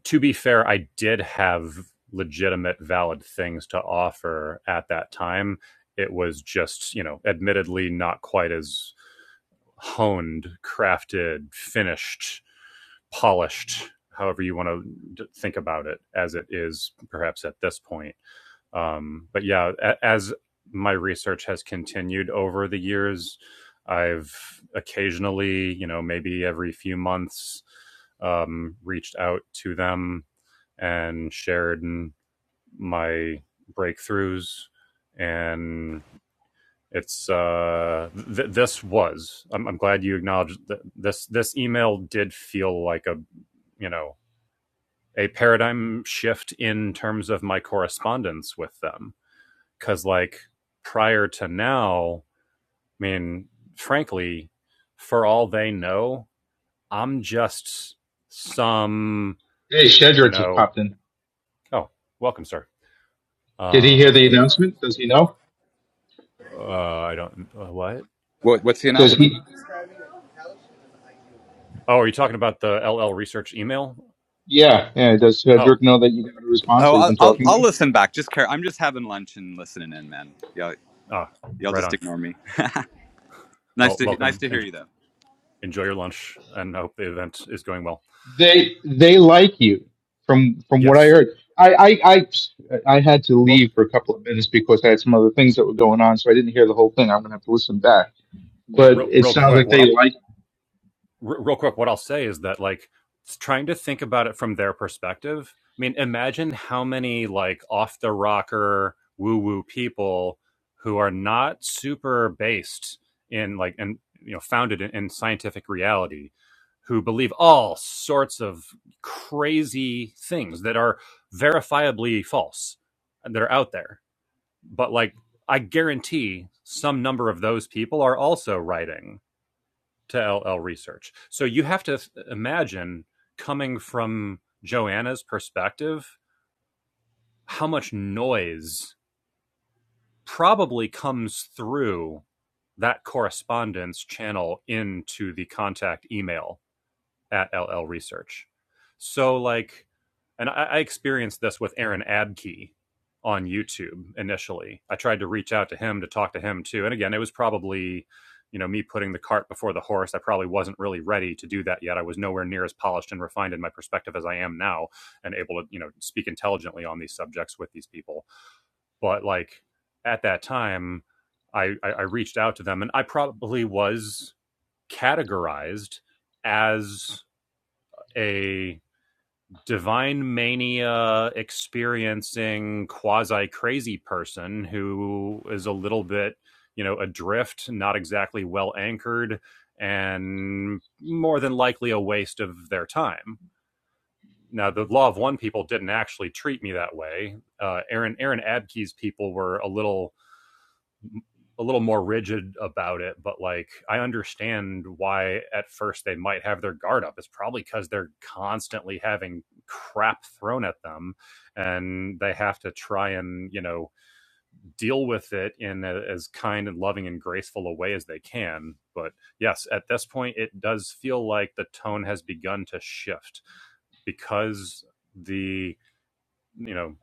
to be fair, I did have legitimate, valid things to offer at that time. It was just, you know, admittedly not quite as honed, crafted, finished, polished, however you want to think about it, as it is perhaps at this point. Um, but yeah, a- as my research has continued over the years, I've occasionally, you know, maybe every few months, um, reached out to them and shared my breakthroughs. And it's uh, th- this was. I'm, I'm glad you acknowledged that this. This email did feel like a you know a paradigm shift in terms of my correspondence with them because, like, prior to now, I mean, frankly, for all they know, I'm just some, Hey, you Shedrick just know, popped in. oh, welcome, sir. Did he hear the Um, announcement? Does he know? uh, I don't, uh, what? What, what's the Does announcement? he? Oh, are you talking about the LL research email? Yeah, yeah. Does Oh, Shedrick know that you got a response Oh, that you've I'll, been I'll talking to? I'll listen back. Just care. I'm just having lunch and listening in, man. Y'all, ah, y'all right just on. ignore me. Nice Well, to nice welcome. to hear and you though. enjoy your lunch, and I hope the event is going well. They they like you from from what I Yes. heard. I I I, I had to Well, leave for a couple of minutes because I had some other things that were going on, so I didn't hear the whole thing. I'm gonna have to listen back. But real, it real sounds quick, like what they like. r- real quick, what I'll say is that like trying to think about it from their perspective. I mean, imagine how many like off the rocker woo woo people who are not super based in like and you know founded in, in scientific reality who believe all sorts of crazy things that are verifiably false and that are out there but like i guarantee some number of those people are also writing to LL research. So you have to imagine coming from Joanna's perspective, how much noise probably comes through that correspondence channel into the contact email at LL Research. So like, and I, I experienced this with Aaron Abkey on YouTube initially. I tried to reach out to him to talk to him too, and again, it was probably you know me putting the cart before the horse. I probably wasn't really ready to do that yet. I was nowhere near as polished and refined in my perspective as I am now, and able to you know speak intelligently on these subjects with these people. But like at that time. I, I reached out to them and I probably was categorized as a divine mania experiencing quasi crazy person who is a little bit, you know, adrift, not exactly well anchored, and more than likely a waste of their time. Now, the Law of One people didn't actually treat me that way. Uh, Aaron Aaron Abke's people were a little a little more rigid about it, but like I understand why at first they might have their guard up. It's probably because they're constantly having crap thrown at them and they have to try and, you know, deal with it in a, as kind and loving and graceful a way as they can. But yes, at this point, it does feel like the tone has begun to shift because the you know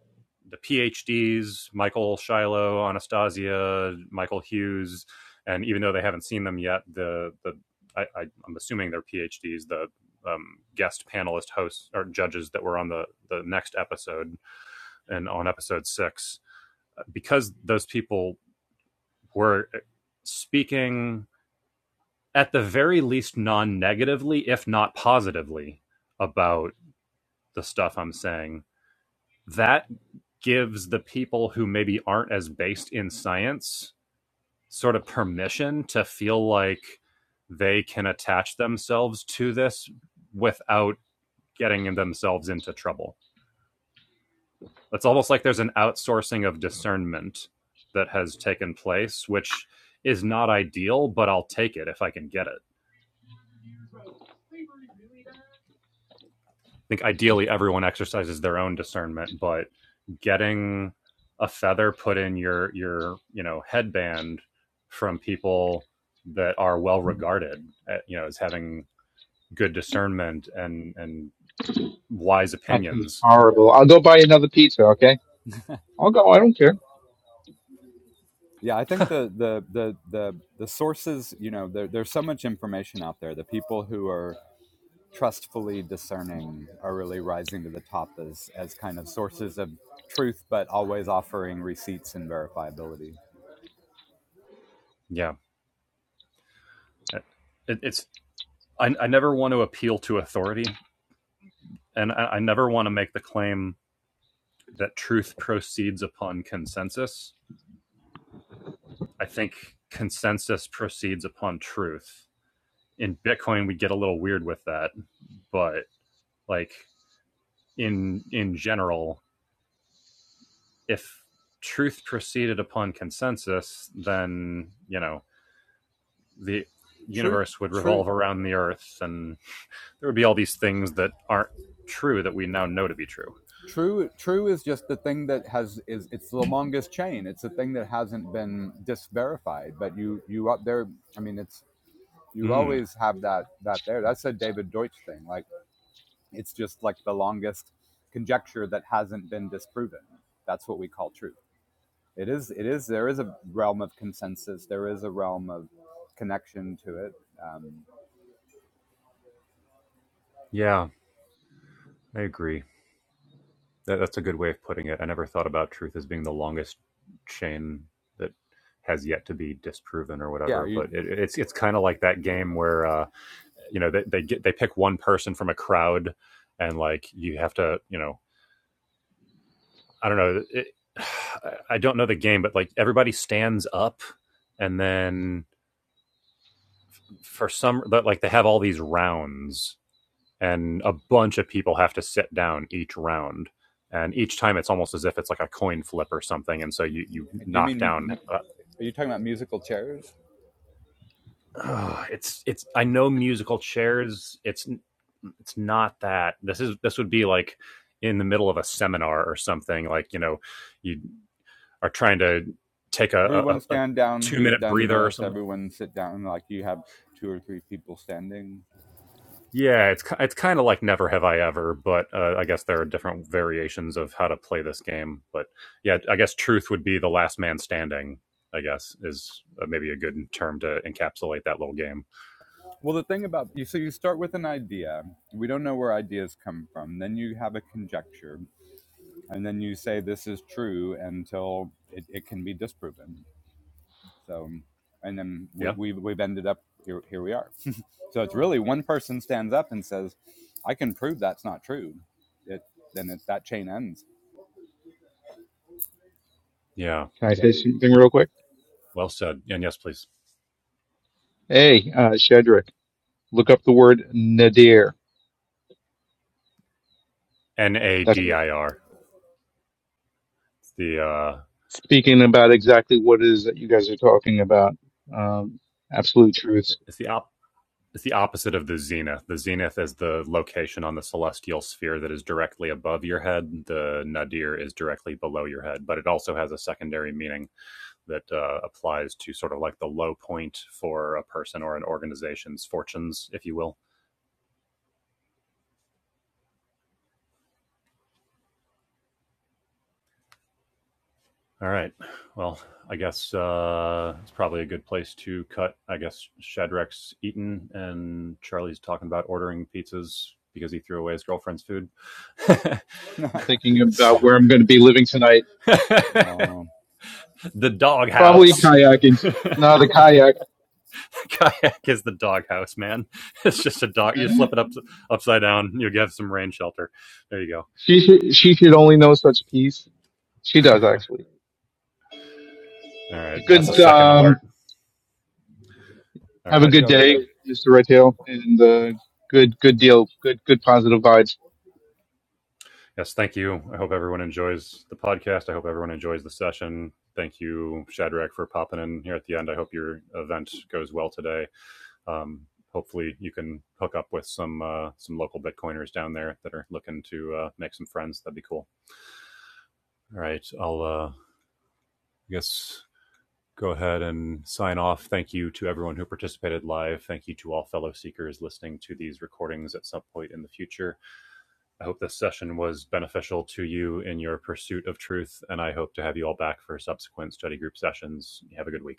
the PhDs, Michael Shiloh, Anastasia, Michael Hughes, and even though they haven't seen them yet, the the I, I, I'm assuming they're PhDs. The um, guest panelist hosts or judges that were on the the next episode and on episode six, because those people were speaking at the very least non-negatively, if not positively, about the stuff I'm saying that gives the people who maybe aren't as based in science sort of permission to feel like they can attach themselves to this without getting themselves into trouble. It's almost like there's an outsourcing of discernment that has taken place, which is not ideal, but I'll take it if I can get it. I think ideally everyone exercises their own discernment, but getting a feather put in your your you know headband from people that are well regarded, uh, you know, as having good discernment and and wise I feel opinions. horrible. I'll go buy another pizza. Okay, I'll go. I don't care. Yeah, I think the the the the the sources, you know, there, there's so much information out there. The people who are trustfully discerning are really rising to the top as as kind of sources of truth, but always offering receipts and verifiability. Yeah, it, it's I, I never want to appeal to authority, and I, I never want to make the claim that truth proceeds upon consensus. I think consensus proceeds upon truth, in Bitcoin we get a little weird with that, but like in in general, if truth proceeded upon consensus, then you know the Truth, universe would truth. revolve around the Earth, and there would be all these things that aren't true that we now know to be true. True, true is just the thing that has is it's the longest chain. It's the thing that hasn't been disverified. But you you up there. I mean, it's you Mm, always have that that there. That's a David Deutsch thing. Like it's just like the longest conjecture that hasn't been disproven. That's what we call truth. It is. It is. There is a realm of consensus. There is a realm of connection to it. Um, yeah, I agree. That, that's a good way of putting it. I never thought about truth as being the longest chain that has yet to be disproven or yeah. whatever. You But it, it's it's kind of like that game where uh, you know they, they get they pick one person from a crowd and like you have to you know i don't know it, i don't know the game but like everybody stands up and then for some like they have all these rounds and a bunch of people have to sit down each round and each time it's almost as if it's like a coin flip or something and so you you do you knock mean? down Are you talking about musical chairs? Ugh, it's it's I know musical chairs. It's it's not that. This is this would be like in the middle of a seminar or something. Like you know, you are trying to take a, Everyone a, a stand down two who's minute done breather or this. something. Everyone sit down like you have two or three people standing. Yeah, it's it's kind of like Never Have I Ever, but uh, I guess there are different variations of how to play this game. But yeah, I guess Truth would be the last man standing. I guess is uh, maybe a good term to encapsulate that little game. Well, the thing about you, so you start with an idea. We don't know where ideas come from. Then you have a conjecture, and then you say this is true until it, it can be disproven. So, and then we, Yeah, we, we've ended up here, here we are. so it's really one person stands up and says, I can prove that's not true. It, then it's that chain ends. yeah, Can I say something real quick? well said. And yes, please. Hey, uh, Shedrick, look up the word nadir. N A That's D what- I R. It's the uh, speaking about exactly what it is that you guys are talking about. Um, absolute truths. it's the op it's the opposite of the zenith. The zenith is the location on the celestial sphere that is directly above your head. The nadir is directly below your head, but it also has a secondary meaning that uh, applies to sort of like the low point for a person or an organization's fortunes, if you will. All right. Well, I guess uh, it's probably a good place to cut. I guess Shadrach's eaten and Charlie's talking about ordering pizzas because he threw away his girlfriend's food. I'm thinking So- about where I'm going to be living tonight Uh, the Probably doghouse. kayaking. No, the kayak. Kayak is the doghouse, man. It's just a dog. You flip it up upside down. You have some rain shelter. There you go. She should, she should only know such peace. She does actually. All right, that's a Good. second Um, alert. All have a right. talk to good y'all later. day, Mr. Redtail, and uh, good good deal. Good good positive vibes. Yes, thank you. I hope everyone enjoys the podcast. I hope everyone enjoys the session. Thank you, Shadrach, for popping in here at the end. I hope your event goes well today. Um, hopefully, you can hook up with some uh, some local Bitcoiners down there that are looking to uh, make some friends. That'd be cool. All right, I'll uh, I guess go ahead and sign off. Thank you to everyone who participated live. Thank you to all fellow seekers listening to these recordings at some point in the future. I hope this session was beneficial to you in your pursuit of truth, and I hope to have you all back for subsequent study group sessions. Have a good week.